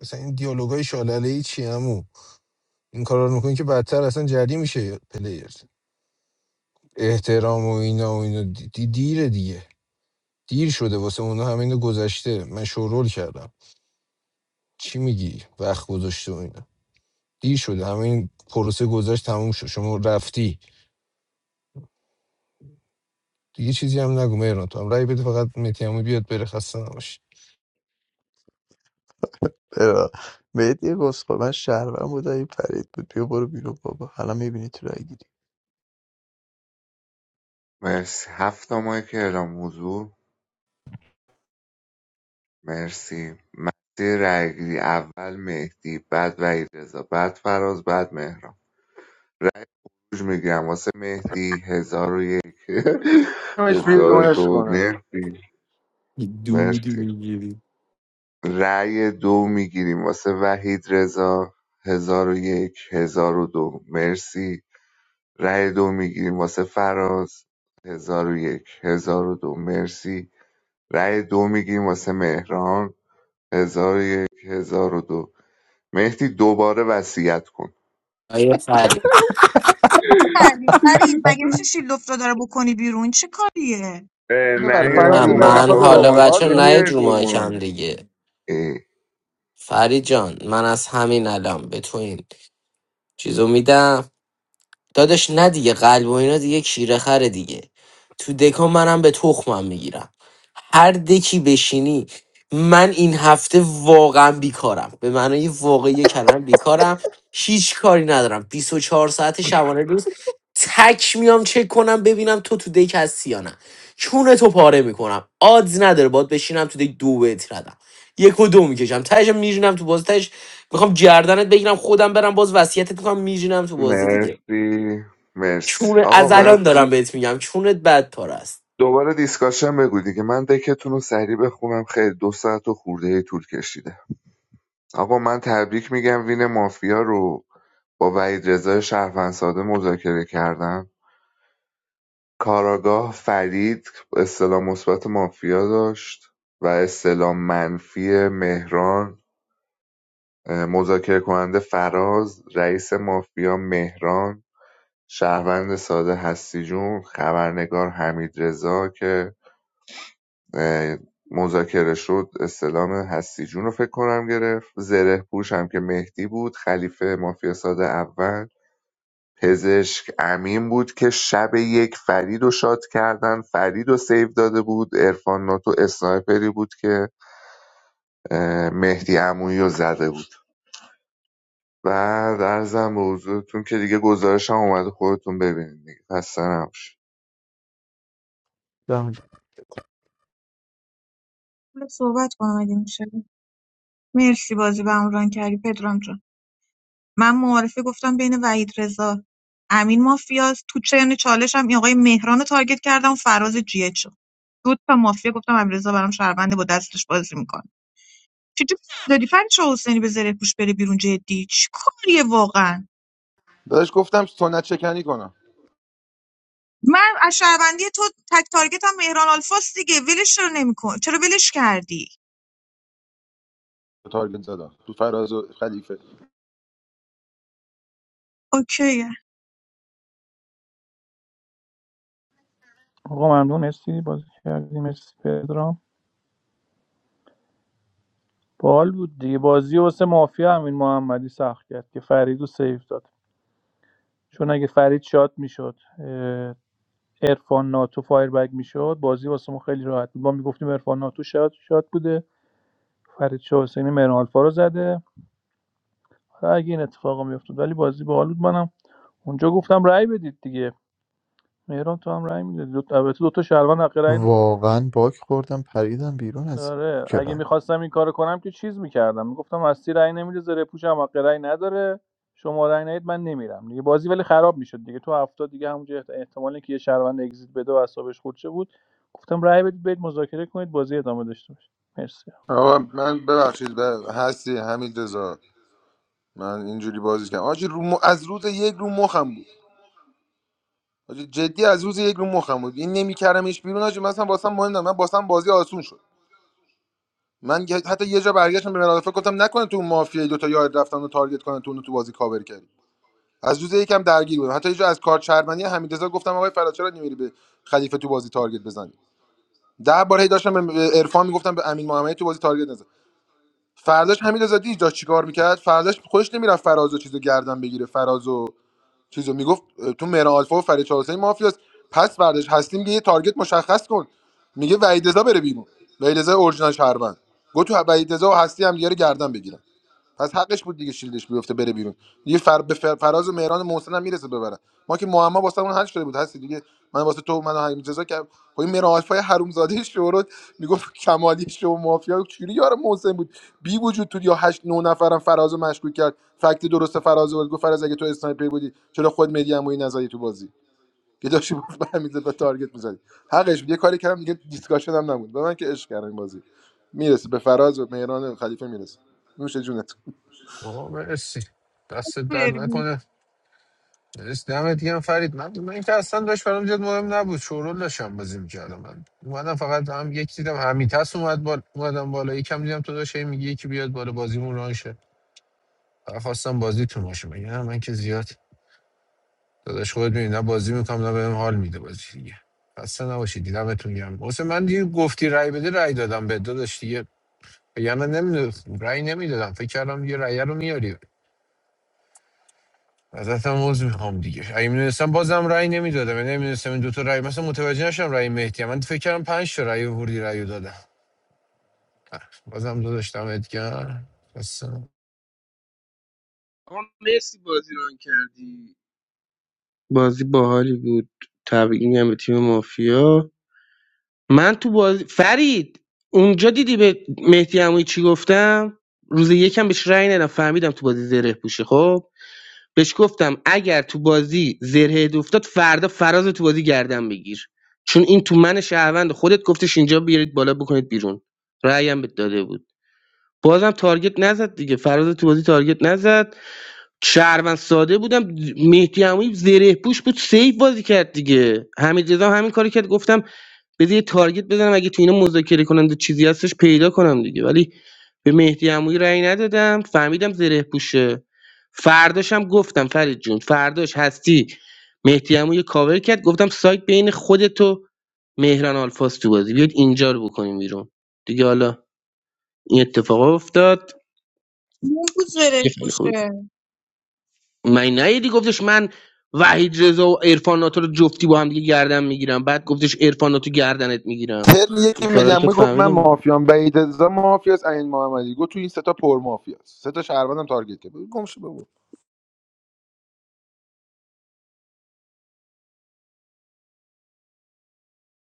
Speaker 12: مثلا این دیالوگای شالله ای چی همو این کارا رو میکنین که بدتر اصلا جدی میشه پلیرز احترام و اینا و اینا دی- دی- دیره دیگه دیر شده واسه اونا همه اینا گذشته من شورول کردم چی میگی وقت گذاشته و اینا دیر شده همین پروسه گذشت تموم شد شما رفتی دیگه چیزی هم نگو مهران تو هم رای بده فقط متیامو بیاد بره خسته نباشی
Speaker 4: برا مهدی گسخور من شهرون بودم این پرید بود بیا برو بیرون بابا حالا میبینی تو رأی گیری
Speaker 10: مرسی هفت ماه که اعلام حضور مرسی مسیر رأیگیری اول مهدی بعد وحید رضا بعد فراز بعد مهران رای خروج میگیرم واسه مهدی هزار و یک
Speaker 5: همش
Speaker 10: هزار و
Speaker 5: بیرونش
Speaker 10: دو
Speaker 5: کنم
Speaker 10: مرسی
Speaker 14: you do
Speaker 10: مرسی
Speaker 14: the movie.
Speaker 10: رأی دو میگیریم واسه وحید رضا هزار و یک هزار و دو مرسی رأی دو میگیریم واسه فراز هزار و یک هزار و دو مرسی رأی دو میگیریم واسه مهران هزار و یک هزار و دو مهدی دوباره وصیت کن
Speaker 6: آیه فرید
Speaker 3: کردی فرید مگه میشه شیلوف رو داره بکنی بیرون چه کاریه
Speaker 10: اه،
Speaker 5: ببر
Speaker 10: نه یعنی
Speaker 6: نه
Speaker 5: فراز
Speaker 10: رومای
Speaker 6: من
Speaker 5: مرافا
Speaker 10: آقا
Speaker 6: حالا
Speaker 5: ببرم
Speaker 10: واسه
Speaker 6: بچه
Speaker 10: چی
Speaker 5: والا
Speaker 6: نهید
Speaker 10: میای
Speaker 6: رو
Speaker 10: رومای
Speaker 6: مایکم دیگه
Speaker 10: اه،
Speaker 6: فرید جان من از همین الان به تو این چیزو میدم داداش نه دیگه قلب و اینا دیگه کیره خره دیگه تو دکا منم به تخمم میگیرم هر دکی بشینی من این هفته واقعا بیکارم به معنای واقعی کلمه بیکارم هیچ کاری ندارم 24 ساعت شبانه روز تک میام چک کنم ببینم تو تو دک هستی یا نه چون تو پاره میکنم آدز نداره باد بشینم تو دک دو بهت ردم یک و دو میکشم تهش میرینم تو بازی تهش میخوام گردنت بگیرم خودم برم باز وصیتت میکنم میرینم تو بازی دیگه
Speaker 10: مرسی مرسی
Speaker 6: چون
Speaker 10: آقا
Speaker 6: از
Speaker 10: من
Speaker 6: الان دارم بهت میگم چونت بد تار است
Speaker 10: دوباره دیسکاشن بگو که من دکتون رو سریع بخونم خیلی دو ساعت و خورده ای طول کشیده آقا من تبریک میگم وین مافیا رو با وحید رضا شهروندساده مذاکره کردم کاراگاه فرید استلام مثبت مافیا داشت و استلام منفی مهران مذاکره کننده فراز رئیس مافیا مهران شهروند ساده هستی جون خبرنگار حمید رضا که مذاکره شد استلام هستیجون رو فکر کنم گرفت زره پوش هم که مهدی بود خلیفه مافیا ساده اول پزشک امین بود که شب یک فرید رو شاد کردن فرید رو سیو داده بود ارفان ناتو اسنایپری بود که مهدی عمویی رو زده بود و در زن به حضورتون که دیگه گزارش هم اومده خودتون ببینید دیگه خسته نباشید.
Speaker 3: حالا صحبت کنم اگه میشه مرسی بازی به ران کردی پدرام جان من معارفه گفتم بین وحید رضا امین مافیاست تو چرن چالشم این آقای مهران رو تارگت کردم فراز جیهچو دو تا مافیا گفتم امیررضا برام شهرونده با دستش بازی میکنه چجوری دادی فرید شاه حسینی به زره پوش بره بیرون جدی چی کاریه واقعا
Speaker 5: داداش گفتم سنت شکنی کنم
Speaker 3: من از شهروندی تو تک تارگت هم مهران آلفاس دیگه ولش رو نمیکن چرا ولش کردی
Speaker 5: تارگت زدم تو فراز و خلیفه
Speaker 3: اوکی
Speaker 17: آقا ممنون مرسی بازی کردیم مرسی پدرام باحال بود دیگه بازی واسه مافیا همین محمدی سخت کرد که فرید رو سیف داد چون اگه فرید شات میشد عرفان ناتو فایر میشد بازی واسه ما خیلی راحت بود ما میگفتیم عرفان ناتو شاد شاد بوده فرید شاه حسینی مهران الفا رو زده اگه این اتفاقا میافتاد ولی بازی باحال بود منم اونجا گفتم رأی بدید دیگه مهران تو هم رأی میدادی دو تا البته دو تا شهروند حق رأی
Speaker 4: واقعا باگ خوردم پریدم بیرون از
Speaker 17: آره
Speaker 4: کلاس
Speaker 17: اگه میخواستم این کارو کنم که چیز میکردم میگفتم هستی رأی نمیده زره پوشم حق رأی نداره شما رأی ندید من نمیرم دیگه بازی ولی خراب میشد دیگه تو هفته دیگه همونجا احت- احتمال اینکه یه شهروند اگزییت بده و اعصابش خورد بود گفتم رأی بدید برید مذاکره کنید بازی ادامه داشته باشه مرسی
Speaker 5: آقا من ببخشید بر- هستی حمید رضا من اینجوری بازی کردم آجی رو م... از روز یک رو مخم بود آجی جدی از روز یک رو مخم بود این نمیکردمش بیرون آجی مثلا واسم مهم نه من واسم بازی آسون شد من یه- حتی یه جا برگشتم به مراد فکر گفتم نکنه تو اون مافیای دو تا یاد رفتن و تارگت کنن تو اونو تو بازی کاور کردی از روز یکم درگیر بودم حتی یه جا از کار چرمنی حمیدرضا گفتم آقای فراچرا چرا نمیری به خلیفه تو بازی تارگت بزنی ده بار هی داشتم به عرفان میگفتم به امین محمدی تو بازی تارگت نزن فرداش حمیدرضا دیج داشت چیکار میکرد فرداش خودش نمیرفت فراز و چیزو گردن بگیره فراز چیزو میگفت تو مهر آلفا و فرید چهارسه مافیاست پس بردش هستیم که یه تارگت مشخص کن میگه وحید رضا بره بیرون وحید رضا اورجینال شهروند گفت تو وحید رضا و هستی هم دیگه رو گردن بگیرن پس حقش بود دیگه شیلدش بیفته بره بیرون دیگه فر... به فر... فراز و مهران و محسن هم میرسه ببره ما که معما واسه اون حل شده بود هستی دیگه من واسه تو من همین جزا که خب این مهران آلفای حرومزاده شورت میگفت کمالی شو مافیا چوری یار محسن بود بی وجود تو یا هشت نه نفرم فراز رو مشکوک کرد فکت درست فراز رو برد. گفت فراز اگه تو اسنایپر بودی چرا خود مدی عمویی نزدی تو بازی که داشتی بود به همین زد تارگت میزدی حقش بود یه کاری کردم دیگه دیسکاشن هم نبود به من که عشق کردم این بازی میرسه به فراز و مهران خلیفه میرسه نوش جونت
Speaker 12: آقا مرسی دست در
Speaker 3: بریم.
Speaker 12: نکنه مرسی دمت گرم فرید من من اینکه اصلا داشت برام جد مهم نبود شورول داشتم بازی میکردم من اومدم فقط هم یک دیدم همیتس اومد بالا اومدم بالا یکم دیدم تو داشت هی میگی یکی بیاد بالا بازیمون ران شه فقط خواستم بازی تو باشه مگه نه من که زیاد داداش خودت می‌بینی نه بازی میکنم نه بهم حال میده بازی دیگه خسته نباشید دیدمتون گرم واسه من دیگه گفتی رای بده رای دادم به داداش دیگه یعنی نمیدونم رای نمیدادم فکر کردم یه رای رو میاری ازتم عذر میخوام دیگه اگه میدونستم بازم رأی نمیدادم یعنی نمیدونستم این دوتا رأی مثلا متوجه نشم رأی مهدی هم. من فکر کردم پنج تا رأی ورودی رأی رو دادم اه، بازم دو داشتم ادگر
Speaker 15: آقا مرسی بازی رو کردی بازی باحالی بود تبریک میگم به تیم مافیا من تو بازی فرید اونجا دیدی به مهدی عمویی چی گفتم روز یکم بهش رأی ندادم فهمیدم تو بازی زره پوشه خب بهش گفتم اگر تو بازی زره افتاد فردا فراز تو بازی گردن بگیر چون این تو من شهروند خودت گفتش اینجا بیارید بالا بکنید بیرون رأیم بهت داده بود بازم تارگت نزد دیگه فراز تو بازی تارگت نزد شهروند ساده بودم مهدی عمویی زره پوش بود سیف بازی کرد دیگه حمید رضا هم همین کاری کرد گفتم بذار یه تارگت بزنم اگه تو اینا مذاکره کننده چیزی هستش پیدا کنم دیگه ولی به مهدی عمویی رأی ندادم فهمیدم زره پوشه فرداش هم گفتم فرید جون فرداش هستی مهدی عمویی کاور کرد گفتم سایت بین خودت و مهران آلفاس تو بازی بیاد اینجا رو بکنیم بیرون دیگه حالا این اتفاق افتاد
Speaker 3: مون بود
Speaker 15: بازی
Speaker 3: زره
Speaker 15: خیلی خوبی بود.
Speaker 3: پوشه
Speaker 15: من نیدی گفتش من وحید رضا و عرفان ناتو رو جفتی با هم دیگه گردن میگیرم بعد گفتش عرفان ناتو گردنت میگیرم
Speaker 5: ترم
Speaker 15: این
Speaker 5: یکی
Speaker 15: کارا
Speaker 5: میگم
Speaker 15: که
Speaker 5: میگفت من
Speaker 15: فهمیدم دیگه
Speaker 5: مافیام بعید رضا مافیاس این محمدی گفت تو این سه تا پر مافیاست سه تا شهروندم تارگت کرد بگو گم شو بگو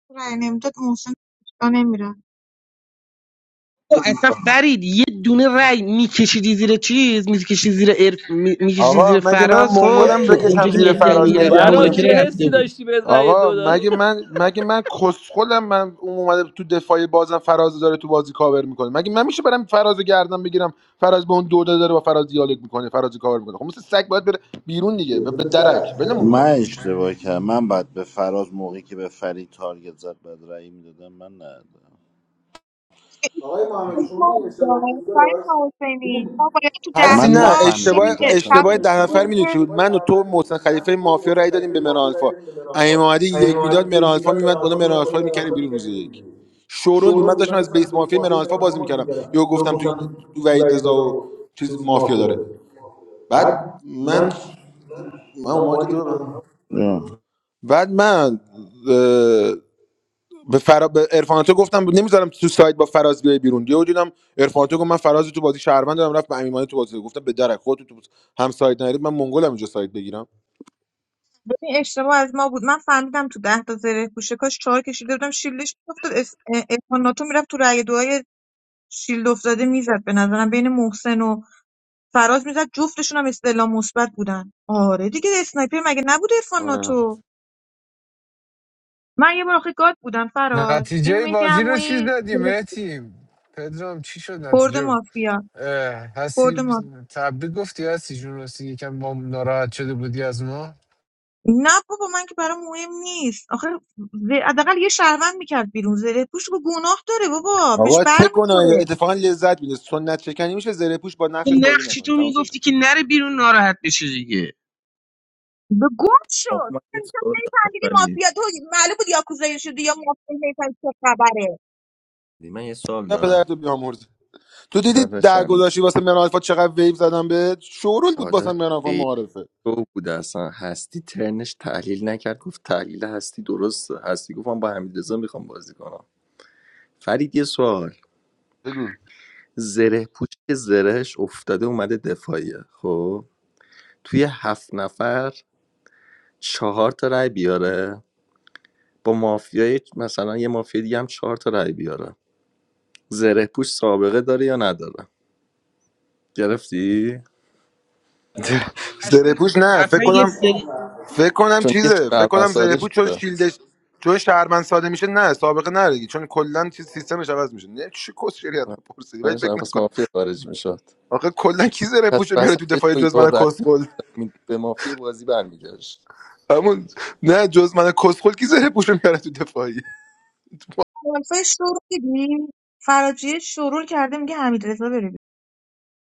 Speaker 3: رای نمیداد محسن نمیره
Speaker 15: تو اصلا فرید یه دونه رای میکشیدی زیر چیز میکشیدی زیر عرف... می- میکشیدی
Speaker 5: آقا
Speaker 15: زیر
Speaker 5: مگه من
Speaker 15: فراز خب
Speaker 5: منگلم
Speaker 15: تو اونجا
Speaker 5: بکشم
Speaker 15: که
Speaker 5: زیر
Speaker 15: مهدی هم
Speaker 5: فراز
Speaker 15: میگرفت
Speaker 5: مهدی
Speaker 17: فراز چه
Speaker 15: مذاکره
Speaker 5: عمویم
Speaker 15: رفته
Speaker 17: حسی
Speaker 15: بود
Speaker 17: داشتی بهت رأی
Speaker 5: آقا
Speaker 17: دو
Speaker 5: مگه من مگه من کسخلم من اون اومده تو دفاعی بازم فراز داره تو بازی کاور میکنه مگه من میشه برم فراز رو گردن بگیرم فراز به اون دو داده داره با فراز دیالوگ میکنه فراز رو کاور میکنه خب مثل سگ باید بره بیرون دیگه به به درک ولمون
Speaker 16: من
Speaker 5: کن
Speaker 16: اشتباه کردم من بعد به فراز موقعی که به فرید تارگت زد بعد رأی میدادم من ندادم آقای محمدی شما
Speaker 3: حساب
Speaker 16: می‌دونید
Speaker 3: دار
Speaker 16: اشتباه کی بوده
Speaker 3: سایت
Speaker 16: داشت؟
Speaker 3: حسینی
Speaker 16: دیدیم
Speaker 3: ما باید تو
Speaker 16: من
Speaker 3: ده
Speaker 5: هستی
Speaker 16: هستی
Speaker 5: نه
Speaker 3: تا
Speaker 16: نفهمیدم
Speaker 5: اشتباه
Speaker 16: اونجا
Speaker 3: شیلده
Speaker 16: اصلا نه،
Speaker 3: صف
Speaker 5: اشتباه
Speaker 16: بینشون
Speaker 5: ده
Speaker 16: اشتباه
Speaker 5: نفر میدونی
Speaker 3: شیلده
Speaker 5: چی بود
Speaker 16: اشتباه
Speaker 5: من و
Speaker 16: در
Speaker 5: تو و
Speaker 16: واقع بود.
Speaker 5: محسن
Speaker 16: من
Speaker 5: خلیفه
Speaker 16: و تو
Speaker 5: مافیا رای دادیم
Speaker 16: متخلفه
Speaker 5: به مهران
Speaker 16: مافیا رای
Speaker 5: الفا
Speaker 16: دادیم به مرانکار.
Speaker 5: امام محمدی
Speaker 16: این
Speaker 5: یک میداد
Speaker 16: اومدی
Speaker 5: مهران
Speaker 16: یکی
Speaker 5: الفا
Speaker 16: داد
Speaker 5: میمد بالا
Speaker 16: مرانکار،
Speaker 5: مهران
Speaker 16: من کلا
Speaker 5: الفا میکردیم
Speaker 16: مرانکار
Speaker 5: بیرون
Speaker 16: کرد
Speaker 5: روز
Speaker 16: بیرون دیگه.
Speaker 5: یک شورول بود من
Speaker 16: شورون
Speaker 5: داشتم
Speaker 16: اونا
Speaker 5: از
Speaker 16: داشت از
Speaker 5: بیس
Speaker 16: بیس
Speaker 5: مافیا
Speaker 16: مافیا
Speaker 5: مهران الفا
Speaker 16: مرانکار
Speaker 5: بازی
Speaker 16: بازی
Speaker 5: میکردم
Speaker 16: می‌کردن.
Speaker 5: یا
Speaker 16: من
Speaker 5: گفتم تو
Speaker 16: گفتم
Speaker 5: تو وحید
Speaker 16: ولی
Speaker 5: رضا
Speaker 16: بزن
Speaker 5: و چیز
Speaker 16: چیز
Speaker 5: مافیا
Speaker 16: مافیا
Speaker 5: داره
Speaker 16: داره.
Speaker 5: بعد
Speaker 16: بعد
Speaker 5: من
Speaker 16: من
Speaker 5: من
Speaker 16: من
Speaker 5: اون موقع که تو ببن.
Speaker 16: اومدم
Speaker 5: بعد من به فرا... به عرفاناتو گفتم نمیذارم تو سایت با فراز بیای بیرون یهو دیدم عرفاناتو گفت من فراز تو بازی شهروند دارم رفت به امیمانی تو بازی گفتم به درک خودت تو هم سایت نرید من منگولم اینجا سایت بگیرم
Speaker 3: ببین اشتباه از ما بود من فهمیدم تو ده تا زره پوشه کاش چهار کشیده بودم شیلدش میافتاد اسپاناتو میرفت تو رأی دعای شیلد افتاده میزد به نظرم بین محسن و فراز میزد جفتشون هم استعلام مثبت بودن آره دیگه اسنایپر مگه نبود
Speaker 5: آره
Speaker 3: افاناتو من یه بار آخه گاد بودم فراز این
Speaker 12: نتیجه
Speaker 3: مهدی
Speaker 12: بازی رو چیز
Speaker 3: عمویی
Speaker 12: دادیم؟ مهدی پدرام چی شد
Speaker 3: برد
Speaker 12: نتیجه
Speaker 3: مافیا
Speaker 12: اه،
Speaker 3: برد
Speaker 12: هستی
Speaker 3: مافیا
Speaker 12: تبریک گفتی هستی جون راستی یکم ما ناراحت شده بودی از ما
Speaker 3: نه بابا من که برام مهم نیست آخه ز- حداقل یه شهروند میکرد بیرون زره پوش به گناه داره بابا بهش
Speaker 5: آقا چه گناهی داره؟
Speaker 3: برمیخوره
Speaker 5: اتفاقا لذت میده سنت چکنی میشه زره پوش با
Speaker 15: تو
Speaker 5: نقشش بازی
Speaker 15: نقشی
Speaker 5: نکنه
Speaker 15: تو
Speaker 5: تموم شد
Speaker 15: میگفتی که نره بیرون ناراحت بشه دیگه
Speaker 3: به گوه
Speaker 18: آقا من یه سوال دارم فرید
Speaker 3: آره.
Speaker 18: من یه سوال
Speaker 5: نه پدر
Speaker 18: دارم
Speaker 5: تو بیامرز تو دیدی در
Speaker 18: داداشم
Speaker 5: گذاشتی واسه مهران الفا چقدر ویو زدم به شورول بود واسه
Speaker 18: داداش
Speaker 5: مهران الفا
Speaker 18: خیلی
Speaker 5: معارفه
Speaker 18: شو بود اصلا هستی ترنش تحلیل نکرد گفت تحلیل هستی درست هستی گفتم با حمیدرضا میخوام بازی کنم فرید یه سوال
Speaker 5: بگو.
Speaker 18: زره پوش که زرهش افتاده اومده دفاعیه خب توی هفت نفر چهار تا رای بیاره با مافیای مثلا یه مافیا دیگه هم چهار تا رای بیاره زره پوش سابقه داره یا نداره گرفتی
Speaker 5: زره
Speaker 15: اصلا
Speaker 5: پوش نه فکر
Speaker 15: اصلا یه
Speaker 5: کنم
Speaker 15: سری
Speaker 5: فکر کنم
Speaker 18: چون یه
Speaker 5: چیزه فکر
Speaker 18: شهروند
Speaker 5: کنم زره
Speaker 18: ساده
Speaker 5: پوش چون
Speaker 18: شده
Speaker 5: شیلدش چون شهرمن ساده میشه نه سابقه نداره دیگه. چون کلا چیز سیستمش عوض میشه نه چی کس شریعت پرسیدی ولی فکر
Speaker 18: نمی‌شد، پس
Speaker 5: نکن
Speaker 18: مافیا خارج میشد
Speaker 5: آخه کلا کی زره
Speaker 18: پس
Speaker 5: پوشو میاره تو
Speaker 18: وسطش
Speaker 5: دفاعی
Speaker 18: با یه
Speaker 5: جز من
Speaker 18: رد
Speaker 5: کسخل
Speaker 18: می‌داد، به مافیا بازی برمیگشت
Speaker 5: همون نه جز من کسخل کی زره پوشو میاره تو دفاعی
Speaker 3: حرفای شروع دیدی فراجیه شروع کرده میگه حمید رضا بره بیرون.